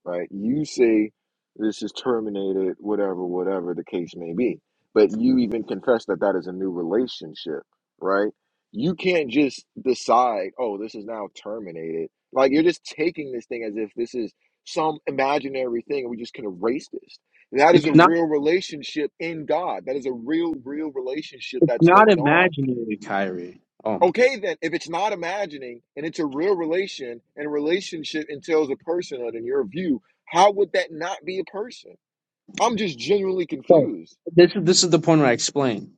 Speaker 1: Right? You say this is terminated, whatever, whatever the case may be. But you even confess that that is a new relationship, right? You can't just decide, oh, this is now terminated. Like you're just taking this thing as if this is some imaginary thing and we just can erase this. That is a
Speaker 4: It's
Speaker 1: real relationship in God. That is a real, real relationship that's
Speaker 4: Not
Speaker 1: going on
Speaker 4: imagine.
Speaker 1: Okay, then, if it's not imagining and it's a real relation and a relationship entails a personhood in your view, how would that not be a person? I'm just genuinely
Speaker 4: So
Speaker 1: confused.
Speaker 4: this is this is the point where I explain.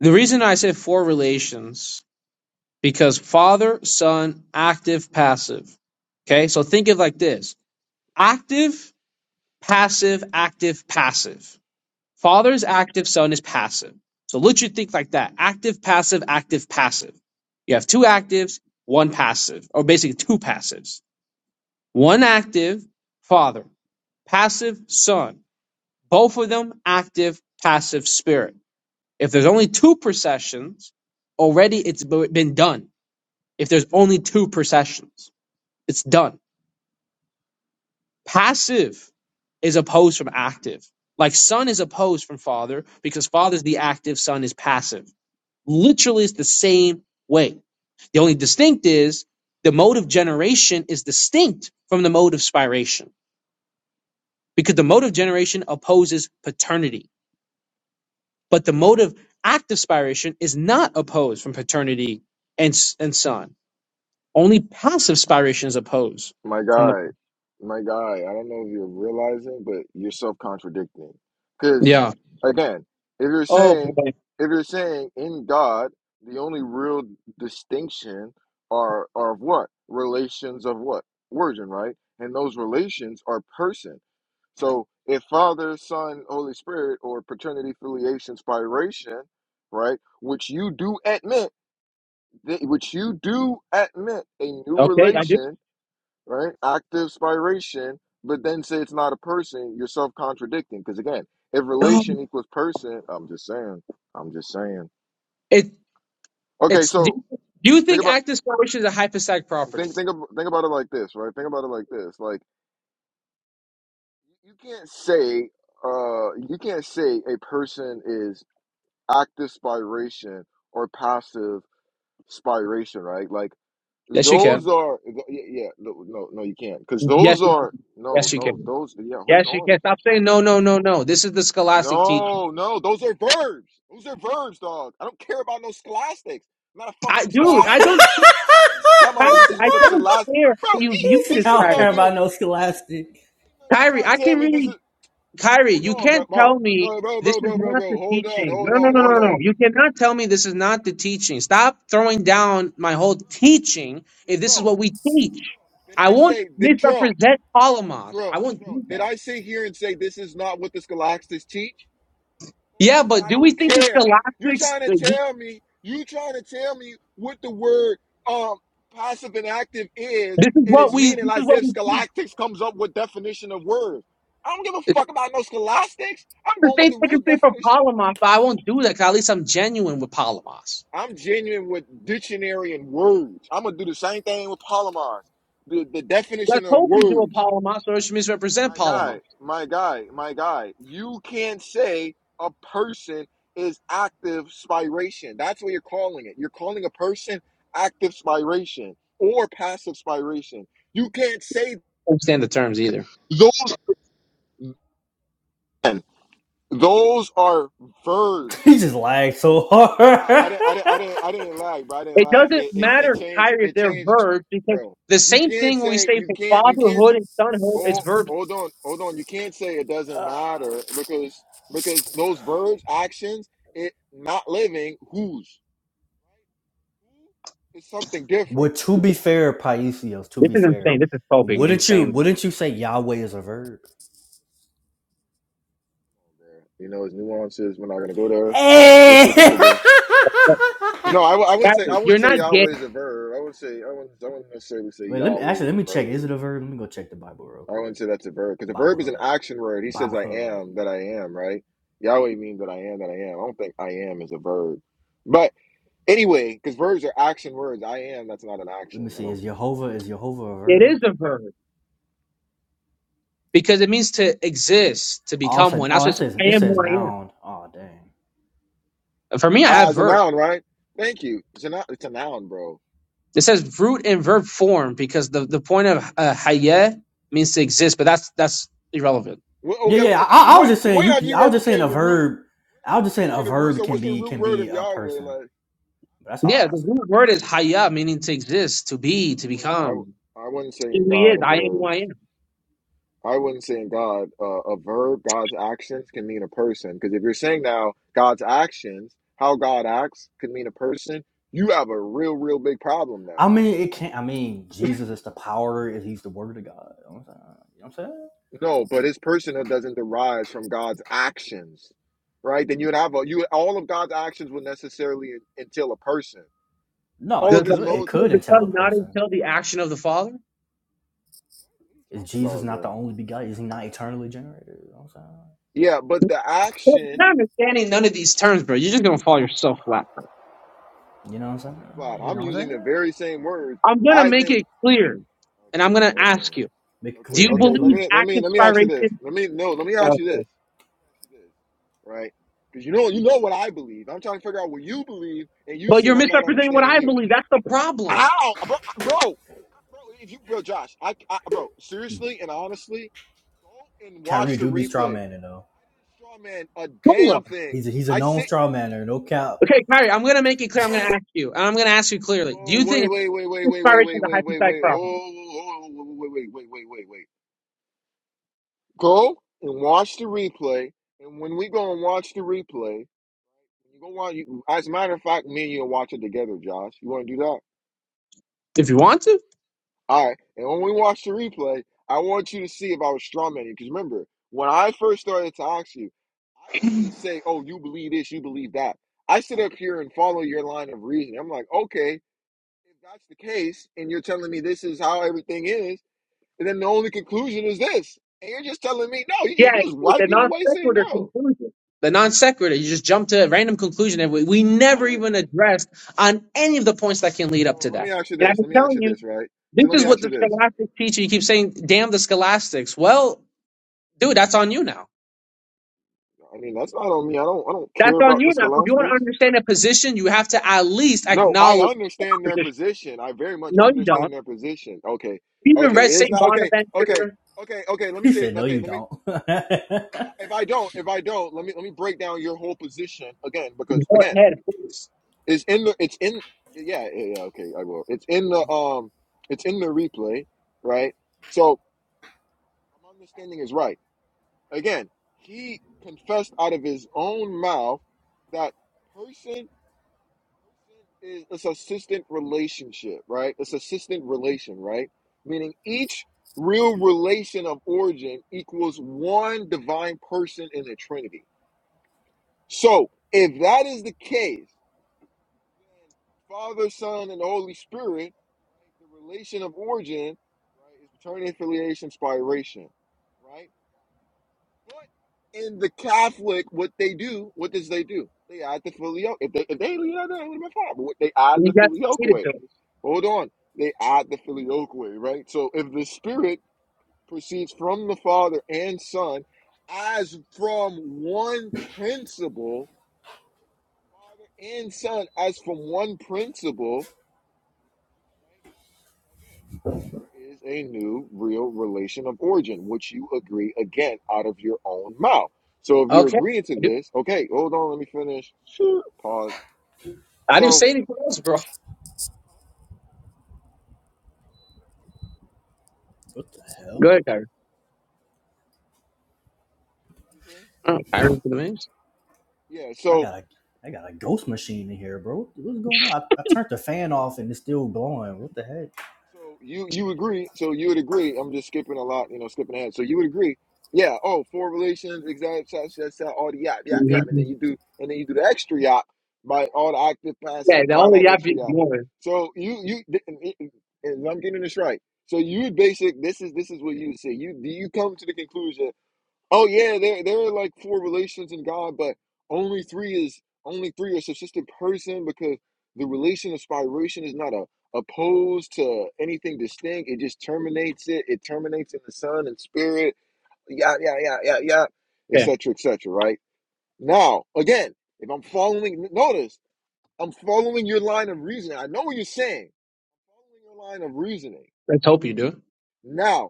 Speaker 4: The reason I say four relations because father, son, active, passive. Okay, so think of like this: active, passive, active, passive. Father is active, son is passive. So let you think like that: active, passive, active, passive. You have two actives, one passive, or basically two passives. One active, father; passive, son. Both of them active, passive spirit If there's only two processions, already it's b- been done. If there's only two processions, it's done. Passive is opposed from active. Like son is opposed from father because father's the active, son is passive. Literally, it's the same way. The only distinct is the mode of generation is distinct from the mode of spiration because the mode of generation opposes paternity, but the mode of active spiration is not opposed from paternity and, s- and son. Only passive spirations oppose
Speaker 1: My
Speaker 4: from the
Speaker 1: guy, my guy, I don't know if you're realizing, but you're self-contradicting. Because
Speaker 4: yeah.
Speaker 1: again, if you're
Speaker 4: Oh
Speaker 1: saying,
Speaker 4: boy.
Speaker 1: if you're saying in God, the only real distinction are are of what? Relations of what? Origin, right? And those relations are person. So if Father, Son, Holy Spirit, or paternity filiation spiration, right, which you do admit, that- which you do admit a new
Speaker 4: Okay, I do.
Speaker 1: relation right? Active spiration, but then say it's not a person, you're self contradicting. Because again, if relation equals person, I'm just saying, I'm just saying.
Speaker 4: It
Speaker 1: Okay,
Speaker 4: it's do
Speaker 1: so
Speaker 4: you, do you
Speaker 1: think
Speaker 4: think
Speaker 1: about
Speaker 4: active spiration is a hypostatic property?
Speaker 1: think think ab- think about it like this, right? Think about it like this, like you can't say uh you can't say a person is active spiration or passive spiration, right? Like
Speaker 4: Yes, you
Speaker 1: those
Speaker 4: can.
Speaker 1: are th- yeah, yeah no no no you can't because
Speaker 4: Yes,
Speaker 1: those
Speaker 4: you can.
Speaker 1: are no
Speaker 4: Yes, you
Speaker 1: no
Speaker 4: can.
Speaker 1: those yeah hold
Speaker 4: Yes, you
Speaker 1: on
Speaker 4: can. Stop saying no, no, no, no. This is the scholastic teaching.
Speaker 1: No, no, those are verbs. Those are verbs, dog. I don't care about no scholastics. I'm not a
Speaker 4: I
Speaker 1: fucking
Speaker 4: dude, I
Speaker 1: scholastic.
Speaker 4: don't.
Speaker 1: I'm talking about
Speaker 4: I,
Speaker 1: what this is
Speaker 4: I
Speaker 1: what the
Speaker 4: don't
Speaker 1: scholastic.
Speaker 4: care how
Speaker 1: Bro,
Speaker 4: you
Speaker 1: he,
Speaker 2: He
Speaker 4: view
Speaker 2: said,
Speaker 1: he's
Speaker 4: this,
Speaker 2: I
Speaker 1: sitting
Speaker 2: don't
Speaker 4: Kyrie.
Speaker 1: up
Speaker 2: care
Speaker 1: here,
Speaker 2: about no scholastic.
Speaker 1: sitting up here
Speaker 4: Kyrie,
Speaker 1: trying to
Speaker 4: I
Speaker 1: tell
Speaker 4: can
Speaker 1: me this
Speaker 4: read.
Speaker 1: is. Bro,
Speaker 4: Kyrie,
Speaker 1: hold
Speaker 4: you
Speaker 1: on, bro,
Speaker 4: can't
Speaker 1: bro,
Speaker 4: tell me
Speaker 1: bro, bro,
Speaker 4: this
Speaker 1: bro,
Speaker 4: is
Speaker 1: bro, bro,
Speaker 4: not the
Speaker 1: bro. Hold on,
Speaker 4: teaching.
Speaker 1: hold
Speaker 4: No, no,
Speaker 1: on,
Speaker 4: no,
Speaker 1: hold
Speaker 4: no, no.
Speaker 1: on.
Speaker 4: You cannot tell me this is not the teaching. Stop throwing down my whole teaching if this is
Speaker 1: Trill,
Speaker 4: what we teach.
Speaker 1: did
Speaker 4: I
Speaker 1: I
Speaker 4: won't
Speaker 1: say did Trill,
Speaker 4: misrepresent
Speaker 1: Trill,
Speaker 4: Palamas.
Speaker 1: Trill,
Speaker 4: I won't
Speaker 1: Trill?
Speaker 4: do
Speaker 1: Did
Speaker 4: that.
Speaker 1: I sit here and say this is not what the scholastics teach? Or I
Speaker 4: Yeah,
Speaker 1: said,
Speaker 4: but
Speaker 1: I
Speaker 4: do we
Speaker 1: don't
Speaker 4: think the
Speaker 1: care. You're
Speaker 4: scholastics?
Speaker 1: trying to
Speaker 4: This
Speaker 1: tell me, you trying to tell me what the word um passive and active is
Speaker 4: is
Speaker 1: and
Speaker 4: what
Speaker 1: its
Speaker 4: we. This
Speaker 1: meaning,
Speaker 4: is
Speaker 1: like
Speaker 4: what
Speaker 1: if
Speaker 4: we teach.
Speaker 1: scholastics comes up with definition of words. I don't give a fuck about no scholastics. I'm
Speaker 4: The
Speaker 1: going with
Speaker 4: same thing
Speaker 1: the
Speaker 4: I
Speaker 1: real
Speaker 4: can say for
Speaker 1: definition.
Speaker 4: Palamas, but I won't do that. 'cause at least I'm genuine with Palamas.
Speaker 1: I'm genuine with dictionary and words. I'm gonna do the same thing with polymers. The the definition
Speaker 4: Let's
Speaker 1: of
Speaker 4: hope you do a
Speaker 1: words.
Speaker 4: Palamas, or you should misrepresent
Speaker 1: my guy,
Speaker 4: Palamas. I
Speaker 1: my guy, my guy, you can't say a person is active spiration. That's what you're calling it. You're calling a person active spiration or passive spiration. You can't say
Speaker 4: don't understand the terms either.
Speaker 1: those man, those are
Speaker 2: He
Speaker 1: verbs.
Speaker 2: just lagged so
Speaker 1: Nah, I
Speaker 2: hard.
Speaker 1: didn't, I didn't, I didn't, I didn't lag, bro. I didn't
Speaker 4: It
Speaker 1: lag.
Speaker 4: doesn't
Speaker 1: It, it, it
Speaker 4: matter,
Speaker 1: changed,
Speaker 4: Kyrie, if
Speaker 1: it
Speaker 4: they're
Speaker 1: changed,
Speaker 4: verbs because
Speaker 1: bro.
Speaker 4: the
Speaker 1: You
Speaker 4: same
Speaker 1: can't
Speaker 4: thing we
Speaker 1: say,
Speaker 4: say
Speaker 1: you
Speaker 4: for
Speaker 1: can't, you can't.
Speaker 4: fatherhood and sonhood is
Speaker 1: Oh,
Speaker 4: verbs.
Speaker 1: hold on, hold on. You can't say it doesn't
Speaker 2: Uh,
Speaker 1: matter because because those verbs, actions, it not living, who's it's something
Speaker 2: Well,
Speaker 1: different.
Speaker 2: to be fair, Paisios, to
Speaker 4: This
Speaker 2: be
Speaker 4: is
Speaker 2: fair, wouldn't you wouldn't you say Yahweh is a verb?
Speaker 1: You know, it's nuances. We're not gonna go there. We're
Speaker 2: hey!
Speaker 1: sticking to the. No, I, w- I wouldn't say I wouldn't say Yahweh is a verb. I wouldn't say I wouldn't I wouldn't necessarily say
Speaker 2: Wait, let me
Speaker 1: Yahweh
Speaker 2: actually
Speaker 1: is
Speaker 2: let
Speaker 1: a
Speaker 2: me check.
Speaker 1: verb.
Speaker 2: Is it a verb? Let me go check the Bible real
Speaker 1: I wouldn't
Speaker 2: quick.
Speaker 1: say that's a verb because the
Speaker 2: Bible
Speaker 1: verb is an
Speaker 2: Hub,
Speaker 1: action word. He says
Speaker 2: Bible
Speaker 1: I
Speaker 2: Hub.
Speaker 1: am that I am, right? Yahweh means that I am that I am. I don't think I am is a verb, but. Anyway, because verbs are action words. I am, that's not an
Speaker 2: Let me
Speaker 1: action. I
Speaker 2: see. Is
Speaker 1: don't.
Speaker 2: Jehovah is Jehovah a
Speaker 4: it is
Speaker 2: verb?
Speaker 4: because it means to exist, to
Speaker 2: Oh, it
Speaker 4: become
Speaker 2: says,
Speaker 4: one. That's
Speaker 2: oh, it
Speaker 4: what it says,
Speaker 2: says it
Speaker 4: I am
Speaker 2: says
Speaker 4: who I am.
Speaker 2: noun. Oh, dang.
Speaker 4: And for me, I
Speaker 1: Ah,
Speaker 4: have
Speaker 1: it's a
Speaker 4: verb.
Speaker 1: noun, right? Thank you. It's a noun, it's a noun bro.
Speaker 4: It says root and verb form because the, the point of uh, hayeh means to exist, but that's that's irrelevant.
Speaker 1: Wh-
Speaker 2: Yeah,
Speaker 1: Okay,
Speaker 2: yeah. yeah.
Speaker 1: wh-
Speaker 2: I, I was
Speaker 1: what
Speaker 2: just saying
Speaker 1: when
Speaker 2: you.
Speaker 1: have
Speaker 2: Can,
Speaker 1: you
Speaker 2: I was
Speaker 1: ever
Speaker 2: just saying a
Speaker 1: came to root? When
Speaker 2: verb. I
Speaker 1: have
Speaker 2: was
Speaker 1: you
Speaker 2: just
Speaker 1: ever
Speaker 2: saying a
Speaker 1: came to root?
Speaker 2: verb
Speaker 1: So
Speaker 2: can
Speaker 1: what's the
Speaker 2: be
Speaker 1: root
Speaker 2: can
Speaker 1: word
Speaker 2: be
Speaker 1: of
Speaker 2: a
Speaker 1: Yahweh?
Speaker 2: person.
Speaker 1: Like, I
Speaker 2: That's
Speaker 1: would
Speaker 2: all I
Speaker 4: Yeah,
Speaker 1: not
Speaker 4: the
Speaker 2: was
Speaker 1: say,
Speaker 2: saying.
Speaker 4: root word is
Speaker 1: I
Speaker 4: hayah,
Speaker 1: wouldn't say,
Speaker 4: meaning to exist, to be,
Speaker 1: yeah,
Speaker 4: to
Speaker 1: I wouldn't,
Speaker 4: become.
Speaker 1: I, I wouldn't say
Speaker 4: He
Speaker 1: in
Speaker 4: is.
Speaker 1: God a
Speaker 4: I am who I
Speaker 1: verbs.
Speaker 4: am.
Speaker 1: I wouldn't say in God uh, a verb. God's actions can mean a person. Because if you're saying now God's actions, how God acts, can mean a person. You have a real, real big problem
Speaker 2: I
Speaker 1: now
Speaker 2: mean, it can't. I mean, Jesus is the power. If he's the word of God, you know what I'm saying? You know what I'm saying?
Speaker 1: No, but his personhood doesn't derive from God's actions, right? Then you would have a, you all of God's actions would necessarily entail a person.
Speaker 2: No,
Speaker 1: All
Speaker 4: Does
Speaker 2: it
Speaker 1: of
Speaker 4: the
Speaker 1: his
Speaker 2: could. It
Speaker 1: modes.
Speaker 4: person of
Speaker 2: could
Speaker 4: the son
Speaker 2: entail a
Speaker 4: not
Speaker 2: person.
Speaker 4: entail the action of the father?
Speaker 1: What
Speaker 2: Is
Speaker 1: are you talking
Speaker 2: Jesus
Speaker 1: about,
Speaker 2: not the
Speaker 1: bro?
Speaker 2: only begotten? Is he not eternally generated? You know what I'm
Speaker 1: Yeah, but the
Speaker 4: Well, You're
Speaker 1: action.
Speaker 4: not understanding none of these terms, bro. You're
Speaker 1: Oh,
Speaker 4: just
Speaker 1: man.
Speaker 4: gonna fall yourself flat. Bro.
Speaker 2: saying?
Speaker 1: I'm
Speaker 2: You know what
Speaker 1: not
Speaker 2: I'm
Speaker 1: falling
Speaker 2: saying?
Speaker 1: flat.
Speaker 2: You
Speaker 1: I'm
Speaker 2: know what I'm
Speaker 1: using
Speaker 2: saying?
Speaker 1: the very same words.
Speaker 4: I'm gonna
Speaker 1: I
Speaker 4: make
Speaker 1: think.
Speaker 4: it clear, and I'm
Speaker 1: Okay,
Speaker 4: gonna ask
Speaker 1: okay,
Speaker 4: you:
Speaker 2: Make it
Speaker 1: okay,
Speaker 4: Do
Speaker 2: clear.
Speaker 4: you
Speaker 2: Make it
Speaker 1: okay. Let
Speaker 4: believe
Speaker 2: clear.
Speaker 1: me let me
Speaker 4: active
Speaker 1: let me ask you
Speaker 4: spiration?
Speaker 1: this.
Speaker 4: You're
Speaker 1: Let me no. Let me ask you this. Let me ask you this, right? Because you know you know what I believe. I'm trying to figure out what you believe, and you saying I'm not
Speaker 4: misrepresenting what
Speaker 1: understanding
Speaker 4: I
Speaker 1: you.
Speaker 4: believe. That's the problem.
Speaker 1: How, bro, bro, bro? If you, bro, Josh, I, I, bro, seriously and honestly, go and
Speaker 2: Kyrie
Speaker 1: watch the
Speaker 2: do
Speaker 1: replay.
Speaker 2: be straw manning though.
Speaker 1: I didn't show man a
Speaker 4: Hold
Speaker 1: damn
Speaker 4: up.
Speaker 1: thing.
Speaker 2: He's a, he's a
Speaker 1: I
Speaker 2: known
Speaker 1: sit.
Speaker 2: straw manner. No cap.
Speaker 4: Okay, Kyrie, I'm gonna make it clear. I'm gonna ask you, and I'm gonna ask you clearly: Do
Speaker 1: No,
Speaker 4: you think
Speaker 1: wait, wait, wait, wait,
Speaker 4: active
Speaker 1: wait, wait,
Speaker 4: spiration
Speaker 1: wait,
Speaker 4: is a
Speaker 1: wait, wait,
Speaker 4: hypostatic
Speaker 1: wait.
Speaker 4: problem?
Speaker 1: Oh, oh, oh, wait, wait, wait, wait, wait, wait. Go and watch the replay. And when we go and watch the replay, you go on. You, as a matter of fact, me and you will watch it together, Josh. You want to do that?
Speaker 4: If you want to.
Speaker 1: All right. And when we watch the replay, I want you to see if I was strawmanning. Because remember, when I first started to ask you, I didn't just say, oh, you believe this, you believe that. I sit up here and follow your line of reasoning. I'm like, okay, if that's the case, and you're telling me this is how everything is, and then the only conclusion is this. And you're just telling me, no, you
Speaker 4: Yeah,
Speaker 1: just, you just
Speaker 4: it's a
Speaker 1: wiping it
Speaker 4: non
Speaker 1: away saying
Speaker 4: sequitur
Speaker 1: no.
Speaker 4: conclusion. The non sequitur, you just jump to a random conclusion, and we, we
Speaker 1: I
Speaker 4: never
Speaker 1: didn't.
Speaker 4: even addressed on any of the points that can
Speaker 1: Okay,
Speaker 4: lead up
Speaker 1: so
Speaker 4: to
Speaker 1: let me
Speaker 4: that.
Speaker 1: ask you
Speaker 4: And I've
Speaker 1: this.
Speaker 4: been
Speaker 1: Let me ask
Speaker 4: telling
Speaker 1: you
Speaker 4: you.
Speaker 1: this, right? So let
Speaker 4: This
Speaker 1: me
Speaker 4: is what
Speaker 1: ask
Speaker 4: the
Speaker 1: you this.
Speaker 4: scholastics teach, teacher. You keep saying, "Damn the scholastics." Well, dude, that's on you now.
Speaker 1: I mean, that's not on me. I don't. I don't
Speaker 4: That's
Speaker 1: care
Speaker 4: on
Speaker 1: about
Speaker 4: you
Speaker 1: the
Speaker 4: now. If you want to
Speaker 1: scholastics.
Speaker 4: understand a position, you have to at least
Speaker 1: No, I
Speaker 4: acknowledge
Speaker 1: understand
Speaker 4: the
Speaker 1: their
Speaker 4: position.
Speaker 1: position. I very much
Speaker 4: No, you don't.
Speaker 1: understand their position. Okay,
Speaker 4: Even
Speaker 1: okay,
Speaker 4: read
Speaker 1: it's
Speaker 4: Saint
Speaker 1: not okay, okay,
Speaker 4: Bonaventure.
Speaker 1: okay, okay. Let me
Speaker 2: He
Speaker 1: say it.
Speaker 2: said, "No,
Speaker 1: Okay,
Speaker 2: you
Speaker 1: let me.
Speaker 2: don't." what the
Speaker 1: If I, if I don't, if I don't, let me let me break down your whole position again because
Speaker 4: Go
Speaker 1: again,
Speaker 4: ahead, please.
Speaker 1: it's in the it's in yeah yeah, yeah okay I will. It's in the um it's in the replay right. So my understanding is right. Again, he confessed out of his own mouth that person is a subsistent relationship, right? A subsistent relation, right? Meaning each real relation of origin equals one divine person in the Trinity. So if that is the case, then Father, Son, and the Holy Spirit, right, the relation of origin, right, is paternity, affiliation, spiration, right? But in the Catholic, what they do, what does they do? They add the filioque. If they, if they, yeah, they my father. What- They add
Speaker 4: You
Speaker 1: the
Speaker 4: got to see it
Speaker 1: filioque
Speaker 4: to him.
Speaker 1: Hold on. They add the filioque, right? So if the Spirit proceeds from the Father and Son as from one principle, Father and Son as from one principle, right? Again, there is a new real relation of origin, which you agree again out of your own mouth. So if you're
Speaker 4: Okay.
Speaker 1: agreeing to
Speaker 4: I didn't
Speaker 1: this, okay, hold on, let me finish. Sure. Pause.
Speaker 4: I didn't
Speaker 1: So,
Speaker 4: say anything else, bro.
Speaker 1: Huh?
Speaker 2: hell?
Speaker 1: What did you say?
Speaker 4: Oh, Kyrie for the Mavs.
Speaker 1: yeah,
Speaker 2: I
Speaker 1: so.
Speaker 2: got a I got a ghost machine in here, bro. what's going on? I, I turned the
Speaker 1: yeah,
Speaker 2: fan
Speaker 1: so
Speaker 2: off and it's still blowing. What the
Speaker 1: So you you agree? So you would agree? I'm just skipping a lot, you know, skipping ahead. So you would agree? Yeah. Oh, four relations, exact, shot, shot, shot, all the yap, yap, yap, and then
Speaker 4: Mhm.
Speaker 1: you do, and then you do the extra yap by all the active,
Speaker 4: Yeah,
Speaker 1: passive,
Speaker 4: the
Speaker 1: all
Speaker 4: only
Speaker 1: that
Speaker 4: you have
Speaker 1: extra
Speaker 4: to
Speaker 1: yap.
Speaker 4: more.
Speaker 1: So you you, and I'm getting this right. So you would basic. This is this is what you would say. You do you come to the conclusion? Oh yeah, there there are like four relations in God, but only three is only three are subsistent person because the relation of spiration is not a opposed to anything distinct. It just terminates it. It terminates in the Son and Spirit. Yeah, yeah, yeah, yeah, yeah,
Speaker 4: Okay,
Speaker 1: etc. etc. right now, again, if I'm following, notice I'm following your line of reasoning. I know what you're saying. Following your line of reasoning.
Speaker 4: let's hope you do.
Speaker 1: right? Now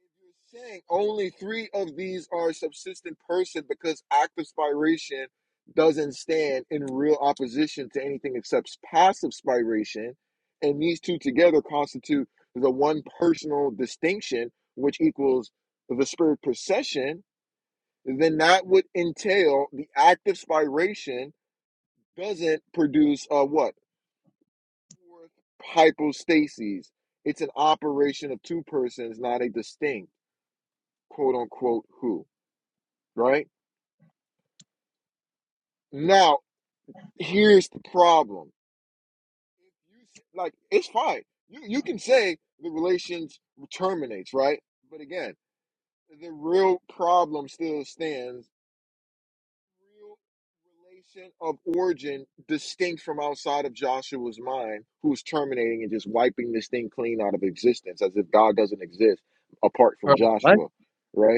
Speaker 1: if you're saying only three of these are a subsistent person because active spiration doesn't stand in real opposition to anything except passive spiration, and these two together constitute the one personal distinction which equals the spirit procession, then that would entail the active spiration doesn't produce a what? Fourth hypostases. It's an operation of two persons, not a distinct quote unquote who, right? Now, here's the problem. like it's fine. You you can say the relations terminates, right? But again, the real problem still stands. Real relation of origin distinct from outside of Joshua's mind, who's terminating and just wiping this thing clean out of existence as if God doesn't exist apart from
Speaker 4: What?
Speaker 1: Joshua, right?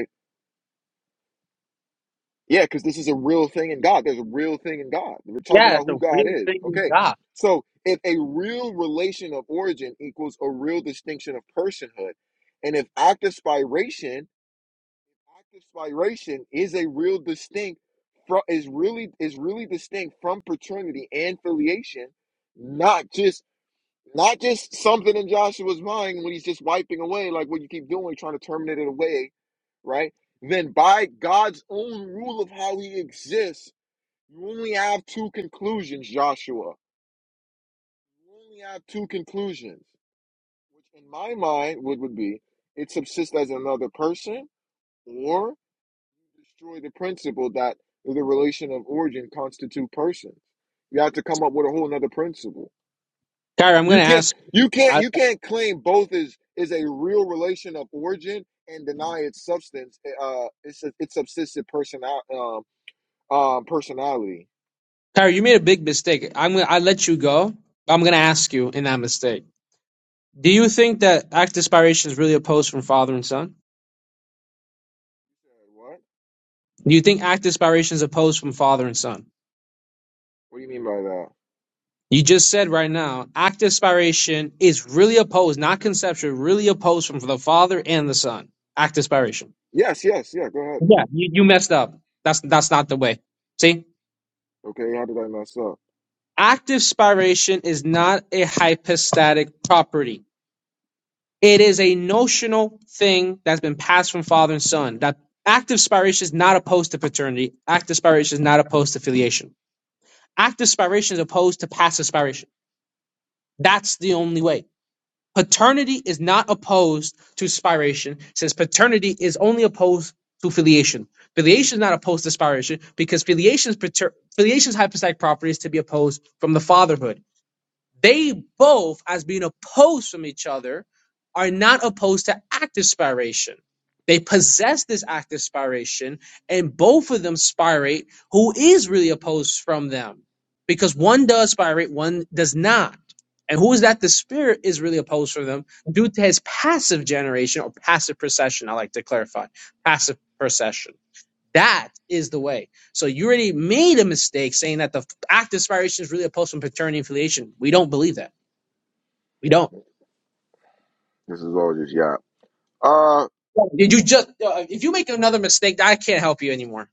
Speaker 1: Yeah, because this is a real thing in God. There's a real thing in God. We're talking about who God is. Okay. So if a real relation of origin equals a real distinction of personhood, and if active spiration, active spiration is a real distinct from is really is really distinct from paternity and filiation, not just not just something in Joshua's mind when he's just wiping away, like what you keep doing, trying to terminate it away, right? Then by God's own rule of how he exists, you only have two conclusions, Joshua. You only have two conclusions, which in my mind would, would be it subsists as another person or destroy the principle that the relation of origin constitute persons. You have to come up with a whole another principle.
Speaker 4: Kyrie, I'm
Speaker 1: You
Speaker 4: gonna
Speaker 1: can't
Speaker 4: ask.
Speaker 1: you can't
Speaker 4: I,
Speaker 1: you can't claim both is is a real relation of origin and deny its substance eh, uh it's a, it's subsisted personal um um personality.
Speaker 4: Kyrie, you made a big mistake. I'm gonna. I let you go. I'm gonna ask you in that mistake. Do you think that act inspiration is really opposed from father and son?
Speaker 1: What?
Speaker 4: Do you think act inspiration is opposed from father and son?
Speaker 1: What do you mean by that?
Speaker 4: You just said right now, act inspiration is really opposed, not conceptual, really opposed from the father and the son. Act inspiration.
Speaker 1: Yes, yes, yeah, go ahead.
Speaker 4: Yeah,
Speaker 1: hmm
Speaker 4: you, you messed up. That's that's not the way. See,
Speaker 1: Okay, how did I mess up?
Speaker 4: active spiration is not a hypostatic property. It is a notional thing that's been passed from father and son. That active spiration is not opposed to paternity. Active spiration is not opposed to filiation. Active spiration is opposed to passive spiration. That's the only way. Paternity is not opposed to spiration, since paternity is only opposed to filiation. Filiation is not opposed to spiration because filiation's pater- filiation's hypostatic property is to be opposed from the fatherhood. They both, as being opposed from each other, are not opposed to active spiration. They possess this active spiration, and both of them spirate who is really opposed from them. Because one does spirate, one does not. And who is that the spirit is really opposed from them due to his passive generation or passive procession, I like to clarify. Passive procession. That is the way. So you already made a mistake saying that the act of inspiration is really opposed from paternity affiliation. We don't believe that. We don't.
Speaker 1: This is all just yap. Uh,
Speaker 4: Did you just? uh, If you make another mistake, I can't help you anymore.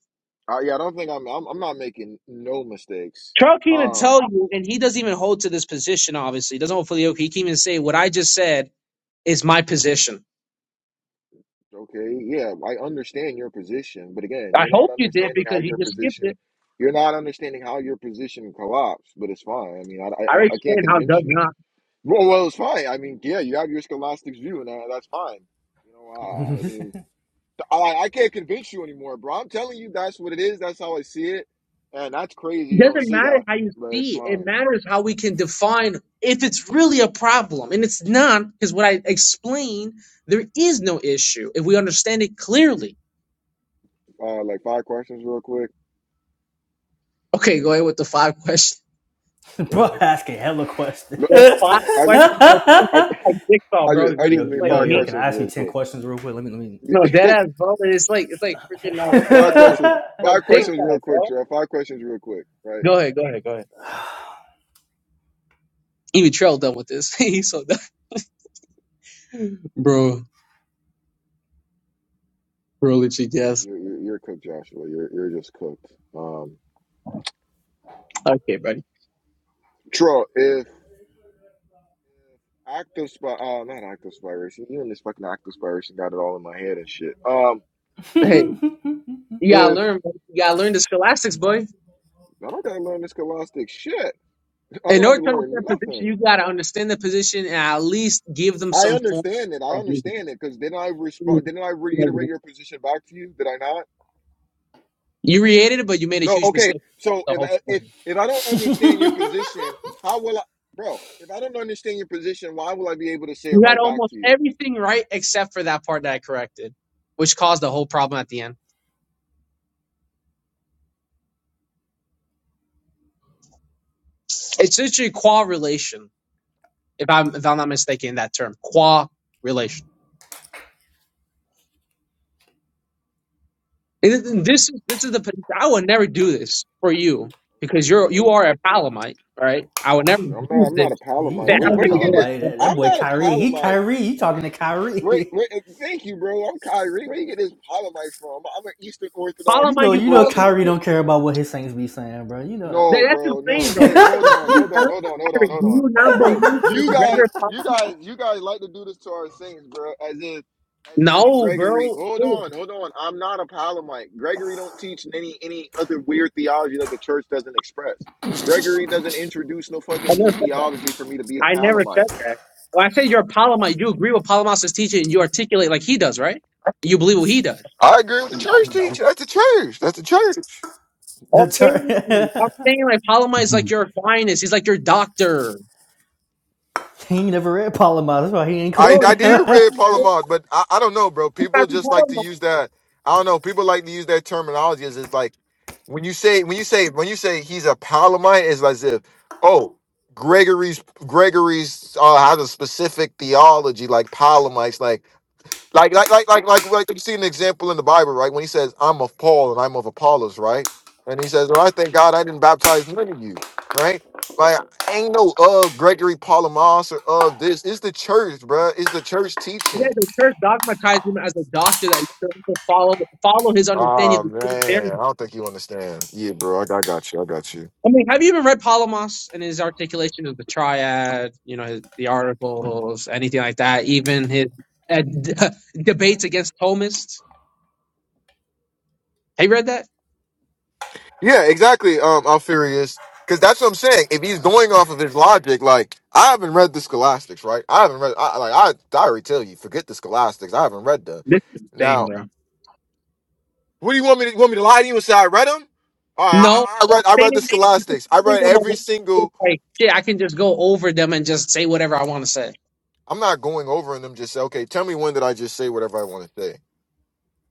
Speaker 1: I, yeah, I don't think I'm I'm I'm not making no mistakes.
Speaker 4: Charles can't even
Speaker 1: Um
Speaker 4: tell you, and he doesn't even hold to this position. Obviously, he doesn't hold filioque. He can't even say what I just said is my position.
Speaker 1: Okay, yeah, I understand your position, but again,
Speaker 4: I
Speaker 1: you're not
Speaker 4: hope you did
Speaker 1: understanding how
Speaker 4: because you
Speaker 1: your
Speaker 4: just skipped it.
Speaker 1: position, you're not understanding how your position co-ops. But it's fine. I mean, I, I,
Speaker 4: I already
Speaker 1: I can't
Speaker 4: explained how it
Speaker 1: convince
Speaker 4: does
Speaker 1: you.
Speaker 4: not.
Speaker 1: Well, well, it's fine. I mean, yeah, you have your scholastics view, and that, that's fine. You know, uh, I mean,
Speaker 2: heck?
Speaker 1: I, I can't convince you anymore, bro. I'm telling you, that's what it is. That's how I see it, and that's crazy.
Speaker 4: It
Speaker 1: You don't
Speaker 4: doesn't
Speaker 1: see
Speaker 4: matter
Speaker 1: that,
Speaker 4: how you
Speaker 1: but it's
Speaker 4: see it. It
Speaker 1: fine.
Speaker 4: matters how we can define if it's really a problem. And it's not, because what I explained, there is no issue if we understand it clearly.
Speaker 1: Uh, like five questions, real quick.
Speaker 4: Okay, go ahead with the five questions, bro.
Speaker 2: bro, asking hella questions.
Speaker 4: The five
Speaker 1: I,
Speaker 4: questions, yeah, this is, this
Speaker 1: I,
Speaker 4: is like jigsaw,
Speaker 1: I
Speaker 4: bro.
Speaker 1: just,
Speaker 4: You
Speaker 1: I
Speaker 4: ready
Speaker 1: just
Speaker 2: yo,
Speaker 4: to
Speaker 1: need
Speaker 4: play a
Speaker 2: yo,
Speaker 1: five
Speaker 2: yo,
Speaker 4: game?
Speaker 2: can
Speaker 1: questions,
Speaker 2: I ask you
Speaker 1: real
Speaker 2: ten
Speaker 1: quick.
Speaker 2: questions real quick? Let me let me
Speaker 4: No, dead ass, bro. It's like it's like freaking uh, what's the
Speaker 1: Five
Speaker 4: called?
Speaker 1: questions.
Speaker 4: Like
Speaker 1: Five questions,
Speaker 4: jigsaw,
Speaker 1: real quick,
Speaker 4: bro.
Speaker 1: Joe. Five questions, real quick. Right?
Speaker 4: Go ahead, go ahead, go ahead. Even Trell done with this. He's so done, bro. Bro, literally, yes.
Speaker 1: You're, you're, you're cooked, Joshua. You're you're just cooked. Um,
Speaker 4: Okay, buddy.
Speaker 1: Tro, if active spy, uh, not active spiration. You and this fucking active spiration got it all in my head and shit. Um,
Speaker 4: Hey, you gotta
Speaker 1: if
Speaker 4: learn, bro. You gotta learn the scholastics, boy.
Speaker 1: I don't gotta learn this scholastic shit, I
Speaker 4: In
Speaker 1: don't have
Speaker 4: order
Speaker 1: to
Speaker 4: to
Speaker 1: learn
Speaker 4: understand position,
Speaker 1: nothing.
Speaker 4: you gotta understand the position and at least give them
Speaker 1: I
Speaker 4: some form
Speaker 1: understand it. I
Speaker 4: of reason.
Speaker 1: understand it because didn't I respond? Didn't I reiterate your position back to you? Did I not?
Speaker 4: You created it, but you made a
Speaker 1: No,
Speaker 4: huge
Speaker 1: okay.
Speaker 4: mistake with
Speaker 1: So
Speaker 4: the
Speaker 1: if
Speaker 4: whole
Speaker 1: I, if
Speaker 4: problem.
Speaker 1: if I don't understand your position, how will I, bro? If I don't understand your position, why will I be able to say it
Speaker 4: You had
Speaker 1: right back to
Speaker 4: almost
Speaker 1: you?
Speaker 4: everything right except for that part that I corrected, which caused the whole problem at the end. It's literally correlation, if I'm if I'm not mistaken, in that term correlation. And th- th- this is this is the position. I would never do this for you
Speaker 1: Okay,
Speaker 4: because
Speaker 1: let
Speaker 4: you're you
Speaker 1: me.
Speaker 4: are a Palamite, right? I would never
Speaker 1: you know, I'm not.
Speaker 4: use
Speaker 1: I'm not a
Speaker 4: this.
Speaker 2: he,
Speaker 1: Palomite.
Speaker 2: he
Speaker 4: I
Speaker 1: Where,
Speaker 2: not a
Speaker 4: don't
Speaker 1: where
Speaker 4: give a
Speaker 1: you get this?
Speaker 2: Palomite.
Speaker 4: damn.
Speaker 2: That, that
Speaker 1: I'm
Speaker 2: boy
Speaker 1: not a
Speaker 2: Kyrie. He
Speaker 1: Palomite.
Speaker 2: Kyrie. He talking to
Speaker 1: Wait,
Speaker 2: Kyrie.
Speaker 1: wait. Thank you, bro. I'm Kyrie. Where you get this Palomite from? I'm an Eastern
Speaker 2: You
Speaker 1: Orthodox
Speaker 4: Palamite,
Speaker 2: know,
Speaker 4: you
Speaker 2: you know
Speaker 4: follow
Speaker 1: Christian.
Speaker 2: Kyrie
Speaker 4: the
Speaker 2: don't care about what his Saints be saying, bro. You
Speaker 1: No, bro,
Speaker 4: same,
Speaker 1: no.
Speaker 4: bro.
Speaker 1: Wait,
Speaker 2: know.
Speaker 1: hold on, hold on, hold on, hold on, hold on.
Speaker 4: do not
Speaker 1: Bro,
Speaker 4: believe in
Speaker 1: you guys,
Speaker 4: gender.
Speaker 1: you guys, you guys like to do this to our saints, bro, as if as
Speaker 4: No,
Speaker 1: if Gregory hold on, hold on. I'm not a palomite. Gregory don't teach any any other weird theology that the church doesn't express. Gregory doesn't introduce no fucking new theology for me to be a
Speaker 4: I
Speaker 1: palomite.
Speaker 4: I said you're a Palamas. You agree with Palamas' teaching and you articulate like he does, right? You believe what he does.
Speaker 1: I agree with the church
Speaker 2: no.
Speaker 1: teacher. That's the church. That's the church.
Speaker 2: That's
Speaker 4: Okay.
Speaker 2: right.
Speaker 4: I'm saying like Polymath is
Speaker 5: Mhm.
Speaker 4: like your finest. He's like your doctor.
Speaker 2: he ain't never read Palomar. That's why he ain't
Speaker 1: I
Speaker 2: claiming.
Speaker 4: Oh,
Speaker 1: I
Speaker 4: this
Speaker 1: did
Speaker 4: is this
Speaker 1: read Paul Mars, but I, I don't know, bro.
Speaker 4: is
Speaker 1: People just like to use that. I don't know. People like to use that terminology as it's like when you say when you say when you say he's a Palomite, it's as if oh Gregory's Gregory's uh, has a specific theology like Palomites. Like like, like, like, like, like, like, you see an example in the Bible, right? When he says, "I'm of Paul and I'm of Apollos," right? And he says, "Well, I thank God I didn't baptize none of you," right? Like, ain't no of Gregory Palamas or of this. It's the church, bruh. It's the church
Speaker 4: Yeah,
Speaker 1: teaching.
Speaker 4: the church dogmatized him as a doctor that you're supposed to follow follow his understanding
Speaker 1: Oh
Speaker 4: of the
Speaker 1: man, I
Speaker 4: Trinitarian.
Speaker 1: don't think you understand. Yeah, bro, I, I got you. I got you.
Speaker 4: I mean, have you even read Palamas and his articulation of the triad, you know, his, the articles, anything like that, even his uh, d- debates against Thomists? Have you read that?
Speaker 1: Yeah, exactly. Um, I'm furious because that's what I'm saying. If he's going off of his logic, like I haven't read the Scholastics, right? I haven't read. I like I, I already tell you, forget the Scholastics. I haven't read them.
Speaker 4: Same,
Speaker 1: Now.
Speaker 4: bro.
Speaker 1: What do you want me to you want me to lie to you and say I read them? All right,
Speaker 4: No,
Speaker 1: I, I
Speaker 4: don't
Speaker 1: read I
Speaker 4: say
Speaker 1: read
Speaker 4: it.
Speaker 1: the
Speaker 4: You just
Speaker 1: Scholastics. I
Speaker 4: find
Speaker 1: read
Speaker 4: them a way
Speaker 1: every
Speaker 4: to just
Speaker 1: single.
Speaker 4: like shit. I can just go over them and just say whatever I want to say
Speaker 1: I'm not going over in them. Just say, okay, tell me when did I just say whatever I want to say?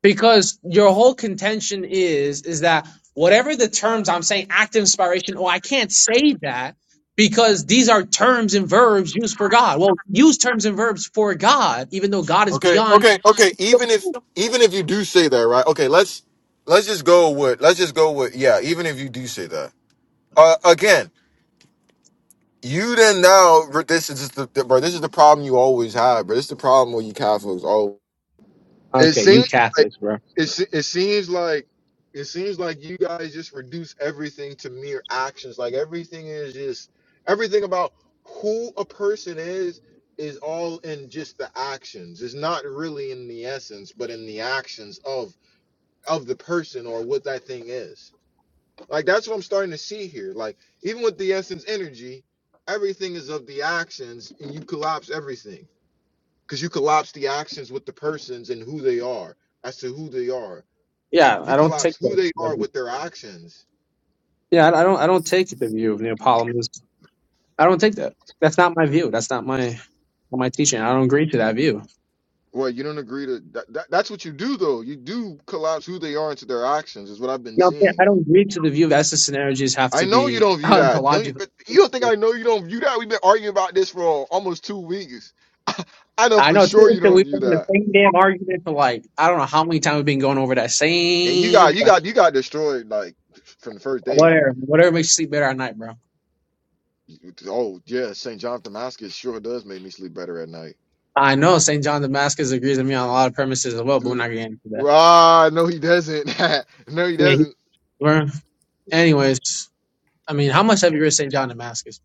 Speaker 4: because your whole contention is is that whatever the terms I'm saying, active inspiration, or I can't say that because these are terms and verbs used for God. Well, use terms and verbs for God, even though God is
Speaker 1: Okay,
Speaker 4: beyond.
Speaker 1: okay, okay. Even if even if you do say that, right? Okay, let's let's just go with let's just go with yeah. Even if you do say that, uh, again, you then now this is just the, the bro. This is the problem you always have, bro. This is the problem with you Catholics. always It
Speaker 4: Okay, you
Speaker 1: seems.
Speaker 4: Catholics, bro.
Speaker 1: It it seems like it seems like you guys just reduce everything to mere actions. Like everything is just everything about who a person is is all in just the actions. It's not really in the essence, but in the actions of of the person or what that thing is. Like that's what I'm starting to see here. Like even with the essence energy, everything is of the actions and you collapse everything. Because you collapse the actions with the persons and who they are as to who they are.
Speaker 4: Yeah,
Speaker 1: You
Speaker 4: I don't take
Speaker 1: collapse who
Speaker 4: that.
Speaker 1: they are with their actions.
Speaker 4: Yeah, I I don't. I don't take the view of Neapolitanism I don't take that. That's not my view. That's not my not my teaching. I don't agree to that view.
Speaker 1: Well, you don't agree to that, that. That's what you do, though. You do collapse who they are into their actions, is what I've been
Speaker 4: No, I'm saying
Speaker 1: seeing.
Speaker 4: I don't agree to the view that essence and energies have
Speaker 1: I
Speaker 4: to
Speaker 1: know you
Speaker 4: be
Speaker 1: don't view that. Don't you?
Speaker 4: ontological.
Speaker 1: But you don't think I know you don't view that? We've been arguing about this for uh, almost two weeks. I know
Speaker 4: I
Speaker 1: for
Speaker 4: know too
Speaker 1: sure you
Speaker 4: that
Speaker 1: don't
Speaker 4: we've
Speaker 1: view
Speaker 4: been in the
Speaker 1: that.
Speaker 4: same damn argument for like I don't know how many times we've been going over that
Speaker 1: And you
Speaker 4: same
Speaker 1: got you got you got destroyed like from the first day.
Speaker 4: whatever whatever makes you sleep better at night, bro.
Speaker 1: Oh yeah, St. John of Damascus sure does make me sleep better at night.
Speaker 4: I know St. John Damascus agrees with me on a lot of premises as well, but we're
Speaker 1: Mm.
Speaker 4: not getting into that.
Speaker 1: Ah, no, he doesn't. no, he
Speaker 4: Yeah, he,
Speaker 1: doesn't.
Speaker 4: we're, anyways, I mean, how much have you read St. John Damascus?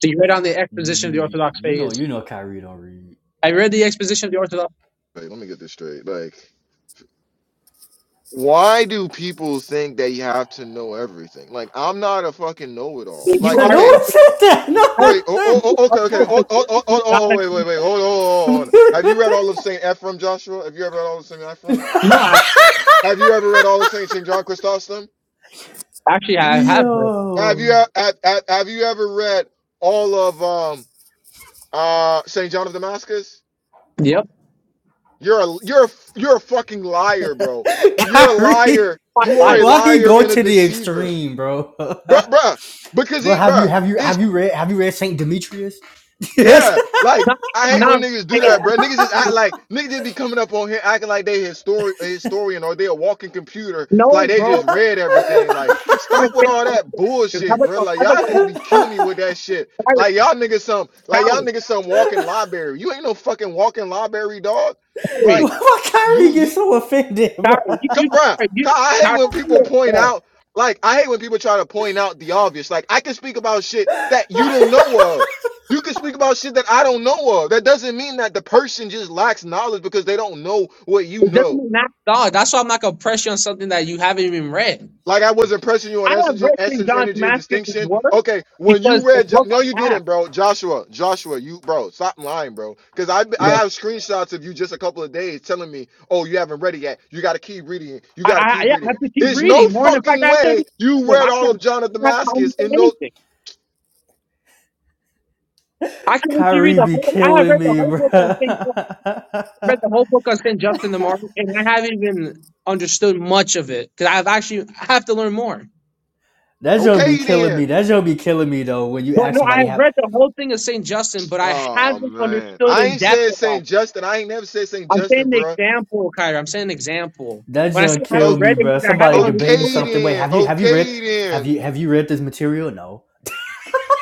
Speaker 4: So you read on the
Speaker 2: You
Speaker 4: exposition
Speaker 2: you
Speaker 4: of the
Speaker 2: you
Speaker 4: Orthodox
Speaker 2: you know
Speaker 4: faith.
Speaker 2: you know Kyrie don't read.
Speaker 4: I read the exposition of the Orthodox.
Speaker 1: Wait, let me get this straight. Like. Why do people think that you have to know everything? Like, I'm not a fucking know-it-all.
Speaker 4: When you
Speaker 1: Like,
Speaker 2: no
Speaker 4: argue
Speaker 1: okay,
Speaker 2: one said that. No
Speaker 4: I,
Speaker 2: one
Speaker 1: wait, oh,
Speaker 4: you,
Speaker 2: said
Speaker 1: oh,
Speaker 4: you,
Speaker 1: oh
Speaker 4: like,
Speaker 1: okay, okay,
Speaker 2: that.
Speaker 1: oh, oh, oh,
Speaker 4: you
Speaker 1: oh, oh, oh,
Speaker 4: gotta,
Speaker 1: wait,
Speaker 4: you,
Speaker 1: wait, wait, hold on, hold on. Have you read all of Saint Ephrem, Joshua? Have you ever read all of Saint Ephrem?
Speaker 4: no, I,
Speaker 1: Have you ever read all of Saint Saint John Chrysostom?
Speaker 4: actually, I have read.
Speaker 1: Have you
Speaker 2: Yo,
Speaker 1: have, have, have you ever read all of um uh Saint John of Damascus?
Speaker 4: Yep.
Speaker 1: You're a you're a, you're a fucking liar, bro.
Speaker 4: That's
Speaker 1: You're a
Speaker 2: Kyrie,
Speaker 1: liar.
Speaker 4: my
Speaker 1: You are a
Speaker 4: life.
Speaker 2: why he
Speaker 1: liar
Speaker 2: go
Speaker 1: and a
Speaker 2: to the
Speaker 1: deceiver,
Speaker 2: extreme, bro?
Speaker 1: bruh, bruh. Because
Speaker 2: bro,
Speaker 1: he,
Speaker 2: have you
Speaker 1: bruh.
Speaker 2: have you have you read have you read Saint Demetrius? Yes.
Speaker 1: Yeah, like I hate when niggas do that, bro. Niggas just act like niggas just be coming up on here acting like they histori- a historian or they a walking computer, like they just read everything. Like, stop with all that bullshit, bro. Like y'all niggas be killing me with that shit. Like y'all niggas some, like y'all niggas some walking library. You ain't no fucking walking library, dog. Like
Speaker 2: Why Kyrie
Speaker 1: you,
Speaker 2: get
Speaker 1: you.
Speaker 2: so offended,
Speaker 4: Harry,
Speaker 2: bro?
Speaker 4: you,
Speaker 1: Come,
Speaker 4: you,
Speaker 1: bruh,
Speaker 4: you,
Speaker 1: Ka- I hate
Speaker 4: Harry,
Speaker 1: when
Speaker 4: you
Speaker 1: people
Speaker 4: know,
Speaker 1: point
Speaker 4: bro.
Speaker 1: out, like, I hate when people try to point out the obvious. Like, I can speak about shit that you don't know of. You can speak about shit that I don't know of. That doesn't mean that the person just lacks knowledge because they don't know what you
Speaker 4: it doesn't
Speaker 1: know.
Speaker 4: mean that. Dog, that's why I'm not gonna press you on something that you haven't even read.
Speaker 1: Like I wasn't pressing you
Speaker 4: I
Speaker 1: on
Speaker 4: have
Speaker 1: essence,
Speaker 4: read St.
Speaker 1: essence,
Speaker 4: John's
Speaker 1: energy, and
Speaker 4: Damascus'
Speaker 1: distinction.
Speaker 4: work
Speaker 1: Okay, when you
Speaker 4: because the
Speaker 1: read, Jo-
Speaker 4: book
Speaker 1: no, you
Speaker 4: I have.
Speaker 1: didn't, bro. Joshua, Joshua, you, bro, stop lying, bro. Because I, I
Speaker 4: Bro.
Speaker 1: have screenshots of you just a couple of days telling me, oh, you haven't read it yet. You got to keep reading it. You
Speaker 4: I,
Speaker 1: got to
Speaker 4: I,
Speaker 1: keep
Speaker 4: yeah, I
Speaker 1: reading it.
Speaker 4: have to keep
Speaker 1: There's no
Speaker 4: reading more. And in fact, I
Speaker 1: fucking
Speaker 4: have to
Speaker 1: way
Speaker 4: read
Speaker 1: you
Speaker 4: them. I
Speaker 1: read all of
Speaker 4: can't,
Speaker 1: John of
Speaker 4: I can't
Speaker 1: Damascus
Speaker 4: understand
Speaker 1: in no.
Speaker 4: anything. I can let you read
Speaker 2: Kyrie
Speaker 4: the
Speaker 2: be
Speaker 4: whole, I have
Speaker 2: killing
Speaker 4: read the
Speaker 2: me,
Speaker 4: whole
Speaker 2: bro.
Speaker 4: book on St. John read
Speaker 2: that
Speaker 4: the whole book on St. Justin the Martyr, and I haven't even understood much of it because I've actually I have to learn more.
Speaker 2: junk be
Speaker 1: Okay,
Speaker 2: killing me.
Speaker 1: then.
Speaker 2: That junk be killing me though. When you
Speaker 4: But
Speaker 2: ask
Speaker 4: no, I
Speaker 2: somebody,
Speaker 4: have
Speaker 2: have
Speaker 4: read the whole thing of St. Justin, but I
Speaker 1: Oh
Speaker 4: haven't
Speaker 1: man,
Speaker 4: understood
Speaker 1: I
Speaker 4: in
Speaker 1: ain't
Speaker 4: depth
Speaker 1: said
Speaker 4: about
Speaker 1: Saint Justin. I ain't never said Saint
Speaker 4: it. I'm saying
Speaker 1: Justin,
Speaker 4: the
Speaker 1: bro.
Speaker 4: example, Kyra. I'm saying an example.
Speaker 2: that
Speaker 4: When I say
Speaker 2: junk
Speaker 4: I haven't
Speaker 2: kill
Speaker 1: Okay,
Speaker 2: me,
Speaker 4: read it, it
Speaker 2: bro.
Speaker 4: means I haven't
Speaker 2: Somebody debating
Speaker 4: understood
Speaker 1: okay
Speaker 4: it.
Speaker 2: something. Wait,
Speaker 1: then.
Speaker 2: have you have you read
Speaker 1: Okay
Speaker 2: have
Speaker 1: then.
Speaker 2: you have you read this material? No.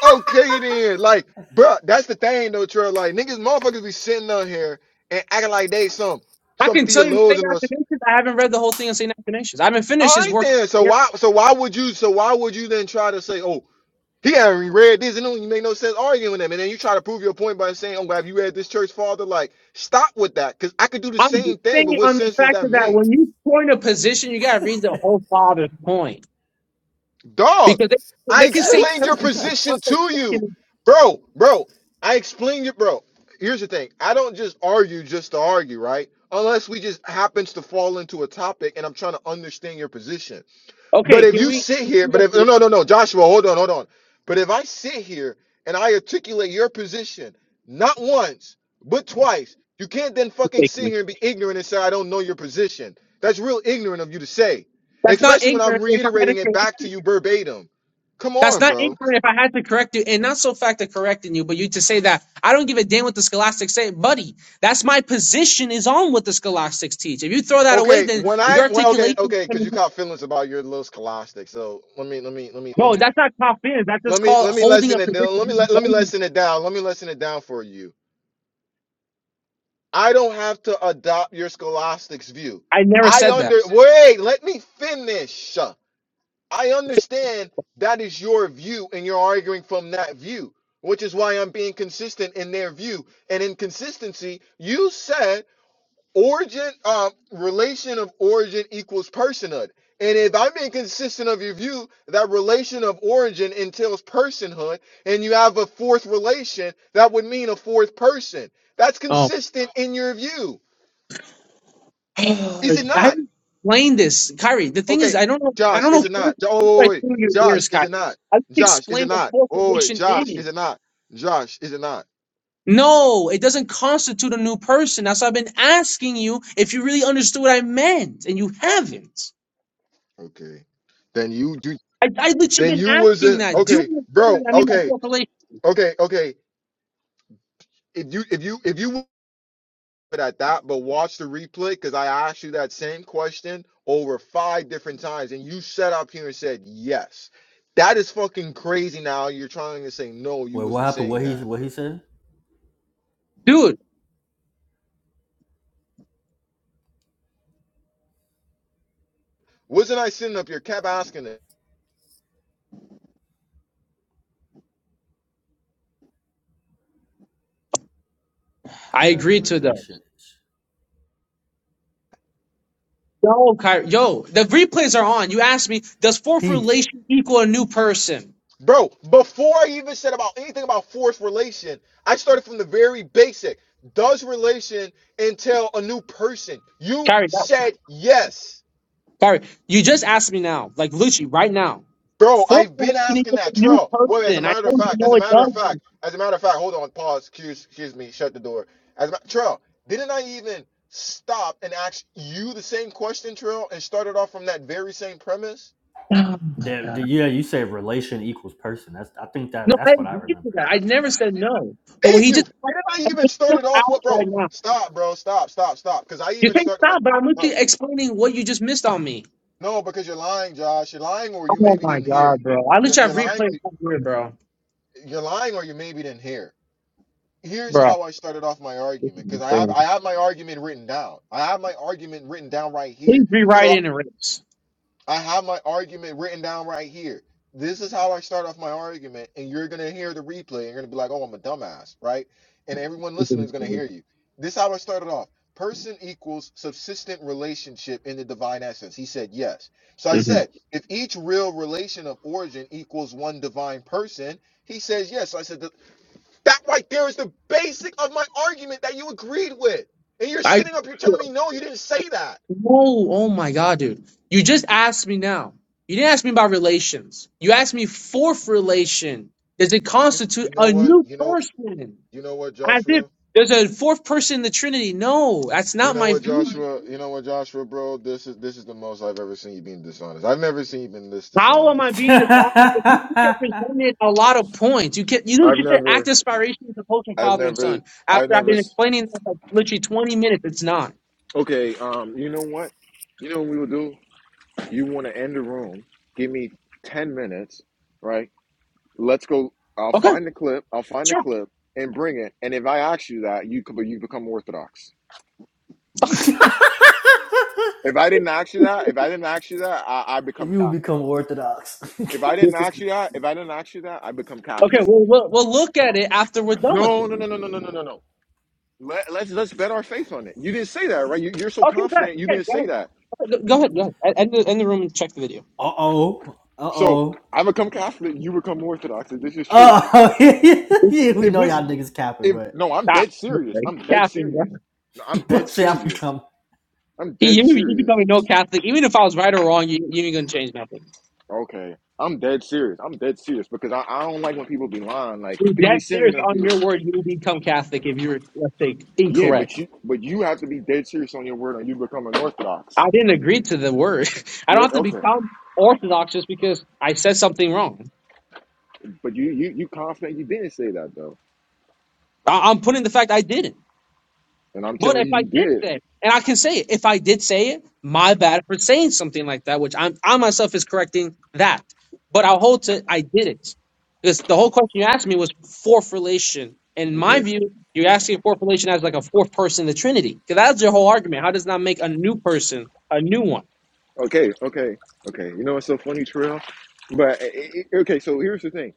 Speaker 1: Okay then, like, bruh, that's the thing though, Trey. Like, niggas, motherfuckers be sitting on here and acting like they some
Speaker 4: I
Speaker 1: some
Speaker 4: can tell you, St.
Speaker 1: theologian or. s-
Speaker 4: Athanasius, I haven't read the whole thing of St. Athanasius. I haven't finished
Speaker 1: All
Speaker 4: his
Speaker 1: right
Speaker 4: work.
Speaker 1: then, so why so why would you so why would you then try to say, oh, he haven't read this and it do make no sense arguing with him, and then you try to prove your point by saying, oh, have you read this church father? Like, stop with that, cause I could do the
Speaker 4: I'm
Speaker 1: same thing, but what
Speaker 4: on the
Speaker 1: sense does
Speaker 4: fact
Speaker 1: that
Speaker 4: that
Speaker 1: make?
Speaker 4: when you you gotta read the whole Father,
Speaker 1: Dog, I explained your position to you. Bro, bro, I explained your bro. Here's the thing. I don't just argue just to argue, right? Unless we just happens to fall into a topic and I'm trying to understand your position.
Speaker 4: okay,
Speaker 1: But if you
Speaker 4: we
Speaker 1: sit here, but if no, no, no, no, Joshua, hold on, hold on. But if I sit here and I articulate your position, not once, but twice, you can't then fucking sit here and be ignorant and say, I don't know your position. That's real ignorant of you to say,
Speaker 4: that's not
Speaker 1: especially when I'm
Speaker 4: ignorant if I had a
Speaker 1: reiterating it
Speaker 4: educate.
Speaker 1: back to you verbatim. Come
Speaker 4: That's
Speaker 1: on,
Speaker 4: not
Speaker 1: bro.
Speaker 4: ignorant if I had to correct you, and not so fact of correcting you, but you to say that I don't give a damn what the scholastics say, buddy. That's my position is on what the scholastics teach. If you throw that away,
Speaker 1: Okay,
Speaker 4: then
Speaker 1: when
Speaker 4: your
Speaker 1: I well, okay,
Speaker 4: articulation.
Speaker 1: okay,
Speaker 4: I
Speaker 1: because
Speaker 4: mean,
Speaker 1: you caught feelings about your little scholastic. So let me, let me, let me, let
Speaker 4: no,
Speaker 1: me,
Speaker 4: that's not confidence. That's
Speaker 1: let me, let me
Speaker 4: building a
Speaker 1: lessen it down. Let me let, let me
Speaker 4: position.
Speaker 1: lessen it down. Let me lessen it down for you I don't have to adopt your scholastics view.
Speaker 4: I
Speaker 1: I under wait, let me finish. I understand that is your view and you're arguing from that view, which is why I'm being consistent in their view. And in consistency, you said origin um relation of origin equals personhood. And if I'm being consistent of your view, that relation of origin entails personhood, and you have a fourth relation, that would mean a fourth person. That's
Speaker 4: oh,
Speaker 1: consistent in your view. Is
Speaker 4: I
Speaker 1: it not?
Speaker 4: haven't explained this, Kyrie. The thing is,
Speaker 1: Okay,
Speaker 4: I don't know. I
Speaker 1: Josh,
Speaker 4: don't know
Speaker 1: is it
Speaker 4: if
Speaker 1: not? Jo- Oh,
Speaker 4: I
Speaker 1: wait, wait. wait.
Speaker 4: through your
Speaker 1: Josh,
Speaker 4: ears,
Speaker 1: is
Speaker 4: Kyrie.
Speaker 1: it not?
Speaker 4: I just
Speaker 1: Josh, is it
Speaker 4: explained
Speaker 1: not?
Speaker 4: what
Speaker 1: Oh, wait,
Speaker 4: formation
Speaker 1: Josh,
Speaker 4: is.
Speaker 1: is it not? Josh, is it not?
Speaker 4: No, it doesn't constitute a new person. That's why I've been asking you if you really understood what I meant, and you haven't.
Speaker 1: Okay. Then you do
Speaker 4: I, I literally
Speaker 1: then
Speaker 4: been
Speaker 1: you
Speaker 4: asking
Speaker 1: wasn't
Speaker 4: that. Do you
Speaker 1: okay,
Speaker 4: understand
Speaker 1: bro.
Speaker 4: what I mean by
Speaker 1: Okay,
Speaker 4: self-relation?
Speaker 1: okay, okay. If you if you if you were at that, but watch the replay because I asked you that same question over five different times, and you sat up here and said yes. That is fucking crazy now. You're trying to say no, you
Speaker 2: Wait, what
Speaker 1: wasn't
Speaker 2: happened? What
Speaker 1: saying
Speaker 2: he
Speaker 1: that.
Speaker 2: what he said?
Speaker 4: Dude,
Speaker 1: Wasn't I sitting up here kept asking it?
Speaker 4: I
Speaker 2: Does
Speaker 4: agree to those.
Speaker 2: relations
Speaker 4: Yo, Kyrie, yo, the replays are on. You asked me, does fourth
Speaker 2: he
Speaker 4: relation equal a new person?
Speaker 1: Bro, before I even said about anything about forced relation, I started from the very basic. Does relation entail a new person? You
Speaker 4: Kyrie, that-
Speaker 1: said yes.
Speaker 4: Kyrie, you just asked me now, like literally right now.
Speaker 1: Bro,
Speaker 4: Fourth
Speaker 1: I've been
Speaker 4: relation
Speaker 1: asking
Speaker 4: equals a
Speaker 1: that
Speaker 4: new
Speaker 1: trail. Well, as a
Speaker 4: person. I
Speaker 1: matter of
Speaker 4: told you
Speaker 1: fact, as
Speaker 4: no,
Speaker 1: a
Speaker 4: it
Speaker 1: matter of fact,
Speaker 4: doesn't.
Speaker 1: as a matter of fact, hold on, pause, excuse, excuse me, shut the door. As a ma- Trell, didn't I even stop and ask you the same question, Trail, and started off from that very same premise?
Speaker 4: Oh my god.
Speaker 2: that yeah you said relation equals person. That's I think that
Speaker 4: No, I
Speaker 2: that's what I
Speaker 4: agree to
Speaker 2: remember.
Speaker 4: that. I never said no. But what
Speaker 1: Thank
Speaker 4: he
Speaker 1: you.
Speaker 4: just I'm
Speaker 1: Didn't I even started
Speaker 4: just
Speaker 1: off what,
Speaker 4: asked
Speaker 1: bro?
Speaker 4: right now.
Speaker 1: Stop, bro. Stop, stop, stop. Because I
Speaker 4: You
Speaker 1: even
Speaker 4: say
Speaker 1: started what,
Speaker 4: stop, but I'm
Speaker 1: bro.
Speaker 4: literally explaining what you just missed on me.
Speaker 1: No, because you're lying, Josh. You're lying, or you
Speaker 4: Oh
Speaker 1: maybe
Speaker 4: my
Speaker 1: didn't hear.
Speaker 4: god, bro! I
Speaker 1: You're,
Speaker 4: literally
Speaker 1: you're
Speaker 4: have
Speaker 1: lying.
Speaker 4: replayed up here, bro.
Speaker 1: You're lying, or you maybe didn't hear. Here's
Speaker 4: Bro,
Speaker 1: how I started off my argument, because I have I have my argument written down. I have my argument written down right
Speaker 4: please
Speaker 1: here.
Speaker 4: rewrite
Speaker 1: So
Speaker 4: it and erase.
Speaker 1: I have my argument written down right here. This is how I start off my argument, and you're gonna hear the replay, and you're gonna be like, "Oh, I'm a dumbass," right? And everyone listening is gonna hear you. This is how I started off. Person equals subsistent relationship in the divine essence. He said yes. So I said, if each real relation of origin equals one divine person, he says yes. So I said that, that right there is the basic of my argument that you agreed with, and you're
Speaker 4: I
Speaker 1: sitting up here telling me no, you didn't say that.
Speaker 4: whoa, oh my god, dude! You just asked me now. You didn't ask me about relations. You asked me fourth relation. Does it
Speaker 1: You,
Speaker 4: constitute
Speaker 1: you know
Speaker 4: a
Speaker 1: what?
Speaker 4: new
Speaker 1: You know,
Speaker 4: person?
Speaker 1: you know what,
Speaker 4: As
Speaker 1: Joshua?
Speaker 4: if there's a fourth person in the Trinity. No, that's
Speaker 1: You
Speaker 4: not
Speaker 1: know
Speaker 4: my
Speaker 1: what,
Speaker 4: view.
Speaker 1: Joshua? You know what, Joshua, bro? This is this is the most I've ever seen you being dishonest. I've never seen you been this
Speaker 4: How am I
Speaker 1: dishonest.
Speaker 4: being dishonest? If you just presented a lot of points, you can you know
Speaker 1: I've
Speaker 4: just said act
Speaker 1: never,
Speaker 4: inspiration is opposed from
Speaker 1: I've
Speaker 4: father and
Speaker 1: never,
Speaker 4: son.
Speaker 1: I've
Speaker 4: After I've
Speaker 1: never.
Speaker 4: been
Speaker 1: s-
Speaker 4: explaining that for literally twenty minutes, it's not
Speaker 1: Okay, um, you know what? You know what we will do? You want to end the room? Give me ten minutes, right? Let's go. I'll
Speaker 4: okay.
Speaker 1: find the clip. I'll find the
Speaker 4: Sure.
Speaker 1: clip and bring it. And if I ask you that, you could, you become Orthodox. If I didn't ask you that, if I didn't ask you that, I, I become
Speaker 2: you will
Speaker 1: Catholic.
Speaker 2: become orthodox.
Speaker 1: If I didn't ask you that, if I didn't ask you that, I become
Speaker 4: Okay.
Speaker 1: Catholic.
Speaker 4: Well, we'll we'll look at it after we're done with
Speaker 1: No,
Speaker 4: it.
Speaker 1: no, no, no, no, no, no, no, no. Let, let's let's bet our faith on it. You didn't say that, right? You, you're so
Speaker 4: Okay, bet.
Speaker 1: confident. You
Speaker 4: Okay,
Speaker 1: didn't
Speaker 4: go
Speaker 1: say that.
Speaker 4: ahead. Go
Speaker 1: You,
Speaker 4: ahead. Go ahead. End the, end the room and check the video.
Speaker 2: Uh oh. Uh
Speaker 1: so
Speaker 2: oh.
Speaker 1: I become confident. You become orthodox. If this is true,
Speaker 2: Oh, yeah, we
Speaker 1: if
Speaker 2: know
Speaker 1: this,
Speaker 2: y'all niggas capping,
Speaker 1: if
Speaker 2: but
Speaker 1: no, I'm
Speaker 4: Stop.
Speaker 1: dead serious.
Speaker 4: Okay.
Speaker 1: I'm dead
Speaker 4: Catholic, bro.
Speaker 1: serious. No, I'm dead
Speaker 2: but see, I'm
Speaker 1: serious.
Speaker 2: coming.
Speaker 1: I'm
Speaker 4: You,
Speaker 1: dead
Speaker 4: you, you
Speaker 1: serious.
Speaker 4: becoming no Catholic. Even if I was right or wrong, you, you ain't gonna change nothing.
Speaker 1: Okay, I'm dead serious. I'm dead serious because I, I don't like when people be lying. Like
Speaker 4: You're
Speaker 1: people be
Speaker 4: Dead
Speaker 1: sitting
Speaker 4: serious
Speaker 1: up
Speaker 4: on
Speaker 1: here.
Speaker 4: your word. You become Catholic if you're, let's say,
Speaker 1: Yeah,
Speaker 4: incorrect.
Speaker 1: but you but you have to be dead serious on your word, and you become an orthodox.
Speaker 4: I didn't agree to the word. I don't
Speaker 1: Yeah,
Speaker 4: have to
Speaker 1: okay.
Speaker 4: become orthodox just because I said something wrong.
Speaker 1: But you you you confident you didn't say that though,
Speaker 4: I- I'm putting the fact I didn't.
Speaker 1: and I'm
Speaker 4: But
Speaker 1: telling
Speaker 4: if
Speaker 1: you
Speaker 4: I
Speaker 1: you
Speaker 4: did
Speaker 1: did.
Speaker 4: say it, and I can say it, if I did say it, my bad for saying something like that, which I'm I myself is correcting that. But I'll hold to I didn't. Because the whole question you asked me was fourth relation. In my
Speaker 1: Okay,
Speaker 4: view, you're asking fourth relation as like a fourth person in the Trinity. Because that's your whole argument. How does that make a new person a new one?
Speaker 1: okay, okay, okay. You know what's so funny, Terrell? But okay, so here's the thing.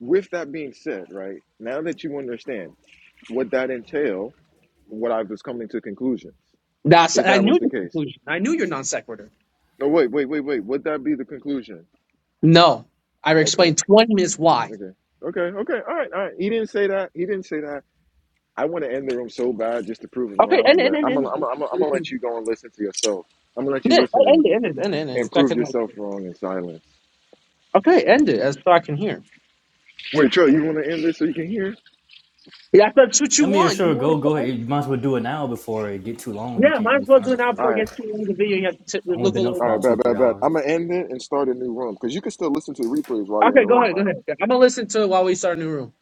Speaker 1: With that being said, right now that you understand what that entail, what I was coming to conclusions,
Speaker 4: That's
Speaker 1: if
Speaker 4: I
Speaker 1: that
Speaker 4: knew
Speaker 1: was the
Speaker 4: the
Speaker 1: case.
Speaker 4: conclusion. I knew your non sequitur.
Speaker 1: Oh wait, wait, wait, wait. Would that be the conclusion?
Speaker 4: No, I
Speaker 1: Okay,
Speaker 4: explained 20 minutes why.
Speaker 1: okay, okay, okay. All right, all right. He didn't say that. He didn't say that. I want to end the room so bad just to prove him
Speaker 4: Okay,
Speaker 1: wrong,
Speaker 4: end it,
Speaker 1: but
Speaker 4: end it,
Speaker 1: I'm
Speaker 4: end
Speaker 1: gonna, I'm
Speaker 4: it.
Speaker 1: gonna, I'm gonna, I'm
Speaker 4: We
Speaker 1: gonna let
Speaker 4: can-
Speaker 1: you go and listen to yourself. I'm gonna let
Speaker 4: End
Speaker 1: you listen and,
Speaker 4: it, end it, end it, end it. end it,
Speaker 1: and
Speaker 4: so I
Speaker 1: prove
Speaker 4: can, like,
Speaker 1: yourself wrong in silence.
Speaker 4: okay, end it as so I can hear.
Speaker 1: Wait, Trill, you want to end this so you can hear?
Speaker 4: Yeah, that's what
Speaker 2: I
Speaker 4: you
Speaker 2: mean,
Speaker 4: want. You
Speaker 2: sure,
Speaker 4: want it
Speaker 2: go
Speaker 4: to put
Speaker 2: go
Speaker 4: end?
Speaker 2: ahead. You might as well do it now before it get too long and you
Speaker 4: Yeah,
Speaker 2: can't
Speaker 4: might
Speaker 2: really
Speaker 4: as well
Speaker 2: find
Speaker 4: do an
Speaker 2: it for
Speaker 1: All
Speaker 4: output
Speaker 2: real.
Speaker 1: right.
Speaker 4: against two in the video. You have to t-
Speaker 2: It's only
Speaker 4: look
Speaker 2: been
Speaker 4: all
Speaker 2: up
Speaker 4: over.
Speaker 2: for
Speaker 1: All
Speaker 4: the
Speaker 1: right,
Speaker 2: about
Speaker 4: place.
Speaker 2: two
Speaker 1: bet,
Speaker 2: or three
Speaker 1: bet, bet.
Speaker 2: hours.
Speaker 1: I'm gonna end it and start a new room because you can still listen to the replays while you're in
Speaker 4: Okay,
Speaker 1: the
Speaker 4: go
Speaker 1: room,
Speaker 4: ahead, go
Speaker 1: right?
Speaker 4: ahead. I'm gonna listen to it while we start a new room.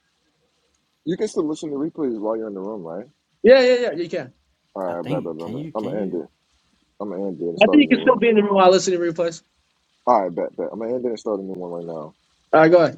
Speaker 1: You can still listen to replays while you're in the room, right?
Speaker 4: Yeah, yeah, yeah. You can.
Speaker 1: All
Speaker 2: I
Speaker 1: right, bet, bet,
Speaker 2: think.
Speaker 1: bet. I'm
Speaker 2: Can
Speaker 1: gonna,
Speaker 2: you?
Speaker 1: I'm
Speaker 2: Can
Speaker 1: gonna
Speaker 2: you?
Speaker 1: end it. I'm gonna end it and
Speaker 4: I
Speaker 1: start
Speaker 4: think
Speaker 1: a
Speaker 4: you
Speaker 1: new
Speaker 4: can still
Speaker 1: room.
Speaker 4: be in the room while listening to replays.
Speaker 1: All right, bet, bet. I'm gonna end it and start a new one right now.
Speaker 4: All right, go ahead.